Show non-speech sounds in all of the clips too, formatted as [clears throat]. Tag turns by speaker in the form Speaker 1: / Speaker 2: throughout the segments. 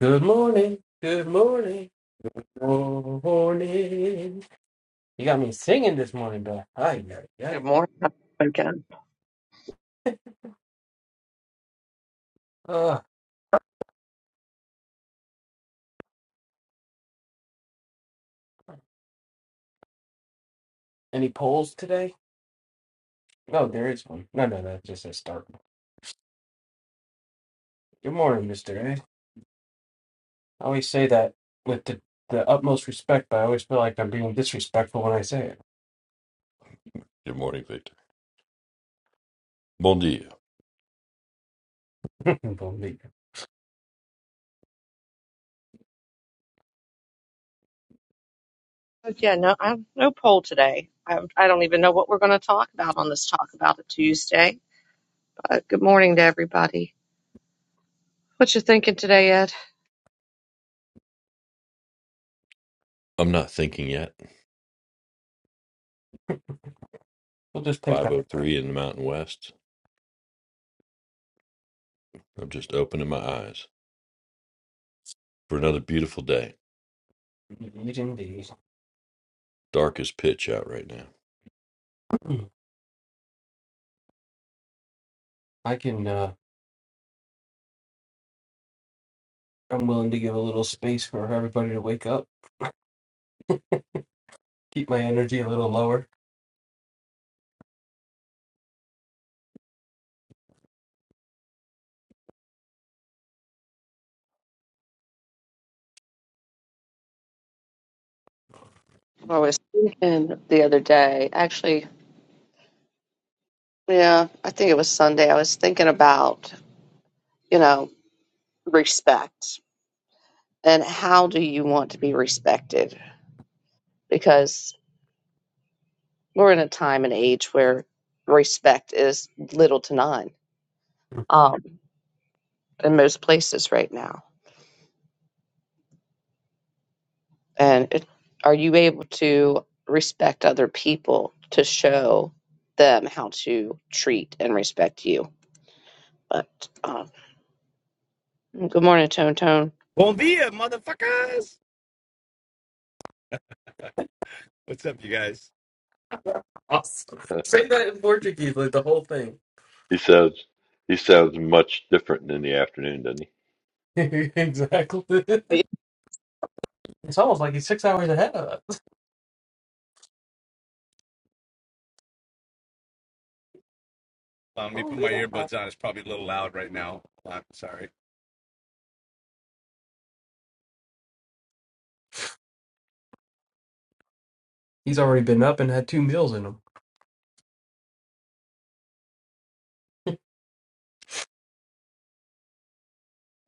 Speaker 1: Good morning. Good morning. Morning. You got me singing this morning, bro. Ay, ay,
Speaker 2: Good
Speaker 1: ay.
Speaker 2: morning again.
Speaker 1: Uh, any polls today? No, there is one. No, no, that's just a start. Good morning, Mr. A. I always say that with the, the utmost respect, but I always feel like I'm being disrespectful when I say
Speaker 3: Good morning, Victor. Bon dia.
Speaker 1: it. [laughs] Believe it.
Speaker 2: But yeah, no, I have no poll today. I, I don't even know what we're going to talk about on this Talk About It Tuesday. But good morning to everybody. What you thinking today, Ed?
Speaker 3: I'm not thinking yet.
Speaker 1: we'll
Speaker 3: It's
Speaker 1: just take that.
Speaker 3: 5.03 in the Mountain West. I'm just opening my eyes for another beautiful day.
Speaker 1: Eat indeed.
Speaker 3: Dark as pitch out right now.
Speaker 1: [clears throat] I can, uh, I'm willing to give a little space for everybody to wake up, keep my energy a little lower.
Speaker 2: I was thinking the other day, actually, yeah, I think it was Sunday. I was thinking about, you know, respect and how do you want to be respected? Because we're in a time and age where respect is little to none
Speaker 1: [laughs]
Speaker 2: um, in most places right now and it, are you able to respect other people to show them how to treat and respect you but um, good morning tone tone
Speaker 4: Bon dia, motherfuckers! What's up, you guys?
Speaker 1: Awesome.
Speaker 3: [laughs] Uh,
Speaker 1: Say that in Portuguese, like the whole thing.
Speaker 3: He sounds he sounds much different in the afternoon, doesn't he?
Speaker 1: [laughs] exactly. [laughs]
Speaker 2: Yeah,
Speaker 1: It's almost like he's six hours ahead of us.
Speaker 4: Um, let me put
Speaker 1: Holy
Speaker 4: my
Speaker 1: cow.
Speaker 4: earbuds on. It's probably a little loud right now. I'm sorry.
Speaker 1: He's already been up and had two meals in him.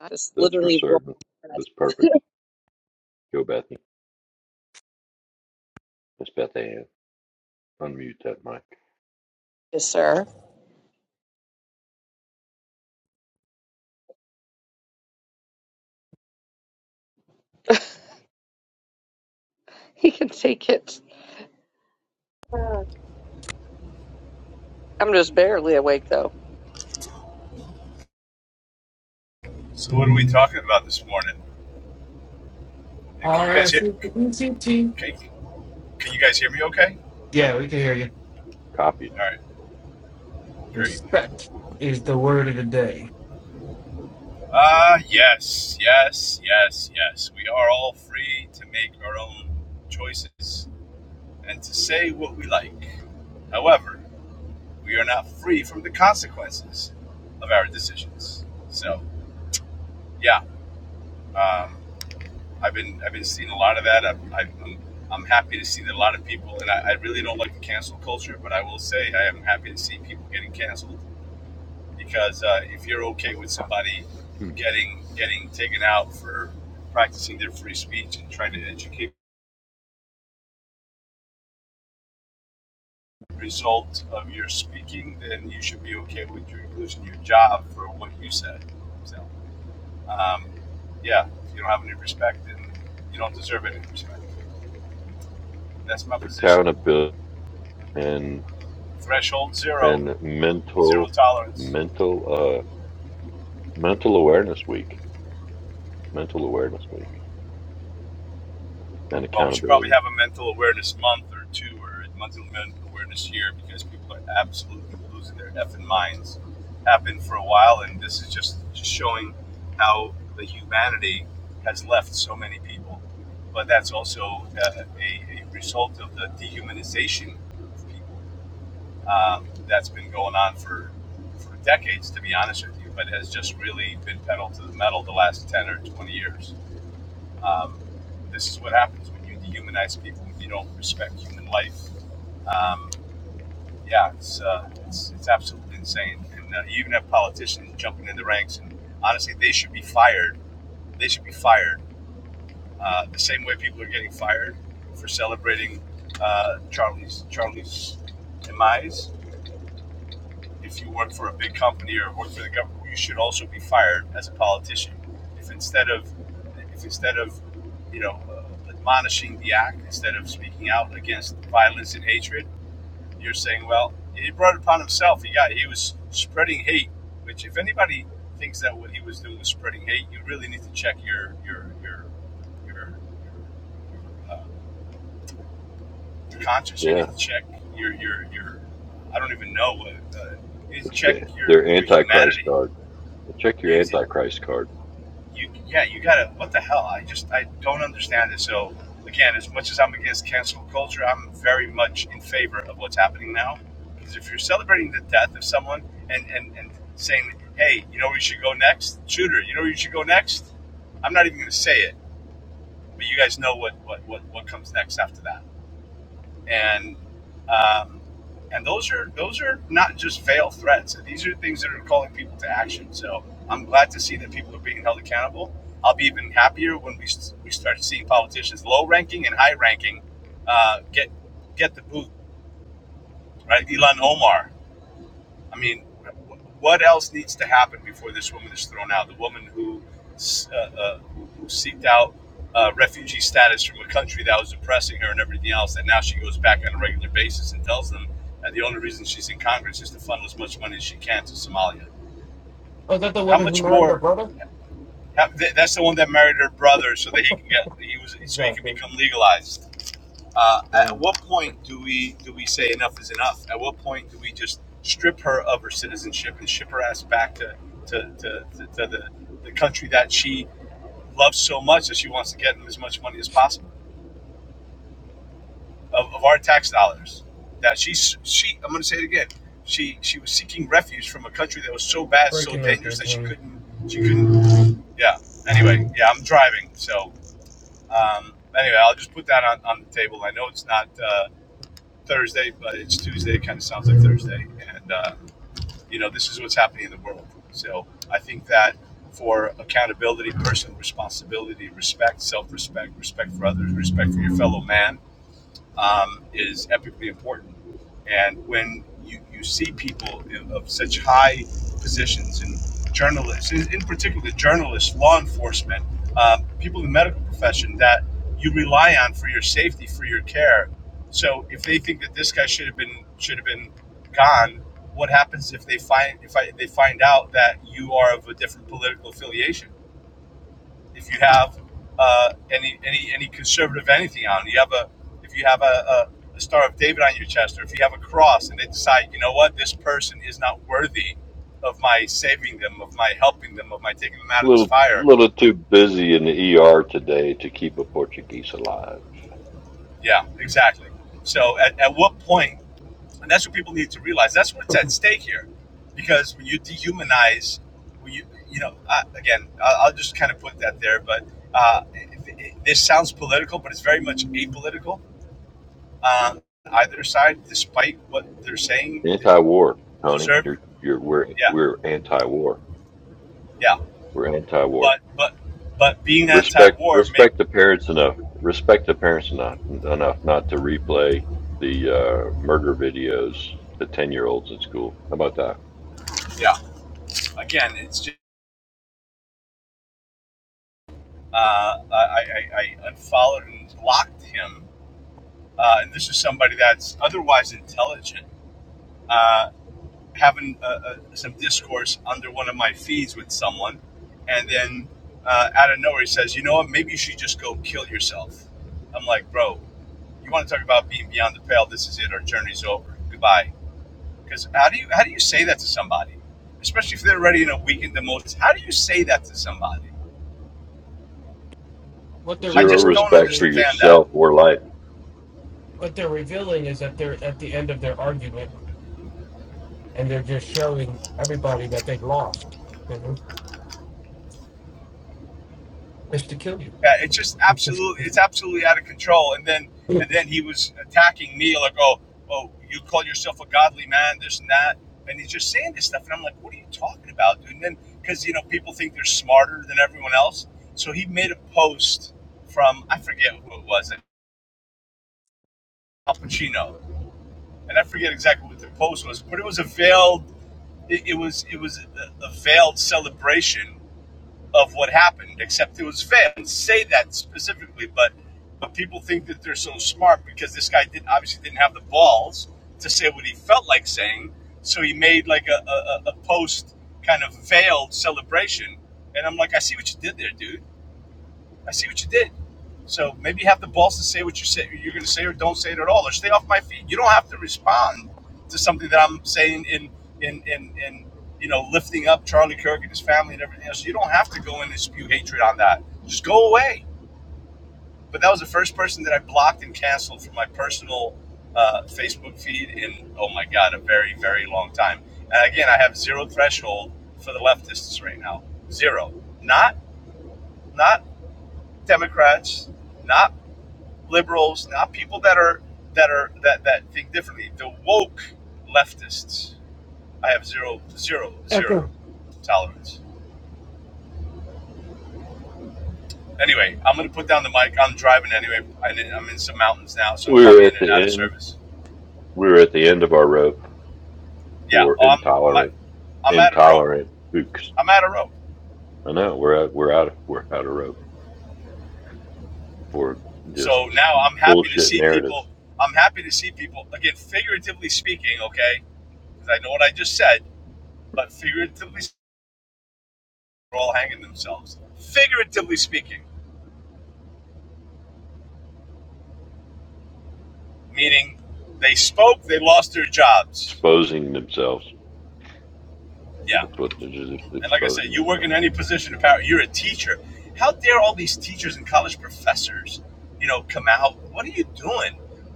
Speaker 2: I just
Speaker 3: That's for
Speaker 2: literally rolled
Speaker 3: certain.
Speaker 2: my eyes.
Speaker 3: That's perfect. Go Bethany. Miss Beth Ann. Unmute that mic.
Speaker 2: yes sir [laughs] he can take it Uh, i'm just barely awake though
Speaker 4: So what are we talking about this morning? And Can you guys hear?
Speaker 1: R-S-E-C-T.
Speaker 4: Can, can you guys hear me? Okay.
Speaker 1: Yeah, we can hear you.
Speaker 3: Copy it.
Speaker 4: All right. Great.
Speaker 1: Respect is the word of the day.
Speaker 4: Ah, yes, yes, yes, yes. We are all free to make our own choices and to say what we like. However, we are not free from the consequences of our decisions. So yeah. Um, I've been I've been seeing a lot of that. I've, I'm I'm happy to see that a lot of people, and I, I really don't like the cancel culture, but I will say I am happy to see people getting canceled because uh, if you're okay with somebody
Speaker 3: Hmm.
Speaker 4: getting getting taken out for practicing their free speech and trying to educate the result of your speaking, then you should be okay with your losing your job for what you said. So, um, yeah, if you don't have any respect, then you don't deserve any respect. That's my position.
Speaker 3: Accountability and
Speaker 4: Threshold zero.
Speaker 3: and
Speaker 4: Zero
Speaker 3: mental
Speaker 4: tolerance.
Speaker 3: mental uh mental awareness week. It's mental awareness week and
Speaker 4: Well, we should probably
Speaker 3: accountability.
Speaker 4: have a mental awareness month or two or a mental awareness year because people are absolutely losing their effing minds. Happened for a while, and this is just, just showing how the humanity has left so many people. But that's also uh, a, a result of the dehumanization of people um, that's been going on for, for decades, to be honest with you, but has just really been pedaled to the metal the last 10 or 20 years. Um, this is what happens when you dehumanize people when you don't respect human life. Um, yeah, it's, uh, it's it's absolutely insane. And uh, you even have politicians jumping in the ranks, and honestly, they should be fired. They should be fired uh, the same way people are getting fired for celebrating uh, Charlie's Charlie's demise. if you work for a big company or work for the government, you should also be fired as a politician. If instead of, if instead of, you know, uh, admonishing the act, instead of speaking out against violence and hatred, you're saying, well, he brought it upon himself. He got, he was spreading hate. Which, if anybody thinks that what he was doing was spreading hate, you really need to check your your your your, your your uh, conscience. You
Speaker 3: Yeah.
Speaker 4: need to check your your your. I don't even know. Uh, uh, you need to
Speaker 3: It's
Speaker 4: check
Speaker 3: the
Speaker 4: your
Speaker 3: their
Speaker 4: your
Speaker 3: Antichrist
Speaker 4: humanity
Speaker 3: card. Check your
Speaker 4: You need to,
Speaker 3: Antichrist card.
Speaker 4: you yeah, you gotta. What the hell? I just I don't understand it. So again, as much as I'm against cancel culture, I'm very much in favor of what's happening now. Because if you're celebrating the death of someone and and and saying, hey, you know where you should go next, shooter, you know where you should go next. I'm not even gonna say it, but you guys know what what what what comes next after that. And. Um, and those are those are not just veiled threats. These are things that are calling people to action. So I'm glad to see that people are being held accountable. I'll be even happier when we, we start seeing politicians, low ranking and high ranking, uh, get get the boot, right? Elon Omar, I mean, what else needs to happen before this woman is thrown out? The woman who uh, uh, who seeked out uh, refugee status from a country that was oppressing her and everything else, and now she goes back on a regular basis and tells them that the only reason she's in Congress is to funnel as much money as she can to Somalia.
Speaker 1: Oh, is that the
Speaker 4: How
Speaker 1: woman who
Speaker 4: much
Speaker 1: married her
Speaker 4: more?
Speaker 1: brother?
Speaker 4: How, that's the one that married her brother so that he can get he was so he can
Speaker 1: Exactly.
Speaker 4: become legalized. Uh, at
Speaker 1: Mm.
Speaker 4: what point do we do we say enough is enough? At what point do we just strip her of her citizenship and ship her ass back to to, to, to, to the, the country that she loves so much that she wants to get them as much money as possible of, of our tax dollars? That she she I'm going to say it again. She she was seeking refuge from a country that was so bad, so
Speaker 1: Breaking up there,
Speaker 4: dangerous that she
Speaker 1: Tony.
Speaker 4: couldn't she couldn't. Yeah. Anyway, yeah, I'm driving, so um, anyway, I'll just put that on, on the table. I know it's not. Uh, Thursday, but it's Tuesday. It Kind of sounds like Thursday, and uh, you know this is what's happening in the world. So I think that for accountability, personal responsibility, respect, self-respect, respect for others, respect for your fellow man, um, is epically important. And when you, you see people of such high positions and journalists, in, in particular journalists, law enforcement, um, people in the medical profession that you rely on for your safety, for your care. So if they think that this guy should have been should have been gone, what happens if they find if I, they find out that you are of a different political affiliation? if you have uh, any any any conservative anything on you have a if you have a, a, a star of david on your chest or if you have a cross and they decide you know what this person is not worthy of my saving them of my helping them of my taking them out
Speaker 3: A
Speaker 4: of this
Speaker 3: Little
Speaker 4: fire
Speaker 3: little too busy in the ER today to keep a Portuguese alive.
Speaker 4: yeah exactly so at, at what point and that's what people need to realize that's what's
Speaker 1: [laughs]
Speaker 4: at stake here because when you dehumanize when you you know I, again I'll, I'll just kind of put that there but uh, it- it- this sounds political but it's very much apolitical uh, either side, despite what they're saying, they
Speaker 3: Anti-war, Tony.
Speaker 4: deserve.
Speaker 3: You're you're we're
Speaker 4: Yeah,
Speaker 3: we're anti-war.
Speaker 4: yeah.
Speaker 3: We're anti-war.
Speaker 4: But but but being
Speaker 3: Respect
Speaker 4: anti-war, make
Speaker 3: respect the parents enough. Respect the parents enough enough not to replay the uh, murder videos to ten year olds in school. How about that?
Speaker 4: yeah. Again, it's just uh, I, I I unfollowed and blocked him, uh, and this is somebody that's otherwise intelligent. Uh, having uh, uh, some discourse under one of my feeds with someone, and then uh, out of nowhere he says, "You know what? Maybe you should just go kill yourself." I'm like, "Bro, you want to talk about being beyond the pale? This is it. Our journey's over. Goodbye." Because how do you how do you say that to somebody, especially if they're already in a weakened emotion? How do you say that to somebody?
Speaker 1: What they're
Speaker 4: I
Speaker 3: Zero
Speaker 4: just
Speaker 1: revealing,
Speaker 4: don't
Speaker 3: respect
Speaker 1: Tony,
Speaker 3: for
Speaker 4: understand that.
Speaker 3: yourself or life.
Speaker 1: what they're revealing is that they're at the end of their argument and they're just showing everybody that they've lost. You know? It's to kill you.
Speaker 4: Yeah, it's just absolutely it's absolutely out of control. And then
Speaker 1: [laughs]
Speaker 4: and then he was attacking me like, oh, oh, you call yourself a godly man, this and that, and he's just saying this stuff, and I'm like, what are you talking about, dude? And then because you know people think they're smarter than everyone else, so he made a post from I forget who it was, Al Pacino, and I forget exactly what the post was, but it was a veiled It, it was it was a, a veiled celebration of what happened, except it was veiled. I didn't say that specifically, but but people think that they're so smart because this guy didn't obviously didn't have the balls to say what he felt like saying, so he made like a, a, a post kind of veiled celebration. And I'm like, I see what you did there, dude. I see what you did. So maybe you have the balls to say what you say you're going to say, or don't say it at all, or stay off my feet. You don't have to respond to something that I'm saying in in in in you know lifting up Charlie Kirk and his family and everything else. You don't have to go in and spew hatred on that. Just go away. But that was the first person that I blocked and canceled from my personal uh, Facebook feed in oh my god a very very long time. And again, I have zero threshold for the leftists right now. Zero. Not not Democrats. Not. liberals, not people that are that are that that think differently. The woke leftists. I have zero zero
Speaker 1: Echo.
Speaker 4: zero tolerance. Anyway, I'm gonna put down the mic. I'm driving anyway. I didn't- I'm in some mountains now, so I'm
Speaker 3: We are
Speaker 4: probably in
Speaker 3: at the
Speaker 4: and out of
Speaker 3: end.
Speaker 4: service.
Speaker 3: We are at the end of our rope.
Speaker 4: Yeah,
Speaker 3: for
Speaker 4: oh, I'm my,
Speaker 3: intolerant
Speaker 4: I'm out of rope.
Speaker 3: intolerant kooks.
Speaker 4: I'm out of rope.
Speaker 3: I know we're out, we're out of we're out of rope for
Speaker 4: So
Speaker 3: just
Speaker 4: now I'm happy to
Speaker 3: bullshit
Speaker 4: see people.
Speaker 3: narratives
Speaker 4: I'm happy to see people again, figuratively speaking. Okay, because I know what I just said, but figuratively, they're all hanging themselves. Figuratively speaking. meaning they spoke, they lost their jobs.
Speaker 3: exposing themselves.
Speaker 4: Yeah.
Speaker 3: That's what they're just
Speaker 4: And like I said,
Speaker 3: exposing
Speaker 4: you work in
Speaker 3: themselves.
Speaker 4: any position of power. You're a teacher. How dare all these teachers and college professors, you know, come out? What are you doing?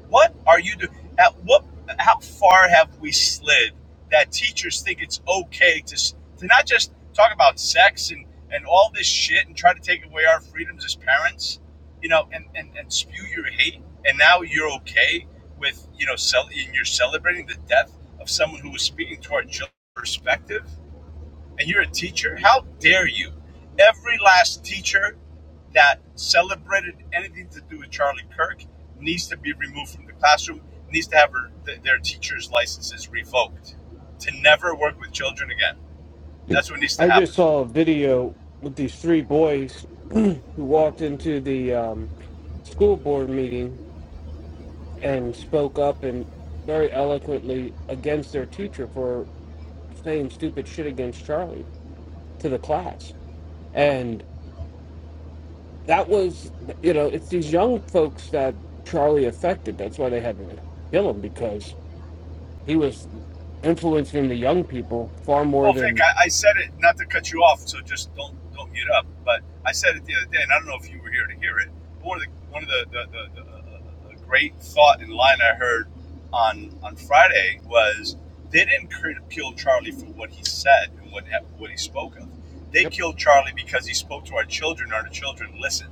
Speaker 4: What are you doing? At what? How far have we slid that teachers think it's okay to to not just talk about sex and and all this shit and try to take away our freedoms as parents, you know, and and, and spew your hate, and now you're okay with you know, cel- and you're celebrating the death of someone who was speaking to our children's perspective and you're a teacher, how dare you? Every last teacher that celebrated anything to do with Charlie Kirk needs to be removed from the classroom, needs to have her, th- their teacher's licenses revoked to never work with children again.
Speaker 1: Yeah.
Speaker 4: That's what needs to
Speaker 1: I
Speaker 4: happen.
Speaker 1: just saw a video with these three boys [clears throat] who walked into the um, school board meeting and spoke up and very eloquently against their teacher for saying stupid shit against Charlie to the class. And that was, you know, it's these young folks that Charlie affected. That's why they had to kill him because he was influencing the young people far more
Speaker 4: Well, Vic,
Speaker 1: than.
Speaker 4: I, I said it not to cut you off, so just don't don't get up. But I said it the other day, and I don't know if you were here to hear it. But one of the one of the, the, the, the, uh, the great thought in line I heard on on Friday was they didn't kill Charlie for what he said and what what he spoke of. They
Speaker 1: Yep,
Speaker 4: killed Charlie because he spoke to our children. Our children listened.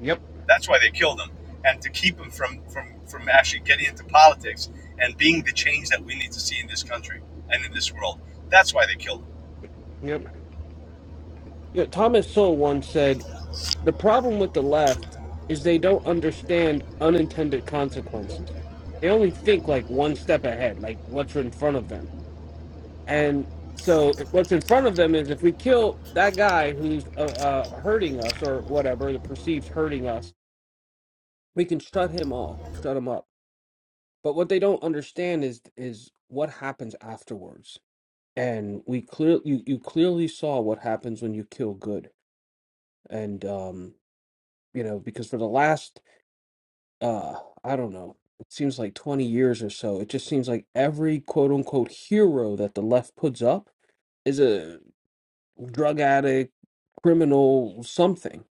Speaker 1: yep,
Speaker 4: That's why they killed him, and to keep him from from from actually getting into politics and being the change that we need to see in this country and in this world. That's why they killed him
Speaker 1: yep. Yeah, Thomas Sowell once said, The problem with the left is they don't understand unintended consequences. They only think like one step ahead, like what's in front of them. And so what's in front of them is if we kill that guy who's uh, uh, hurting us or whatever, the perceives hurting us, we can shut him off, shut him up. But what they don't understand is is what happens afterwards. And we clear you you clearly saw what happens when you kill good. And um, you know, because for the last uh i don't know it seems like 20 years or so it just seems like every quote unquote hero that the left puts up is a drug addict criminal something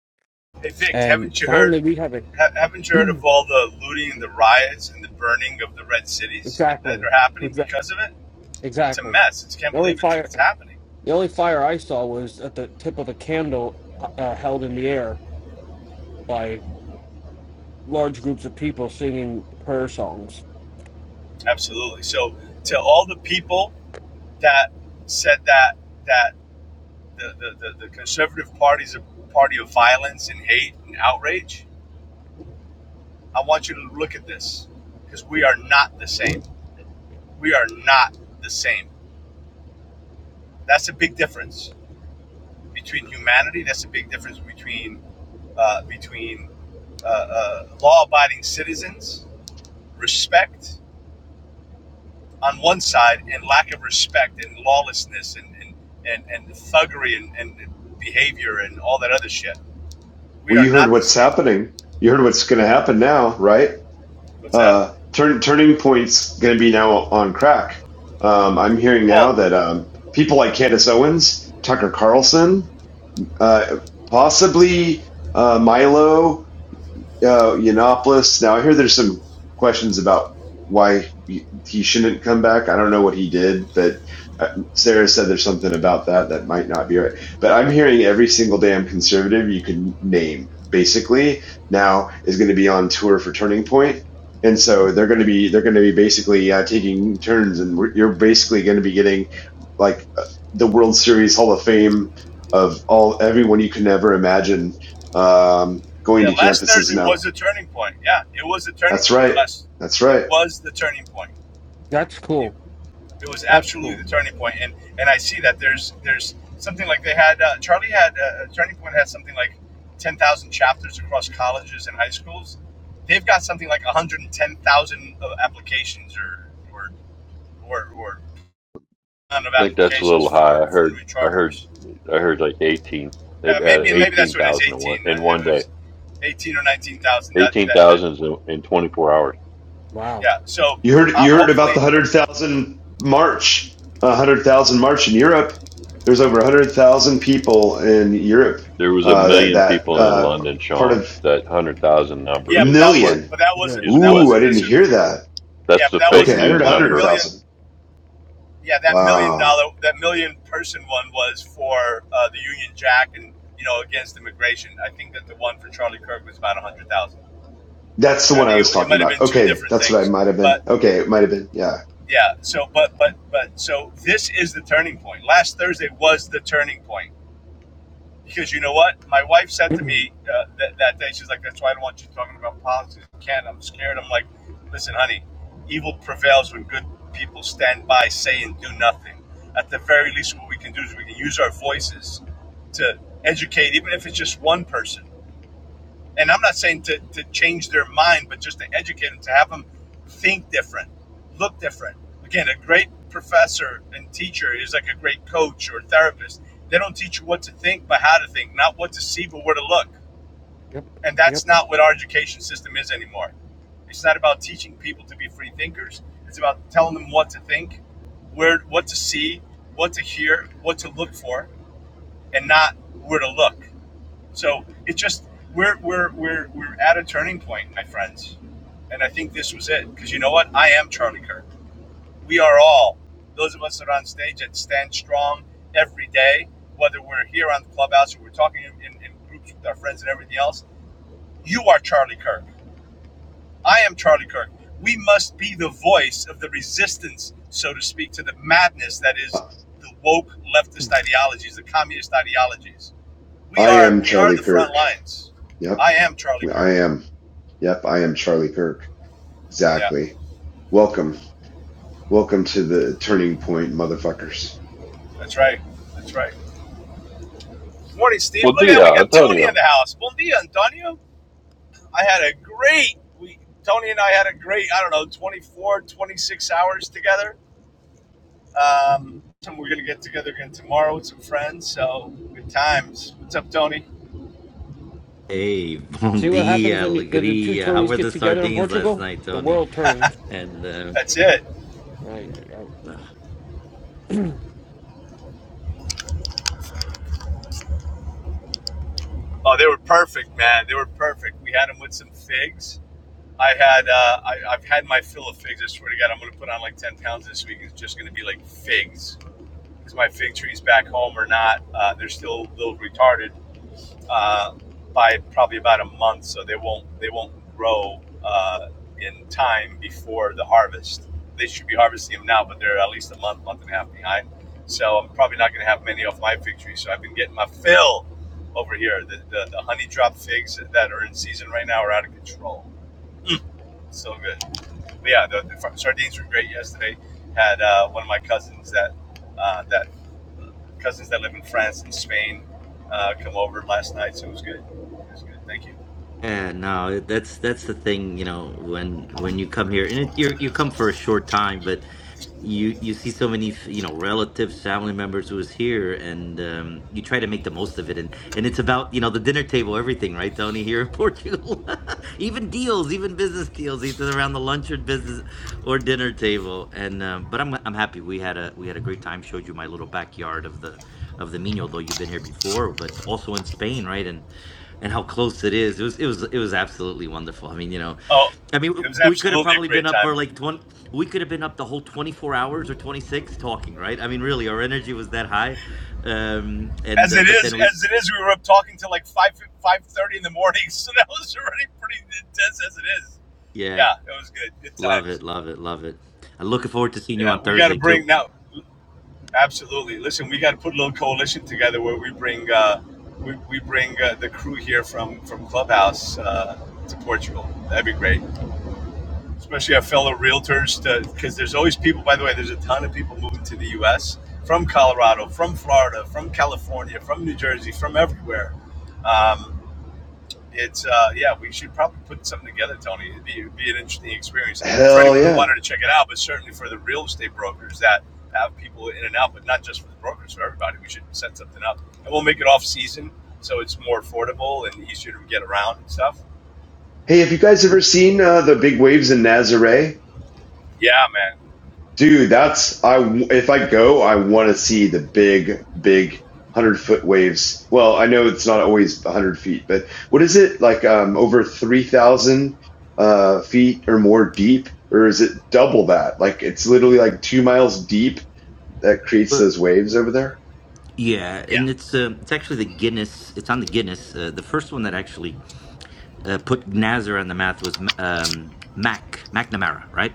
Speaker 4: Hey Vic,
Speaker 1: and
Speaker 4: haven't you heard?
Speaker 1: finally we have a
Speaker 4: Ha- haven't you heard
Speaker 1: [clears throat]
Speaker 4: of all the looting and the riots and the burning of the red cities that
Speaker 1: exactly
Speaker 4: are happening
Speaker 1: Exa-
Speaker 4: because of it? It's a
Speaker 1: exactly
Speaker 4: mess. It's can't
Speaker 1: the only
Speaker 4: believe it's,
Speaker 1: fire
Speaker 4: it's happening.
Speaker 1: the only fire i saw was at the tip of a candle uh, uh, held in the air by large groups of people singing prayer songs
Speaker 4: Absolutely. So to all the people that said that that the the, the, the conservative party's a party of violence and hate and outrage, I want you to look at this because we are not the same. We are not the same. That's a big difference between humanity. That's a big difference between uh, between uh, uh, law-abiding citizens, respect on one side, and lack of respect and lawlessness and and and, and thuggery and, and behavior and all that other shit. We
Speaker 5: Well,
Speaker 4: are
Speaker 5: you heard
Speaker 4: not the
Speaker 5: what's
Speaker 4: same.
Speaker 5: happening. You heard what's going to happen now, right?
Speaker 4: What's that?
Speaker 5: Uh, turn, turning point's going to be now on crack. Um, I'm hearing now
Speaker 4: Well,
Speaker 5: that um, people like Candace Owens, Tucker Carlson, uh, possibly uh, Milo uh, Yiannopoulos. Now I hear there's some questions about why he shouldn't come back. I don't know what he did, but uh, Sarah said there's something about that that might not be right. But I'm hearing every single damn conservative you can name basically now is going to be on tour for Turning Point. And so they're going to be they're going to be basically uh, taking turns, and we're, you're basically going to be getting like uh, the World Series Hall of Fame of all everyone you can ever imagine um, going
Speaker 4: yeah,
Speaker 5: to
Speaker 4: last
Speaker 5: campuses
Speaker 4: Thursday
Speaker 5: now.
Speaker 4: was a turning point. Yeah, it was a turning
Speaker 5: That's
Speaker 4: point. Or
Speaker 5: right.
Speaker 4: last,
Speaker 5: That's
Speaker 4: it
Speaker 5: right.
Speaker 4: was the turning point.
Speaker 1: that's
Speaker 4: It,
Speaker 1: cool
Speaker 4: it was
Speaker 1: that's
Speaker 4: absolutely
Speaker 1: cool
Speaker 4: the turning point. And and I see that there's there's something like they had uh, Charlie had uh, turning point had something like ten thousand chapters across colleges and high schools they've got something like 110,000 applications or or or, or amount of
Speaker 3: I think that's a
Speaker 4: applications
Speaker 3: little high. I
Speaker 4: for, for
Speaker 3: heard
Speaker 4: new
Speaker 3: I heard
Speaker 4: charters.
Speaker 3: I heard like eighteen. They've
Speaker 4: Yeah,
Speaker 3: added
Speaker 4: maybe maybe that's
Speaker 3: eighteen
Speaker 4: what it is.
Speaker 3: thousand in one
Speaker 4: 18. Uh,
Speaker 3: in one
Speaker 4: It
Speaker 3: day.
Speaker 4: was 18 or 19,000. That
Speaker 3: Eighteen
Speaker 4: that that.
Speaker 3: thousand in, in twenty four hours.
Speaker 1: wow
Speaker 4: Yeah. So
Speaker 5: You heard
Speaker 4: uh,
Speaker 5: you heard about the
Speaker 4: hopefully,
Speaker 5: hundred thousand march, a hundred thousand march in Europe. There's over a hundred thousand people in Europe.
Speaker 3: There was a
Speaker 5: Uh, that
Speaker 3: million
Speaker 5: that
Speaker 3: people in
Speaker 5: uh,
Speaker 3: London,
Speaker 5: part
Speaker 3: Sean.
Speaker 5: of
Speaker 3: That hundred thousand
Speaker 5: a
Speaker 3: number
Speaker 4: yeah. But
Speaker 3: is
Speaker 4: that was
Speaker 3: what
Speaker 5: million.
Speaker 4: but that
Speaker 1: yeah.
Speaker 4: wasn't
Speaker 3: is
Speaker 4: but that
Speaker 5: Ooh,
Speaker 3: what.
Speaker 5: I
Speaker 4: wasn't
Speaker 5: didn't
Speaker 4: necessarily
Speaker 5: hear
Speaker 4: for.
Speaker 5: that.
Speaker 4: Yeah,
Speaker 3: That's
Speaker 4: but
Speaker 3: the
Speaker 4: that
Speaker 3: fake
Speaker 5: Okay,
Speaker 4: wasn't
Speaker 5: I
Speaker 4: the
Speaker 5: heard
Speaker 3: news
Speaker 5: a
Speaker 4: one the
Speaker 5: hundred
Speaker 3: number
Speaker 4: million.
Speaker 5: thousand.
Speaker 4: Yeah, that million
Speaker 5: Wow,
Speaker 4: dollar that million person one was for uh, the Union Jack and you know against immigration. I think that the one for Charlie Kirk was about 100,000.
Speaker 5: that's the
Speaker 4: I
Speaker 5: one I
Speaker 4: think
Speaker 5: was
Speaker 4: it, it
Speaker 5: talking
Speaker 4: might have been
Speaker 5: about.
Speaker 4: two
Speaker 5: Okay,
Speaker 4: different
Speaker 5: that's what I
Speaker 4: things,
Speaker 5: might have
Speaker 4: but
Speaker 5: been. Okay, it might have been. Yeah,
Speaker 4: Yeah. So, but, but, but, so this is the turning point. Last Thursday was the turning point because you know what? My wife said
Speaker 1: [clears throat]
Speaker 4: to me uh, that, that day, she's like, that's why I don't want you talking about politics in Canada. I'm scared. I'm like, listen, honey, evil prevails when good people stand by, say, and do nothing. At the very least, what we can do is we can use our voices to educate, even if it's just one person and I'm not saying to, to change their mind, but just to educate them, to have them think different, look different. Again, a great professor and teacher is like a great coach or therapist. They don't teach you what to think, but how to think, not what to see, but where to look.
Speaker 1: yep
Speaker 4: And that's
Speaker 1: yep
Speaker 4: not what our education system is anymore. It's not about teaching people to be free thinkers. It's about telling them what to think, where, what to see, what to hear, what to look for, and not where to look. So it just we're we're we're we're at a turning point, my friends, and I think this was it. Because you know what? I am Charlie Kirk. We are all those of us that are on stage that stand strong every day, whether we're here on the clubhouse or we're talking in, in, groups with our friends and everything else. You are Charlie Kirk. I am Charlie Kirk. We must be the voice of the resistance, so to speak, to the madness that is
Speaker 5: Uh,
Speaker 4: the woke leftist ideologies, the communist ideologies we
Speaker 5: I
Speaker 4: are
Speaker 5: am
Speaker 4: we are
Speaker 5: Charlie
Speaker 4: the front
Speaker 5: Kirk.
Speaker 4: lines.
Speaker 5: Yep,
Speaker 4: I am Charlie Kirk.
Speaker 5: I am. Yep, I am Charlie Kirk.
Speaker 4: Yeah,
Speaker 5: Exactly. Welcome. Welcome to the turning point, motherfuckers.
Speaker 4: that's right. That's right. Morning, Steve.
Speaker 3: Well,
Speaker 4: Look at that. We
Speaker 3: dia,
Speaker 4: got Tony in
Speaker 3: Antonio.
Speaker 4: the house. Bon dia, Antonio. I had a great week. Tony and I had a great, I don't know, 24, 26 hours together. Um, we're going to get together again tomorrow with some friends. So good times. What's up, Tony?
Speaker 6: Hey, [laughs] bom
Speaker 1: See what happens
Speaker 6: dia,
Speaker 1: when you, the, the two
Speaker 6: alegria. How
Speaker 1: Tonys
Speaker 6: were
Speaker 1: get
Speaker 6: the
Speaker 1: together in
Speaker 6: sardines last
Speaker 1: Portugal?
Speaker 6: night,
Speaker 1: The
Speaker 6: Tony?
Speaker 1: world turns.
Speaker 6: And uh,
Speaker 4: That's it.
Speaker 1: Right, right. [clears throat]
Speaker 4: Oh, they were perfect, man. They were perfect. We had them with some figs I had uh, I, I've had my fill of figs. I swear to God, I'm going to put on like 10 pounds this week. It's just going to be like figs because my fig trees back home are not. Uh, they're still a little retarded uh, by probably about a month, so they won't they won't grow uh, in time before the harvest. They should be harvesting them now, but they're at least a month, month and a half behind. So I'm probably not going to have many off my fig tree. So I've been getting my fill over here. The, the, the honey drop figs that are in season right now are out of control. So good. But yeah, the, the sardines were great yesterday. Had uh, one of my cousins that uh, that cousins that live in France and Spain uh, come over last night, so it was good. It was good. Thank you.
Speaker 6: yeah, no, that's that's the thing, you know, when when you come here, and it, you're, you come for a short time, but you you see so many f- you know relatives family members who is here and um you try to make the most of it and and it's about you know the dinner table everything right tony here in [laughs] portugal [laughs] even deals even business deals either around the lunch or business or dinner table and um but i'm i'm happy we had a we had a great time showed you my little backyard of the of the mino though you've been here before but also in spain right and and how close it is it was it was it was absolutely wonderful i mean you know
Speaker 4: Oh,
Speaker 6: I mean,
Speaker 4: it
Speaker 6: w-
Speaker 4: was
Speaker 6: we could have
Speaker 4: absolutely a
Speaker 6: probably been
Speaker 4: great
Speaker 6: up
Speaker 4: time.
Speaker 6: for like 20, we could have been up the whole 24 hours or 26 talking, right? I mean, really, our energy was that high. Um, and,
Speaker 4: As
Speaker 6: uh,
Speaker 4: it
Speaker 6: but
Speaker 4: is,
Speaker 6: then we,
Speaker 4: as it is, we were up talking till like five five thirty in the morning, [laughs] so that was already pretty intense as it is.
Speaker 6: yeah,
Speaker 4: Yeah, it was good. Good
Speaker 6: love it,
Speaker 4: times.
Speaker 6: love it, love it. I'm looking forward to seeing you
Speaker 4: Yeah,
Speaker 6: on
Speaker 4: we got to
Speaker 6: Thursday too.
Speaker 4: bring now. Absolutely. Listen, we got to put a little coalition together where we bring uh, we, we bring uh, the crew here from from Clubhouse uh, to Portugal. That'd be great, especially our fellow realtors, because there's always people. By the way, there's a ton of people moving to the U.S. from Colorado, from Florida, from California, from New Jersey, from everywhere. Um, it's uh, yeah, we should probably put something together, Tony. It'd be, it'd be an interesting experience for
Speaker 5: Hell
Speaker 4: anyone who
Speaker 5: yeah.
Speaker 4: wanted to check it out, but certainly for the real estate brokers that have people in and out, but not just for the brokers, for everybody. We should set something up, and we'll make it off season so it's more affordable and easier to get around and stuff.
Speaker 5: Hey, have you guys ever seen uh, the big waves in Nazare?
Speaker 4: Yeah, man.
Speaker 5: Dude, that's I. If I go, I want to see the big, big one hundred foot waves. Well, I know it's not always one hundred feet, but what is it like? Um, over three thousand uh, feet or more deep, or is it double that? Like it's literally like two miles deep that creates
Speaker 6: But
Speaker 5: those waves over there?
Speaker 6: yeah,
Speaker 4: Yeah,
Speaker 6: and it's, um it's actually the Guinness, it's on the Guinness. Uh, the first one that actually uh, put Nazar on the math was um, Mac, McNamara, right?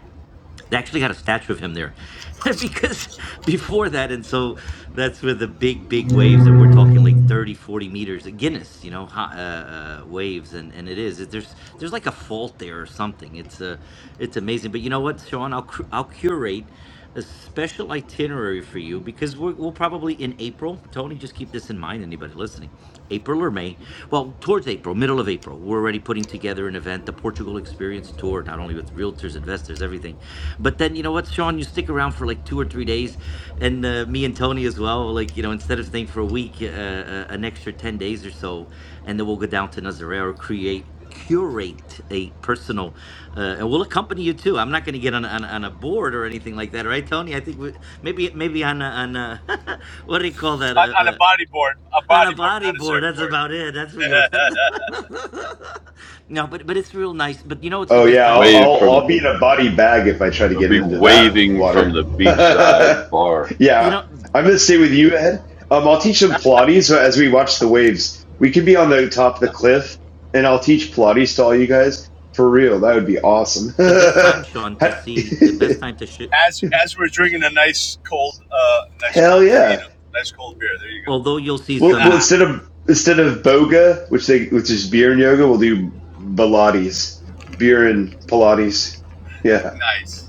Speaker 6: they actually got a statue of him there [laughs] because before that and so that's where the big big waves and we're talking like thirty, forty 40 meters at guinness you know hot, uh, uh, waves and and it is it, there's there's like a fault there or something it's uh, it's amazing but you know what sean i'll cur- i'll curate a special itinerary for you because we're, we'll probably in april tony just keep this in this in mind, anybody listening, April or May, well, towards April, middle of April, we're already putting together an event, the Portugal Experience Tour, not only with realtors, investors, everything. But then, you know what, Sean, you stick around for like two or three days, and uh, me and Tony as well, like, you know, instead of staying for a week, uh, uh, an extra 10 days or so, and then we'll go down to Nazareno, create curate a personal uh, and we'll accompany you too i'm not going to get on, on on a board or anything like that right tony i think we, maybe maybe on a, on a, [laughs] what do you call that
Speaker 4: on, on a
Speaker 6: a,
Speaker 4: bodyboard, a
Speaker 6: on a
Speaker 4: bodyboard,
Speaker 6: body
Speaker 4: not a
Speaker 6: board. That's
Speaker 4: surfboard.
Speaker 6: about it. That's where you'll.
Speaker 4: [laughs]
Speaker 6: [laughs] no, but but it's real nice. But you know, it's the
Speaker 5: Oh
Speaker 6: best
Speaker 5: yeah,
Speaker 6: time
Speaker 5: I'll
Speaker 6: to
Speaker 3: Wave
Speaker 5: I'll,
Speaker 3: from
Speaker 5: I'll be in a body bag if I try to
Speaker 3: will
Speaker 5: get
Speaker 3: be
Speaker 5: into that
Speaker 3: waving from
Speaker 5: water.
Speaker 3: the
Speaker 5: [laughs]
Speaker 3: beachside bar.
Speaker 6: you
Speaker 5: yeah,
Speaker 6: know
Speaker 5: I'm gonna stay with you, Ed. Um, I'll teach them Pilates so as we watch the waves. We could be on the top of the cliff, and I'll teach Pilates to all you guys for real. That would be awesome.
Speaker 6: the best time,
Speaker 5: [laughs]
Speaker 6: Sean, to
Speaker 5: Ha-
Speaker 6: see the best
Speaker 5: [laughs]
Speaker 6: time to sh
Speaker 4: as as we're drinking a nice cold, uh, nice
Speaker 5: Hell
Speaker 4: cold
Speaker 5: yeah!
Speaker 4: fino, nice cold beer. There you
Speaker 6: Although you'll see
Speaker 4: go.
Speaker 5: Well, well,
Speaker 6: some
Speaker 5: instead of instead of boga, which they which is beer and yoga, we'll do Pilates, beer and Pilates. Yeah,
Speaker 4: [laughs] nice.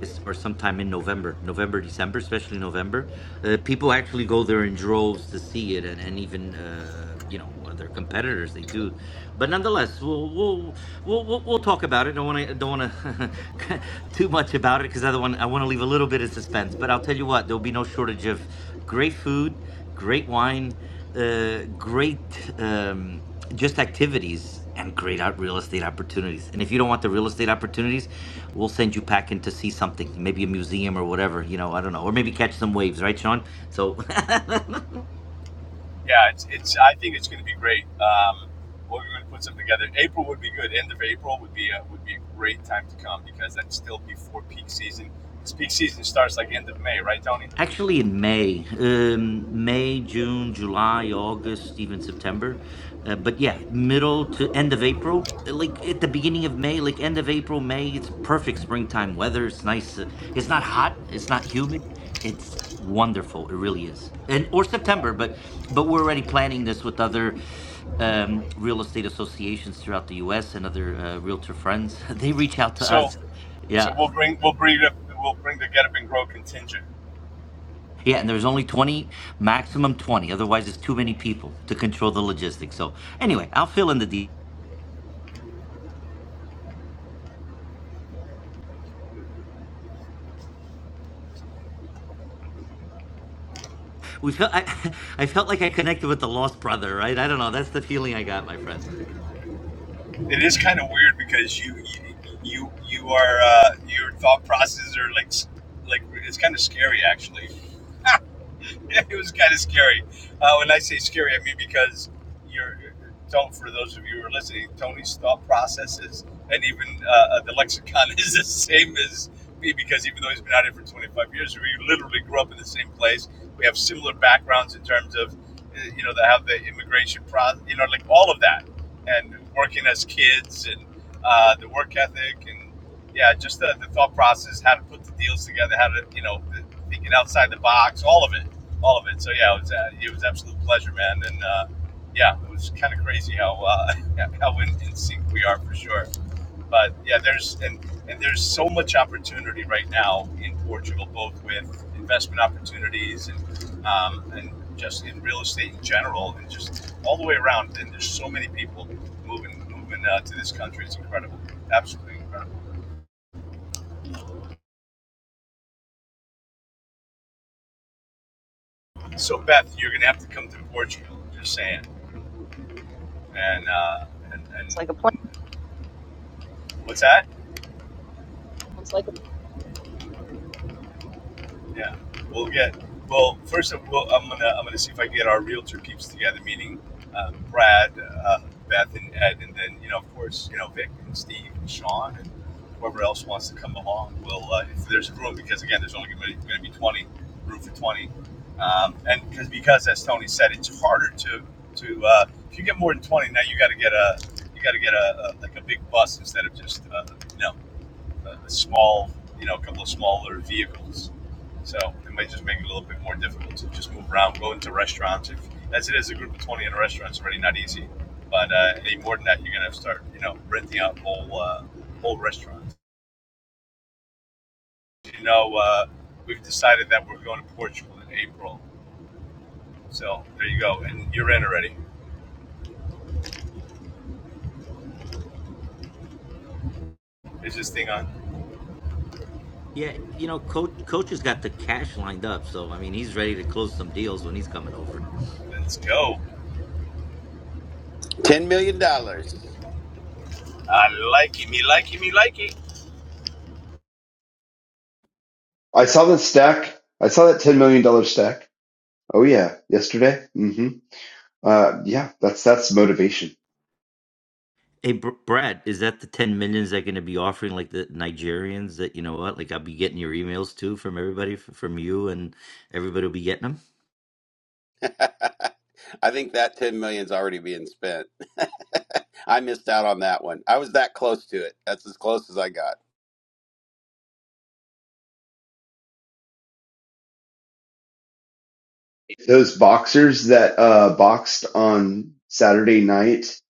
Speaker 6: is- or sometime in November, November, December, especially November, uh, people actually go there in droves to see it, and and even uh, you know other competitors they do. But nonetheless, we'll we'll we'll we'll, we'll talk about it. Don't want to don't want to [laughs] too much about it because I want I want to leave a little bit of suspense. But I'll tell you what, there'll be no shortage of great food, great wine, uh, great um, just activities. And great out real estate opportunities. And if you don't want the real estate opportunities, we'll send you packing to see something, maybe a museum or whatever, you know, I don't know, or maybe catch some waves, right, Sean? So [laughs]
Speaker 4: Yeah, it's, it's I think it's going to be great. Um, we're going to put something together. April would be good. End of April would be a, would be a great time to come because that's still before peak season. 'Cause peak season starts like end of May, right, Tony?
Speaker 6: Actually, in May, um, May, June, July, August, even September. Uh, but yeah, middle to end of April, uh, like at the beginning of May, like end of April, May, it's perfect springtime weather. It's nice. uh, It's not hot. It's not humid. It's wonderful. It really is. And or
Speaker 4: Yeah.
Speaker 6: September, but but we're already planning this with other um, real estate associations throughout the U.S. and other uh, realtor friends. [laughs] They reach out to
Speaker 4: So
Speaker 6: us. Yeah,
Speaker 4: so we'll bring we'll bring it up. We'll bring the Get Up and Grow contingent.
Speaker 6: Yeah, and there's only 20, maximum 20. Otherwise, it's too many people to control the logistics. So, anyway, I'll fill in the details. We felt I, [laughs] I felt like I connected with the lost brother, right? I don't know. That's the feeling I got, my friend.
Speaker 4: It is kind of weird because you you you you are uh, your thought processes are like like it's kind of scary actually. [laughs] it was kind of scary. Uh, when I say scary, I mean because you're, don't, for those of you who are listening, Tony's thought processes and even uh, uh, the lexicon [laughs] is the same as me because even though he's been out here for 25 years, we literally grew up in the same place. We have similar backgrounds in terms of, uh, you know, the, how the immigration process, you know, like all of that. And working as kids and uh, the work ethic and, yeah, just the, the thought process, how to put the deals together, how to, you know, the, thinking outside the box, all of it all of it. So yeah, it was uh, it was an absolute pleasure, man. And uh, yeah, it was kind of crazy how uh, [laughs] how in, in sync we are for sure. But yeah, there's and and there's so much opportunity right now in Portugal, both with investment opportunities and um, and just in real estate in general, and just all the way around. And there's so many people moving moving uh, to this country. It's incredible, absolutely incredible. So Beth, you're gonna have to come to Portugal. Just saying, and uh, and,
Speaker 2: it's
Speaker 4: and
Speaker 2: like a plan
Speaker 4: what's that?
Speaker 2: it's like
Speaker 4: Yeah, we'll get. Well, first of all, I'm gonna I'm gonna see if I get our realtor peeps together, meaning um, Brad, uh, Beth, and Ed, and then you know, of course, you know, Vic and Steve and Sean and whoever else wants to come along. We'll uh, if there's room because again, there's only going to be 20 room for 20, um, and because because as Tony said, it's harder to to uh, if you get more than 20 now, you got to get a you got to get a, a like a big bus instead of just uh, you know a, a small you know a couple of smaller vehicles so it might just make it a little bit more difficult to just move around, go into restaurants. If that's it, as a group of 20 in a restaurant, it's already not easy. But uh, any more than that, you're going to have to start, you know, renting out whole, uh, whole restaurants. You know, uh, we've decided that we're going to Portugal in April. So there you go. And you're in already. Is this thing on?
Speaker 6: Yeah, you know, coach coach has got the cash lined up, so I mean, he's ready to close some deals when he's coming over.
Speaker 4: Let's go.
Speaker 7: Ten million dollars.
Speaker 4: I like it, me like it, me like it.
Speaker 5: I saw that stack. I saw that ten million dollar stack. Oh yeah, yesterday. hmm Uh, yeah, that's that's motivation.
Speaker 6: Hey, Br- Brad, is that the 10 millions they're going to be offering like the Nigerians that, you know what, like I'll be getting your emails too from everybody f- from you and everybody will be getting them?
Speaker 7: [laughs] I think that ten million's already being spent. [laughs] I missed out on that one. I was that close to it. That's as close as I got.
Speaker 5: Those boxers that uh, boxed on Saturday night,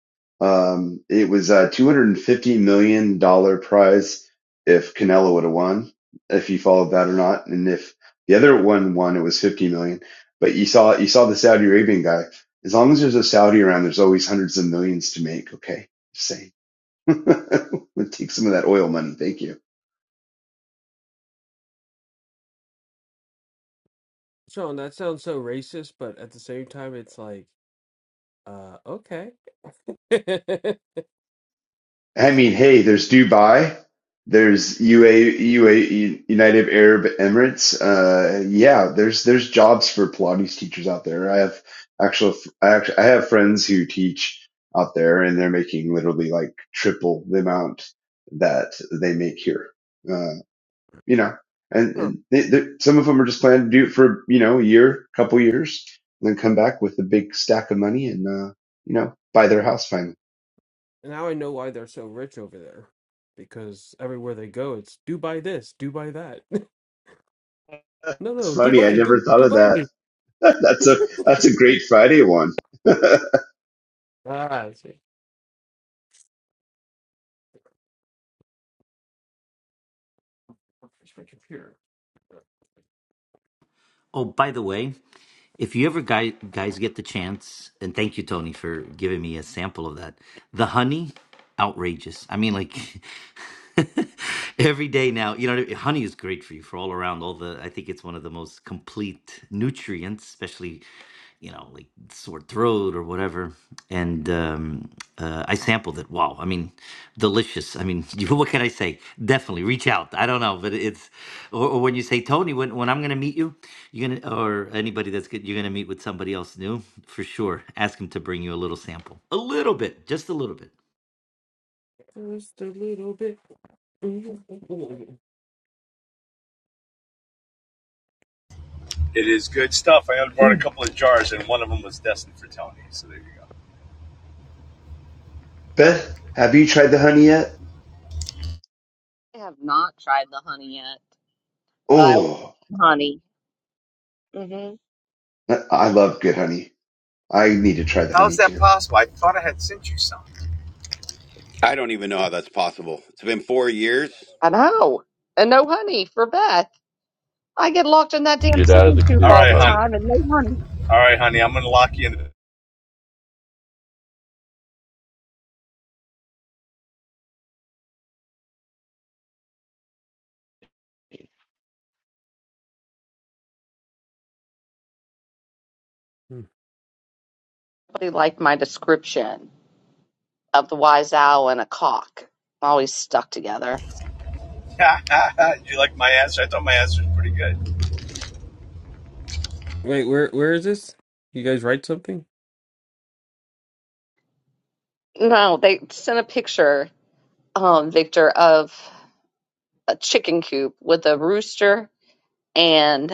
Speaker 5: um, it was a $250 million dollars prize if Canelo would have won, if you followed that or not. And if the other one won, it was 50 million. dollars. But you saw, you saw the Saudi Arabian guy. As long as there's a Saudi around, there's always hundreds of millions to make. Okay. Just saying. [laughs] We'll take some of that oil money. Thank you.
Speaker 1: Sean, that sounds so racist, but at the same time, it's like, uh, okay. [laughs]
Speaker 5: I mean, hey, there's Dubai, there's UA, UA, United Arab Emirates. Uh, yeah, there's there's jobs for Pilates teachers out there. I have actual, I actually, I have friends who teach out there, and they're making literally like triple the amount that they make here. Uh, you know, and
Speaker 1: Huh.
Speaker 5: and they, they, some of them are just planning to do it for you know a year, couple years, and then come back with a big stack of money and uh, you know buy their house finally.
Speaker 1: Now I know why they're so rich over there. Because everywhere they go, it's do buy this, do buy that. [laughs] no,
Speaker 5: It's
Speaker 1: no,
Speaker 5: funny. I
Speaker 1: Dubai,
Speaker 5: never
Speaker 1: do
Speaker 5: thought of
Speaker 1: Dubai
Speaker 5: that
Speaker 1: this.
Speaker 5: [laughs] that's a that's a great Friday one.
Speaker 1: Ah, I see. Where's my computer?
Speaker 6: Oh, by the way, if you ever guys, guys get the chance, and thank you, Tony, for giving me a sample of that. The honey, outrageous. I mean, like [laughs] every day now, you know, what I mean? honey is great for you for all around. All the, I think it's one of the most complete nutrients, especially you know, like sore throat or whatever. And um, uh, I sampled it. Wow, I mean, delicious. I mean, [laughs] you, what can I say? Definitely reach out. I don't know, but it's or, or when you say Tony, when when I'm gonna meet you, you're gonna or anybody that's good, you're gonna meet with somebody else new for sure. Ask them to bring you a little sample, a little bit, just a little bit.
Speaker 1: Just a little bit.
Speaker 4: It is good stuff. I brought a couple of jars, and one of them was destined for Tony. So there you go.
Speaker 5: [laughs] Beth, have you tried the honey yet?
Speaker 2: a, i have not tried the honey yet but i want
Speaker 5: Oh,
Speaker 2: honey hmm
Speaker 5: I love good honey. I need to try the
Speaker 4: How's
Speaker 5: honey
Speaker 4: that
Speaker 5: too.
Speaker 4: possible? I thought I had sent you some.
Speaker 7: I don't even know how that's possible. It's been four years.
Speaker 2: i know and no honey for beth i get locked in that damn
Speaker 3: Get out of
Speaker 2: chicken
Speaker 3: the
Speaker 2: coop
Speaker 4: All
Speaker 3: coop,
Speaker 2: all
Speaker 4: right,
Speaker 2: the
Speaker 4: hon.
Speaker 3: honey.
Speaker 2: time and no honey
Speaker 4: All right, honey, I'm gonna lock you in. [laughs]
Speaker 2: really liked my description of the wise owl and a cock. Always stuck together.
Speaker 4: Did you like my answer? I thought my answer was pretty good.
Speaker 1: [clears throat] Wait, where where is this? You guys write something?
Speaker 2: No, they sent a picture, um, Victor, of a chicken coop with a rooster and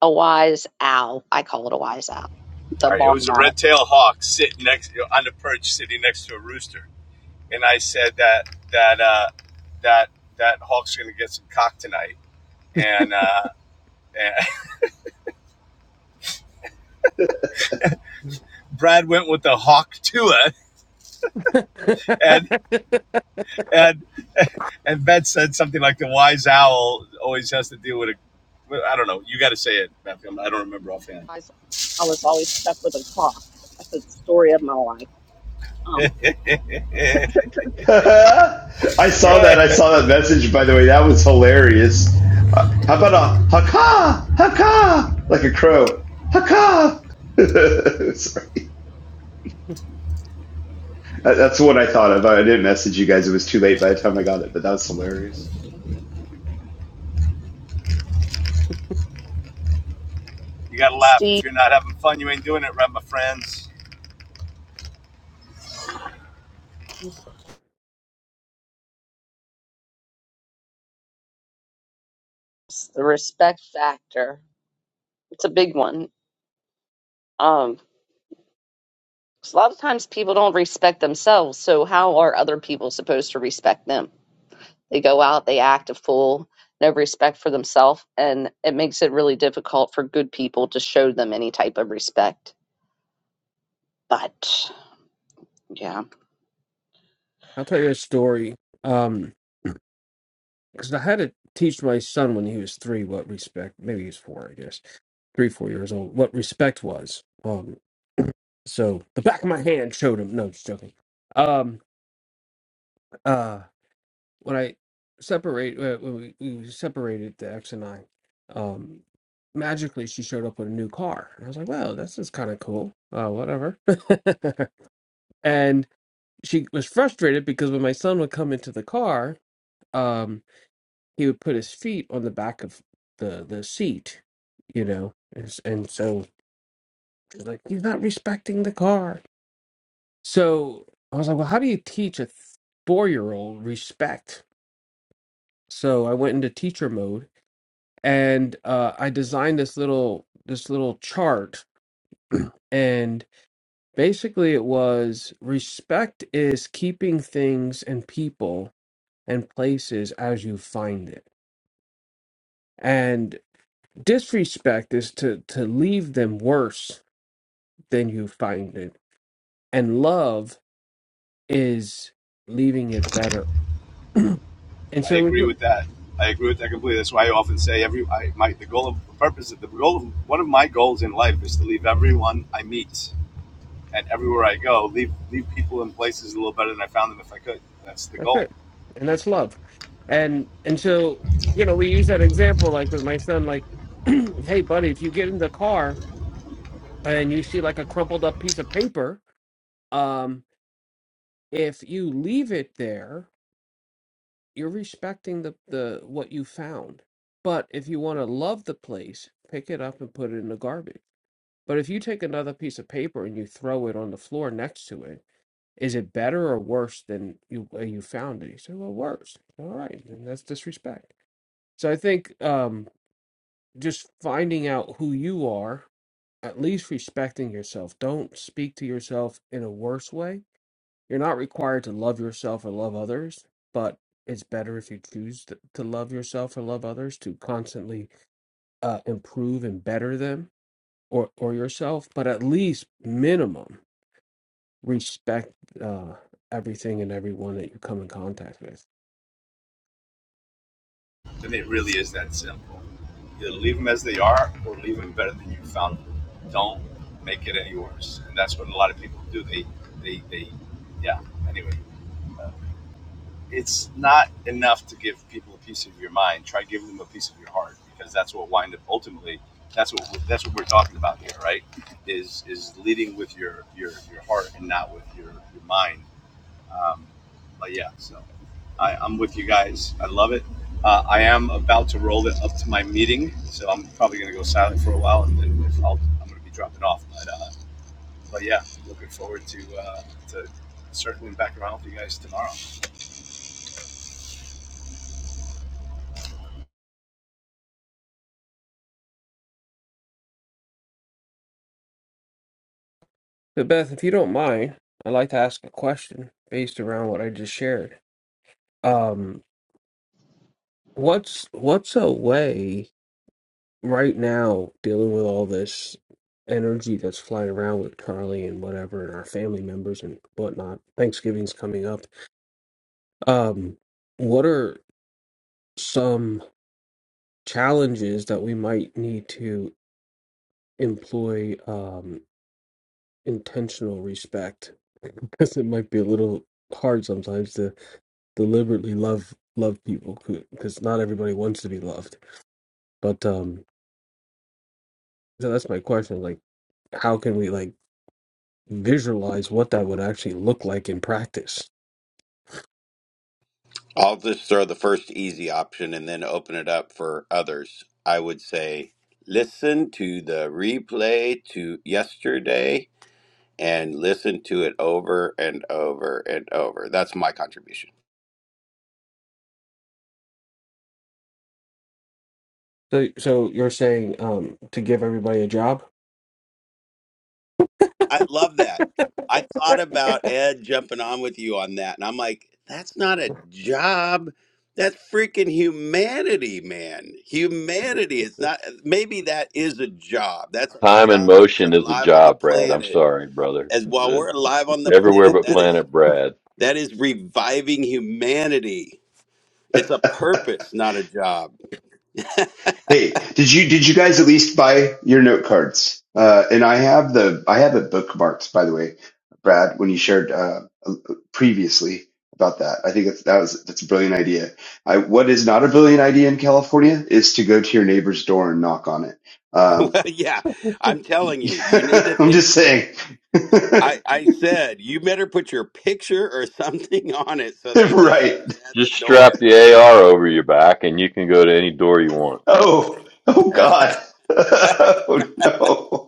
Speaker 2: a wise owl. I call it a wise owl. The
Speaker 4: All right, it
Speaker 2: barn
Speaker 4: was a
Speaker 2: owl.
Speaker 4: red-tailed hawk sitting next on the perch, sitting next to a rooster, and I said that that uh, that that hawk's gonna get some cock tonight. And, uh, and [laughs] Brad went with the hawk Tua,
Speaker 1: [laughs]
Speaker 4: and and and Beth said something like the wise owl always has to deal with a. well, I don't know. You got to say it, Matthew. I'm- i do not remember offhand.
Speaker 2: Wise- I was always stuck with a cock. That's the story of my life. Um,
Speaker 5: [laughs] I saw
Speaker 4: Yeah,
Speaker 5: that. I saw that message. By the way, that was hilarious. Uh, how about a haka haka like a crow haka? [laughs] Sorry. That- That's what I thought of. I didn't message you guys. It was too late by the time I got it, but that was hilarious.
Speaker 4: you got to laugh. If
Speaker 2: Steve,
Speaker 4: you're not having fun, you ain't doing it right, my friends.
Speaker 2: the respect factor. It's a big one. Um, 'Cause a lot of times people don't respect themselves. So how are other people supposed to respect them? They go out, they act a fool, no respect for themselves, and it makes it really difficult for good people to show them any type of respect. But yeah,
Speaker 1: I'll tell you a story. Um, because I had to teach my son when he was three what respect. Maybe he was four, I guess, three, four years old. What respect was. Um, so the back of my hand showed him. No, just joking. Um, uh, when I separate, uh, when we, we separated, the ex and I, um, magically she showed up with a new car, and I was like, "Wow, this is kind of cool." Uh, whatever. [laughs] and she was frustrated because when my son would come into the car. um, he would put his feet on the back of the the seat, you know, and, and so she's like, "He's not respecting the car." So I was like, "Well, how do you teach a four year old respect?" So I went into teacher mode, and uh, I designed this little this little chart, and basically it was respect is keeping things and people and places as you find it, and disrespect is to to leave them worse then you find it. And love is leaving it better. And
Speaker 4: I
Speaker 1: so
Speaker 4: agree
Speaker 1: it-
Speaker 4: with that. I agree with that completely. That's why I often say every I, my the goal of the purpose of the goal of, one of my goals in life is to leave everyone I meet and everywhere I go leave leave people in places a little better than I found them if I could. That's the
Speaker 1: that's
Speaker 4: goal.
Speaker 1: it. And that's love. And and so, you know, we use that example like with my son, like, [clears throat] hey buddy, if you get in the car and you see like a crumpled up piece of paper, um, if you leave it there, you're respecting the, the what you found. But if you want to love the place, pick it up and put it in the garbage. But if you take another piece of paper and you throw it on the floor next to it, Is it better or worse than you uh, you found it? He said, Well, worse. All right, and that's disrespect. So I think um, just finding out who you are, at least respecting yourself. Don't speak to yourself in a worse way. You're not required to love yourself or love others, but it's better if you choose to, to love yourself or love others to constantly uh, improve and better them or or yourself. But at least minimum respect uh, everything and everyone that you come in contact with.
Speaker 4: And it really is that simple. Either leave them as they are or leave them better than you found them. Don't make it any worse. And that's what a lot of people do. They they they yeah. Anyway. it's not enough to give people a piece of your mind. Try giving them a piece of your heart because that's what wind up ultimately. That's what we're, that's what we're talking about here, right? Is is leading with your your your heart and not with your your mind. Um, but yeah, so I, I'm with you guys. I love it. Uh, I am about to roll it up to my meeting, so I'm probably going to go silent for a while, and then if I'll, I'm going to be dropping off. But uh, but yeah, looking forward to uh, to circling back around with you guys tomorrow.
Speaker 1: So Beth, if you don't mind, I'd like to ask a question based around what I just shared. Um, what's what's a way right now dealing with all this energy that's flying around with Charlie and whatever and our family members and whatnot? Thanksgiving's coming up. Um, what are some challenges that we might need to employ? Um, intentional respect [laughs] because it might be a little hard sometimes to deliberately love love people because not everybody wants to be loved but um so that's my question like how can we like visualize what that would actually look like in practice
Speaker 7: I'll just throw the first easy option and then open it up for others. I would say listen to the replay to yesterday and listen to it over and over and over. That's my contribution.
Speaker 1: so so you're saying um to give everybody a job
Speaker 7: I love that. I thought about Ed jumping on with you on that, and I'm like, that's not a job. That's freaking humanity, man. Humanity. It's not. uh, Maybe that is a job. That's our
Speaker 3: Time and
Speaker 7: job. Is we're
Speaker 3: motion is a
Speaker 7: alive on the
Speaker 3: job, Brad. I'm
Speaker 7: planet.
Speaker 3: sorry, brother.
Speaker 7: As while
Speaker 3: The-
Speaker 7: we're alive on the
Speaker 3: everywhere
Speaker 7: planet,
Speaker 3: but
Speaker 7: that is
Speaker 3: Planet Brad.
Speaker 7: that is reviving humanity. It's a purpose, not a job.
Speaker 5: Hey, did you did you guys at least buy your note cards? Uh, and I have the I have it bookmarked, by the way, Brad, when you shared uh, previously about that. I think that's, that was that's a brilliant idea. I, what is not a brilliant idea in California is to go to your neighbor's door and knock on it.
Speaker 7: [laughs] well,
Speaker 5: Um,
Speaker 7: yeah, I'm telling you, you need to
Speaker 5: [laughs] I'm
Speaker 7: think.
Speaker 5: just saying, [laughs]
Speaker 7: I, I said, you better put your picture or [laughs] something on it so they know
Speaker 5: right?
Speaker 7: who's at the
Speaker 3: Just strap
Speaker 7: door.
Speaker 3: the AR over your back, and you can go to any door you want.
Speaker 5: Oh, oh
Speaker 7: Uh,
Speaker 5: God! [laughs] oh no!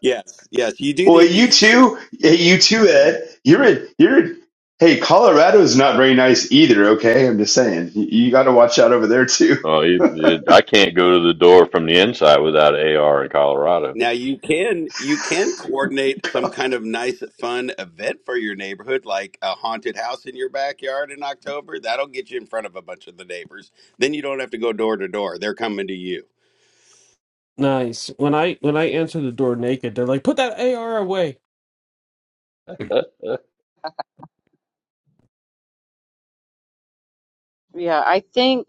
Speaker 7: yes, yes, you do
Speaker 5: Well,
Speaker 7: need to
Speaker 5: you
Speaker 7: use some.
Speaker 5: too. Hey, you too, Ed. You're in. You're in. Hey, Colorado is not very nice either. Okay, I'm just saying. You, you got to watch out over there too. [laughs]
Speaker 3: Oh, it, it, I can't go to the door from the inside without AR in Colorado.
Speaker 7: Now you can you can coordinate some kind of nice fun event for your neighborhood, like a haunted house in your backyard in October. That'll get you in front of a bunch of the neighbors. Then you don't have to go door to door. They're coming to you.
Speaker 1: nice when i when i answer the door naked they're like put that ar away
Speaker 3: [laughs] Are
Speaker 2: yeah, I think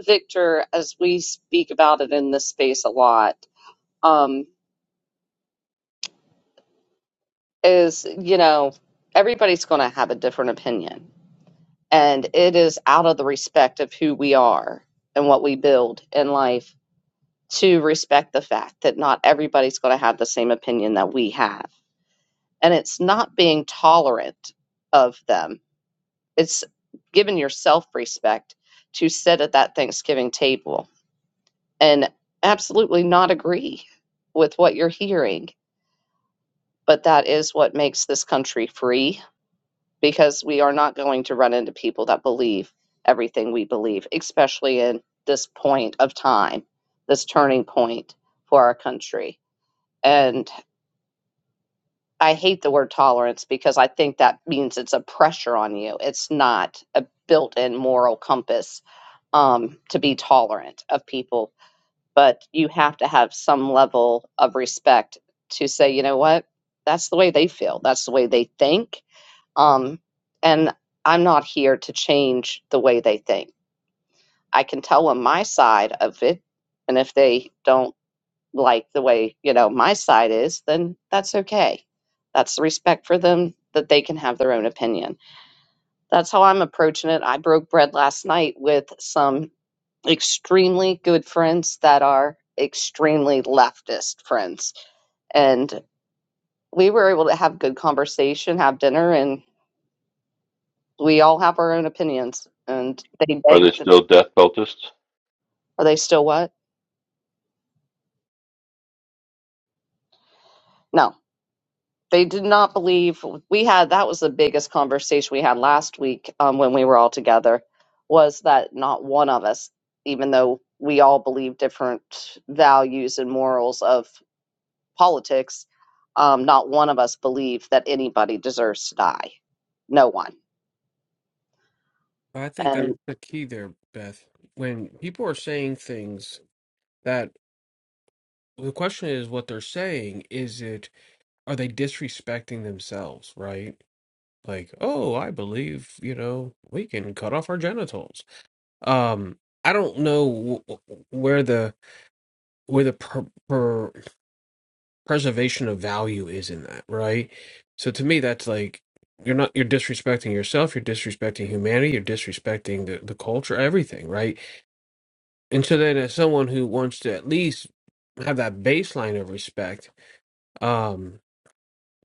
Speaker 2: Victor, as we speak about it in this space a lot, um, is you know everybody's going to have a different opinion, and it is out of the respect of who we are and what we build in life to respect the fact that not everybody's going to have the same opinion that we have. And it's not being tolerant of them, it's giving yourself respect to sit at that Thanksgiving table and absolutely not agree with what you're hearing. But that is what makes this country free because we are not going to run into people that believe everything we believe, especially in this point of time, this turning point for our country. And I hate the word tolerance because I think that means it's a pressure on you. It's not a built-in moral compass um, to be tolerant of people, but you have to have some level of respect to say, you know what, that's the way they feel, that's the way they think, um, and I'm not here to change the way they think. I can tell them my side of it, and if they don't like the way you know my side is then that's okay that's the respect for them that they can have their own opinion that's how i'm approaching it i broke bread last night with some extremely good friends that are extremely leftist friends and we were able to have good conversation have dinner and we all have our own opinions and they
Speaker 3: they
Speaker 2: begged
Speaker 3: still death cultists?
Speaker 2: are they still what no They did not believe we had that was the biggest conversation we had last week um, when we were all together was that not one of us, even though we all believe different values and morals of politics, um, not one of us believed that anybody deserves to die. No one.
Speaker 1: i think
Speaker 2: And
Speaker 1: that's the key there beth when people are saying things that. The question is what they're saying. Is it, are they disrespecting themselves, right? Like, oh, I believe, you know, we can cut off our genitals. Um, I don't know wh- wh- where the where the per, per preservation of value is in that, right? So to me, that's like you're not you're disrespecting yourself, you're disrespecting humanity, you're disrespecting the, the culture, everything, right? And so then, as someone who wants to at least have that baseline of respect, um.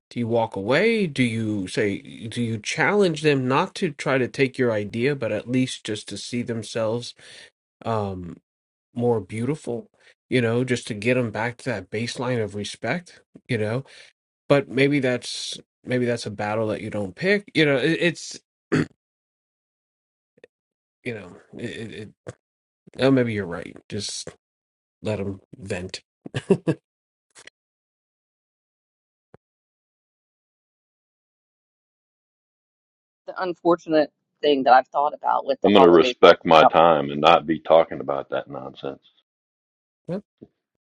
Speaker 1: Do you walk away? Do you say, do you challenge them not to try to take your idea, but at least just to see themselves um, more beautiful? You know, just to get them back to that baseline of respect. You know, but maybe that's maybe that's a battle that you don't pick. You know, it, it's [clears throat] you know, it, it, it, oh, maybe you're right. Just let them vent. [laughs]
Speaker 2: the unfortunate thing that I've thought about with the
Speaker 3: I'm going to
Speaker 2: holidays.
Speaker 3: respect my time and not be talking about that nonsense.
Speaker 1: Yep.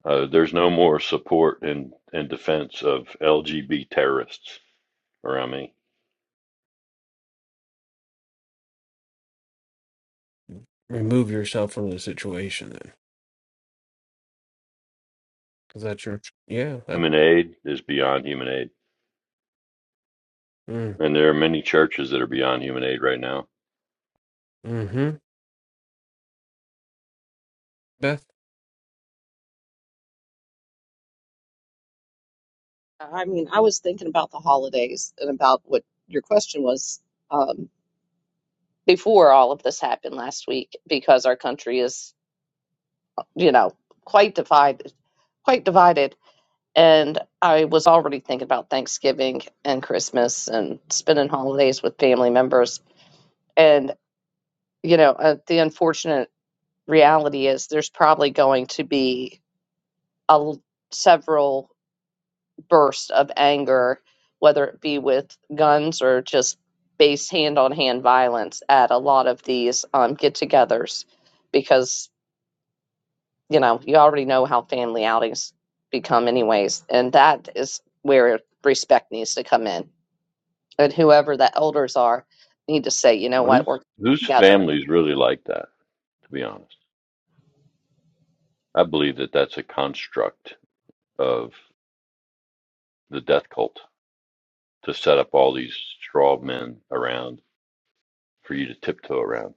Speaker 3: Uh, there's no more support and, and defense of LGB terrorists around me.
Speaker 1: Remove yourself from the situation then, because that's your yeah. That
Speaker 3: Human aid is beyond human aid.
Speaker 1: mm,
Speaker 3: And there are many churches that are beyond human aid right now.
Speaker 1: mm-hmm. Beth.
Speaker 2: I mean, I was thinking about the holidays and about what your question was um, before all of this happened last week because our country is, you know, quite divided, quite divided. And I was already thinking about Thanksgiving and Christmas and spending holidays with family members. And, you know, uh, the unfortunate reality is there's probably going to be a l- several bursts of anger, whether it be with guns or just base hand on hand violence at a lot of these um, get togethers because you know, you already know how family outings become, anyways. And that is where respect needs to come in. And whoever the elders are need to say, you know what,
Speaker 3: Whose
Speaker 2: we're
Speaker 3: whose
Speaker 2: together.
Speaker 3: families really like that, to be honest? I believe that that's a construct of the death cult to set up all these straw men around for you to tiptoe around.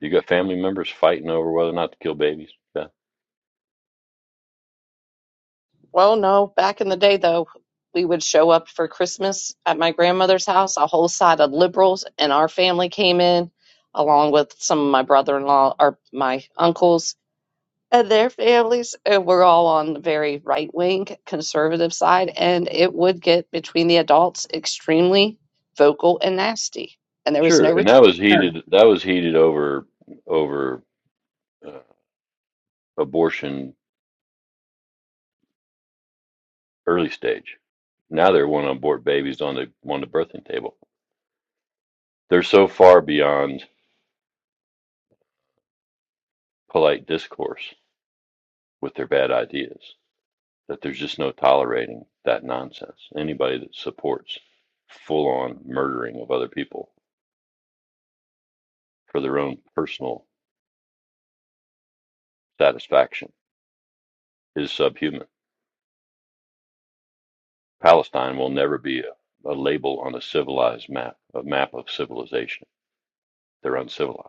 Speaker 3: You got family members fighting over whether or not to kill babies. Yeah.
Speaker 2: Well, no, back in the day, though, we would show up for Christmas at my grandmother's house. A whole side of liberals and our family came in, along with some of my brother in law or my uncles and their families and we're all on the very right wing conservative side and it would get between the adults extremely vocal and nasty and there was
Speaker 3: Sure.
Speaker 2: no respect.
Speaker 3: And that was heated. That was heated over, over abortion early stage. Now they want to abort babies on the on the birthing table. They're so far beyond polite discourse with their bad ideas that there's just no tolerating that nonsense. Anybody that supports full on murdering of other people for their own personal satisfaction is subhuman. Palestine will never be a, a label on a civilized map, a map of civilization. They're uncivilized.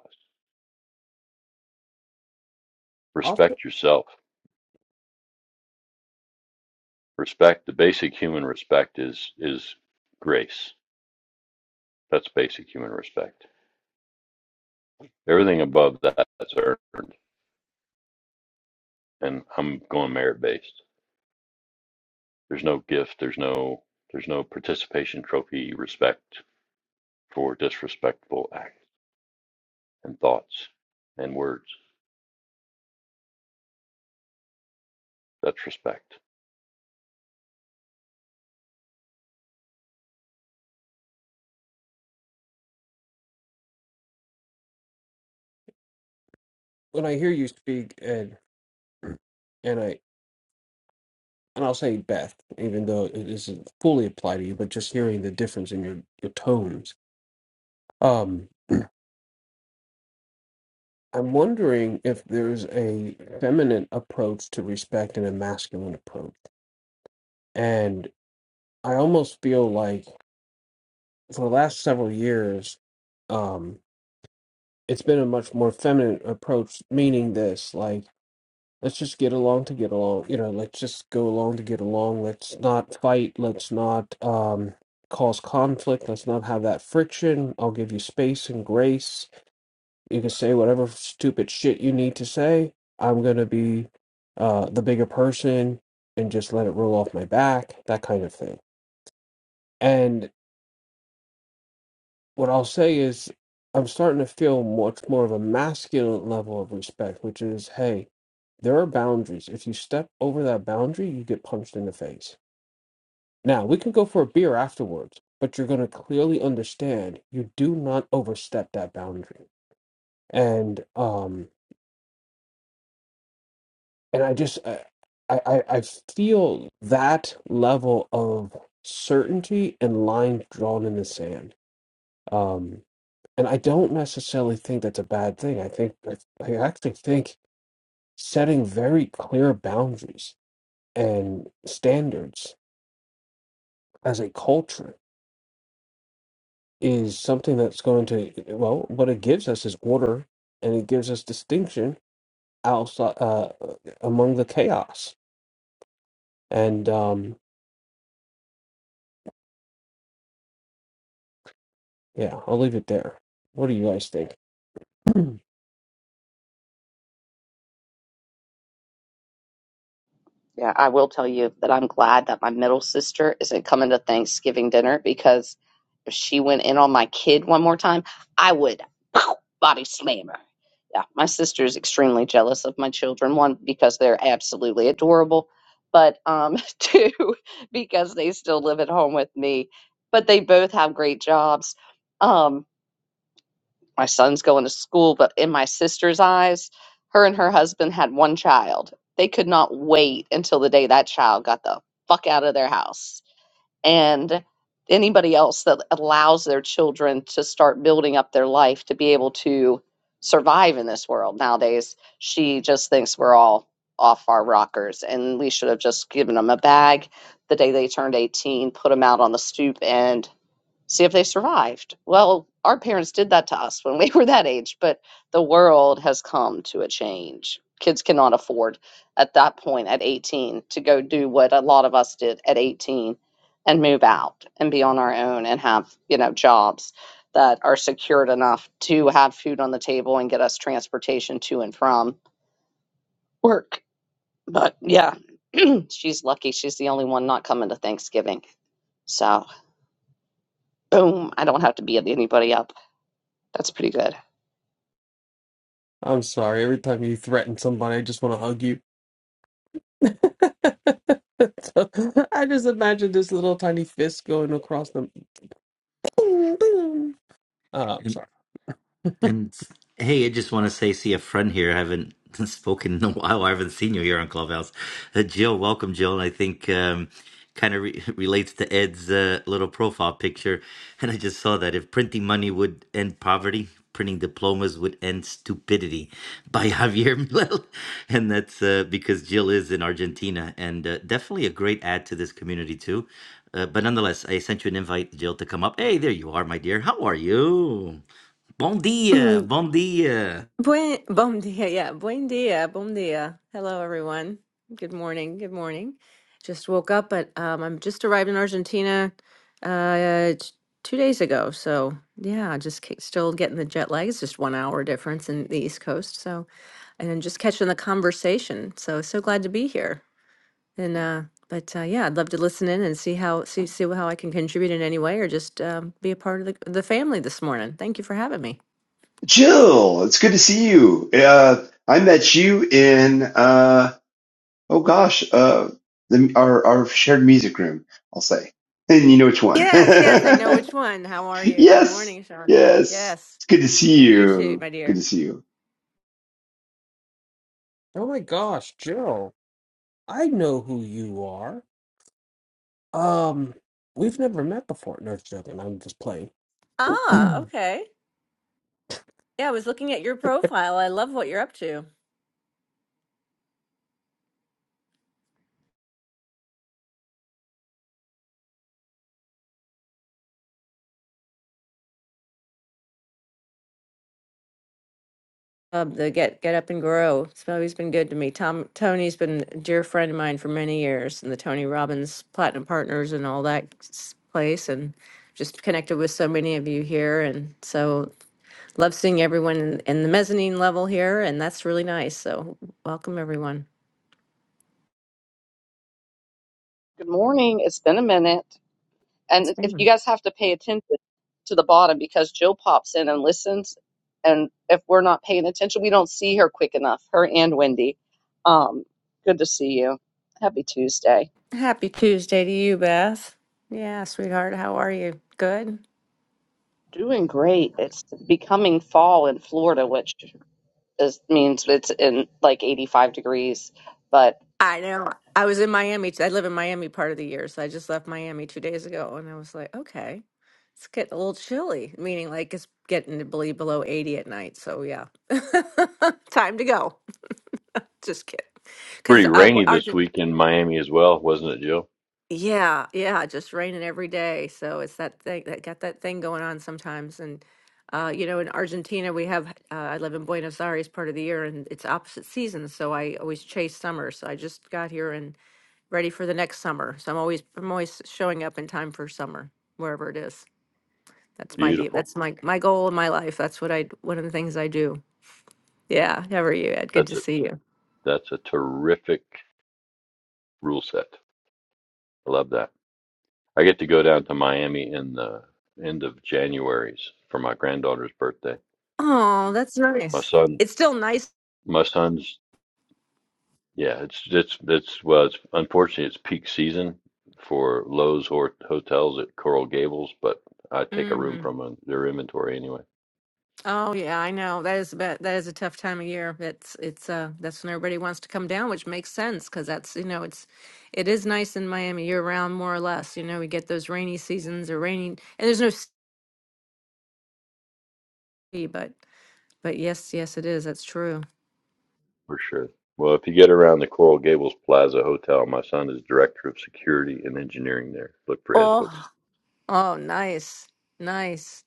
Speaker 3: Respect yourself respect the basic human respect is is grace that's basic human respect everything above that that's earned and i'm going merit based there's no gift there's no there's no participation trophy respect for disrespectful acts and thoughts and words that's respect
Speaker 1: when I hear you speak, and and I and I'll say Beth, even though it not fully applied to you, but just hearing the difference in your your tones. Um, I'm wondering if there's a feminine approach to respect and a masculine approach, and I almost feel like for the last several years, um, it's been a much more feminine approach. Meaning this, like Let's just get along to get along. You know, let's just go along to get along. Let's not fight. Let's not um, cause conflict. Let's not have that friction. I'll give you space and grace. You can say whatever stupid shit you need to say. I'm going to be uh, the bigger person and just let it roll off my back, that kind of thing. And. What I'll say is, I'm starting to feel much more of a masculine level of respect, which is, hey, there are boundaries. If you step over that boundary, you get punched in the face. Now, we can go for a beer afterwards, but you're going to clearly understand you do not overstep that boundary. And um and I just I I I I feel that level of certainty and lines drawn in the sand. Um. and I don't necessarily think that's a bad thing. I think I, I actually think setting very clear boundaries and standards as a culture is something that's going to well, what it gives us is order, and it gives us distinction outside uh, among the chaos. And um, yeah, I'll leave it there. What do you guys think? [clears throat]
Speaker 2: Yeah, I will tell you that I'm glad that my middle sister isn't coming to Thanksgiving dinner because if she went in on my kid one more time, I would [laughs] body slam her. Yeah, my sister is extremely jealous of my children. One, because they're absolutely adorable, but um, [laughs] two, because they still live at home with me, but they both have great jobs. Um, my son's going to school, but in my sister's eyes, her and her husband had one child. They could not wait until the day that child got the fuck out of their house. And anybody else that allows their children to start building up their life to be able to survive in this world nowadays, she just thinks we're all off our rockers and we should have just given them a bag the day they turned 18, put them out on the stoop and see if they survived. Well, our parents did that to us when we were that age, but the world has come to a change. Kids cannot afford at that point at 18 to go do what a lot of us did at 18 and move out and be on our own and have, you know, jobs that are secured enough to have food on the table and get us transportation to and from work. But yeah, [clears throat] she's lucky she's the only one not coming to Thanksgiving. So, boom, I don't have to be at anybody else. That's pretty good.
Speaker 1: I'm sorry. Every time you threaten somebody, I just want to hug you. [laughs] [laughs] I just imagine this little tiny fist going across the Boom, boom. Uh, I'm sorry. [laughs]
Speaker 6: And hey, I just want to say, see a friend here. I haven't [laughs] spoken in a while. I haven't seen you here on Clubhouse. Uh, Jill, welcome, Jill. And I think um, kind of re- [laughs] relates to Ed's uh, little profile picture. And I just saw that if printing money would end poverty, printing diplomas would end stupidity by [laughs] Javier Milei. And that's uh, because Jill is in Argentina and uh, definitely a great add to this community, too. Uh, but nonetheless, I sent you an invite, Jill, to come up. Hey, there you are, my dear. How are you? Bom dia,
Speaker 8: Mm,
Speaker 6: bom dia.
Speaker 8: Buen, bom dia, yeah. Buen dia, bom dia. Hello, everyone. Good morning, good morning. Just woke up, but um, I'm just arrived in Argentina uh, t- two days ago. So, yeah, just ca- still getting the jet lag. It's just one hour difference in the East Coast. So, and then just catching the conversation. So, so glad to be here. And, uh, but uh, yeah, I'd love to listen in and see how see see how I can contribute in any way or just um, be a part of the, the family this morning. Thank you for having me.
Speaker 5: Jill, it's good to see you. Uh, I met you in. Uh, oh gosh, uh, the, our our shared music room. I'll say, and you know which one. [laughs]
Speaker 8: Yes, yes, I know
Speaker 5: yes,
Speaker 8: which one. How are you? Good morning, Sean.
Speaker 5: yes.
Speaker 8: Yes,
Speaker 5: It's good to see
Speaker 8: you too,
Speaker 5: you.
Speaker 8: my
Speaker 5: Good to
Speaker 8: dear.
Speaker 5: see you.
Speaker 1: Oh my gosh, Jill, I know who you are. Um, we've never met before. No, just joking. I'm just playing. [clears throat]
Speaker 8: Ah, okay. Yeah, I was looking at your profile. I love what you're up to. Um, the get get up and grow. It's always been good to me. Tom Tony's been a dear friend of mine for many years, and the Tony Robbins Platinum Partners and all that s- place, and just connected with so many of you here, and so love seeing everyone in, in the mezzanine level here, and that's really nice. So welcome everyone.
Speaker 2: Good morning. It's been a minute.
Speaker 8: Yes,
Speaker 2: And if
Speaker 8: ma'am.
Speaker 2: you guys have to pay attention to the bottom because Jill pops in and listens. And if we're not paying attention, we don't see her quick enough, her and Wendy. Um, good to see you. Happy Tuesday.
Speaker 8: Happy Tuesday to you, Beth. Yeah, sweetheart, how are you? Good?
Speaker 2: Doing great. It's becoming fall in Florida, which is, means it's in like 85 degrees. But
Speaker 8: I know. I was in Miami. I live in Miami part of the year, so I just left Miami two days ago, and I was like, okay, it's getting a little chilly, meaning like it's getting to be below 80 at night. So, yeah, [laughs] time to go. Just kidding. Because
Speaker 3: pretty
Speaker 8: uh,
Speaker 3: rainy this
Speaker 8: our,
Speaker 3: week in miami as well wasn't it jill
Speaker 8: Yeah, yeah, just raining every day. So it's that thing that got that thing going on sometimes. And uh, you know, in Argentina, we have uh, I live in Buenos Aires part of the year, and it's opposite seasons. So I always chase summer. So I just got here and ready for the next summer. So I'm always I'm always showing up in time for summer, wherever it is. That's my deal.
Speaker 3: beautiful
Speaker 8: That's my my goal in my life. That's what I one of the things I do. Yeah. How are you, Ed? Good
Speaker 3: that's
Speaker 8: to
Speaker 3: a
Speaker 8: see you.
Speaker 3: that's a terrific rule set i love that I get to go down to Miami in the end of January's for my granddaughter's birthday.
Speaker 8: Oh, that's
Speaker 3: My
Speaker 8: nice.
Speaker 3: son,
Speaker 8: It's still nice.
Speaker 3: my son's, yeah, it's it's it's well, it's unfortunately it's peak season for Lowe's or hotels at Coral Gables, but I take a room
Speaker 8: Mm-hmm.
Speaker 3: from uh, their inventory anyway,
Speaker 8: Oh yeah, I know. That is about, that is a tough time of year. It's it's uh that's when everybody wants to come down, which makes sense because that's you know it's it is nice in Miami year round more or less. You know we get those rainy seasons or rainy and there's no sea, but but yes yes it is that's true.
Speaker 3: for sure. Well, if you get around the Coral Gables Plaza Hotel, my son is director of security and engineering there. Look for Ed Hooks.
Speaker 8: Oh oh nice nice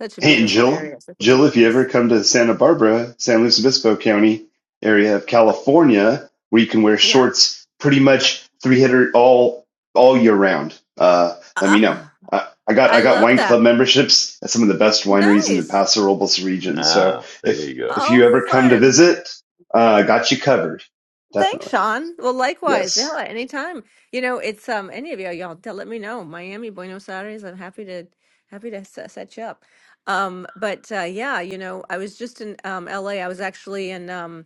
Speaker 8: such a
Speaker 5: Hey, And
Speaker 8: beautiful
Speaker 5: Jill,
Speaker 8: area such a
Speaker 5: Jill,
Speaker 8: beautiful
Speaker 5: if you ever
Speaker 8: place.
Speaker 5: come to Santa Barbara, San Luis Obispo County area of California, where you can wear
Speaker 8: Yeah,
Speaker 5: shorts pretty much 300 all all year round, uh, let me know.
Speaker 8: ah,
Speaker 5: I, I got
Speaker 8: I
Speaker 5: I got
Speaker 8: love
Speaker 5: wine club
Speaker 8: that.
Speaker 5: memberships at some of the best wineries in the
Speaker 8: Nice.
Speaker 5: Paso Robles region. So
Speaker 3: Nah, there
Speaker 5: if
Speaker 3: you go.
Speaker 5: if
Speaker 8: Oh
Speaker 5: you ever come to
Speaker 8: fun.
Speaker 5: visit, uh, got you covered,
Speaker 8: Thanks,
Speaker 5: definitely.
Speaker 8: Sean. Well, likewise.
Speaker 5: Yes.
Speaker 8: Yeah, anytime. You know, it's um any of y'all, y'all tell, let me know. Miami, Buenos Aires. I'm happy to happy to set, set you up. Um, but uh, yeah, you know, I was just in um, L. A. I was actually in um,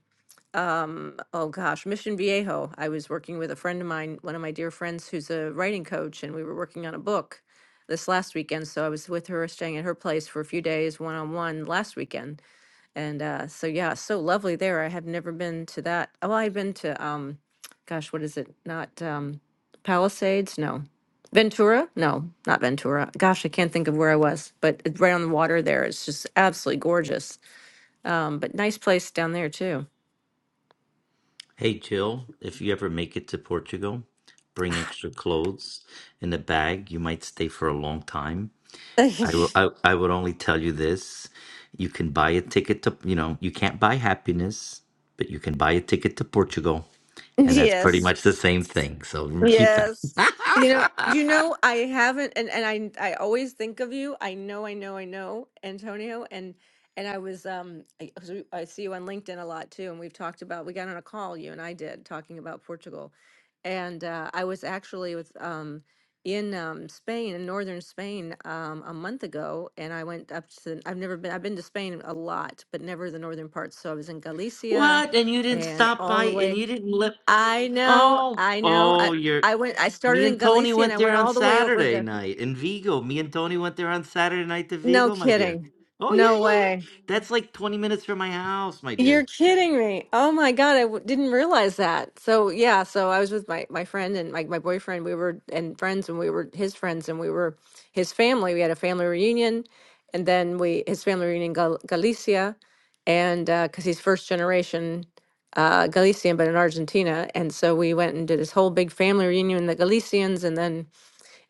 Speaker 8: um, oh gosh, Mission Viejo. I was working with a friend of mine, one of my dear friends who's a writing coach, and we were working on a book this last weekend. So I was with her, staying at her place for a few days, one on one last weekend and uh, so yeah, so lovely there. I have never been to that. Well, I've been to um, gosh, what is it? Not um, Palisades? No, Ventura? No, not Ventura. Gosh, I can't think of where I was, but it's right on the water there. It's just absolutely gorgeous. Um, but nice place down there too.
Speaker 6: Hey, Jill, if you ever make it to Portugal, bring extra clothes in a bag. You might stay for a long time. I will.
Speaker 8: [laughs]
Speaker 6: I, I would only tell you this: you can buy a ticket to. You know, you can't buy happiness, but you can buy a ticket to Portugal, and that's pretty
Speaker 8: yes.
Speaker 6: much the same thing. So keep that.
Speaker 8: Yes. You know, you know, I haven't, and, and I I always think of you. I know, I know, I know, Antonio, and and I was um I, 'cause we- I see you on LinkedIn a lot too, and we've talked about we got on a call you and I did talking about Portugal, and uh, I was actually with um in um Spain in northern Spain um a month ago, and I went up to I've never been I've been to Spain a lot, but never the northern parts. So I was in Galicia,
Speaker 6: What? And you didn't
Speaker 8: and
Speaker 6: stop
Speaker 8: all
Speaker 6: by,
Speaker 8: the
Speaker 6: and
Speaker 8: way.
Speaker 6: you didn't let.
Speaker 8: I know,
Speaker 6: Oh,
Speaker 8: I know. I
Speaker 6: oh, you're.
Speaker 8: I went I started
Speaker 6: Me
Speaker 8: in
Speaker 6: and Tony
Speaker 8: Galicia and
Speaker 6: went
Speaker 8: I
Speaker 6: there
Speaker 8: went
Speaker 6: on
Speaker 8: all the way over
Speaker 6: Saturday
Speaker 8: to
Speaker 6: night in Vigo. Me and Tony went there on Saturday night to
Speaker 8: No
Speaker 6: Vigo, my dear.
Speaker 8: kidding.
Speaker 6: Oh
Speaker 8: No
Speaker 6: yeah, yeah,
Speaker 8: way.
Speaker 6: yeah. That's like twenty minutes from my house, my
Speaker 8: You're
Speaker 6: dear.
Speaker 8: kidding me. Oh my God, I w didn't realize that. So yeah, so I was with my my friend and my my boyfriend. We were and friends and we were his friends and we were his family. We had a family reunion and then we his family reunion in Gal Galicia and uh because he's first generation uh Galician but in Argentina and so we went and did this whole big family reunion the Galicians and then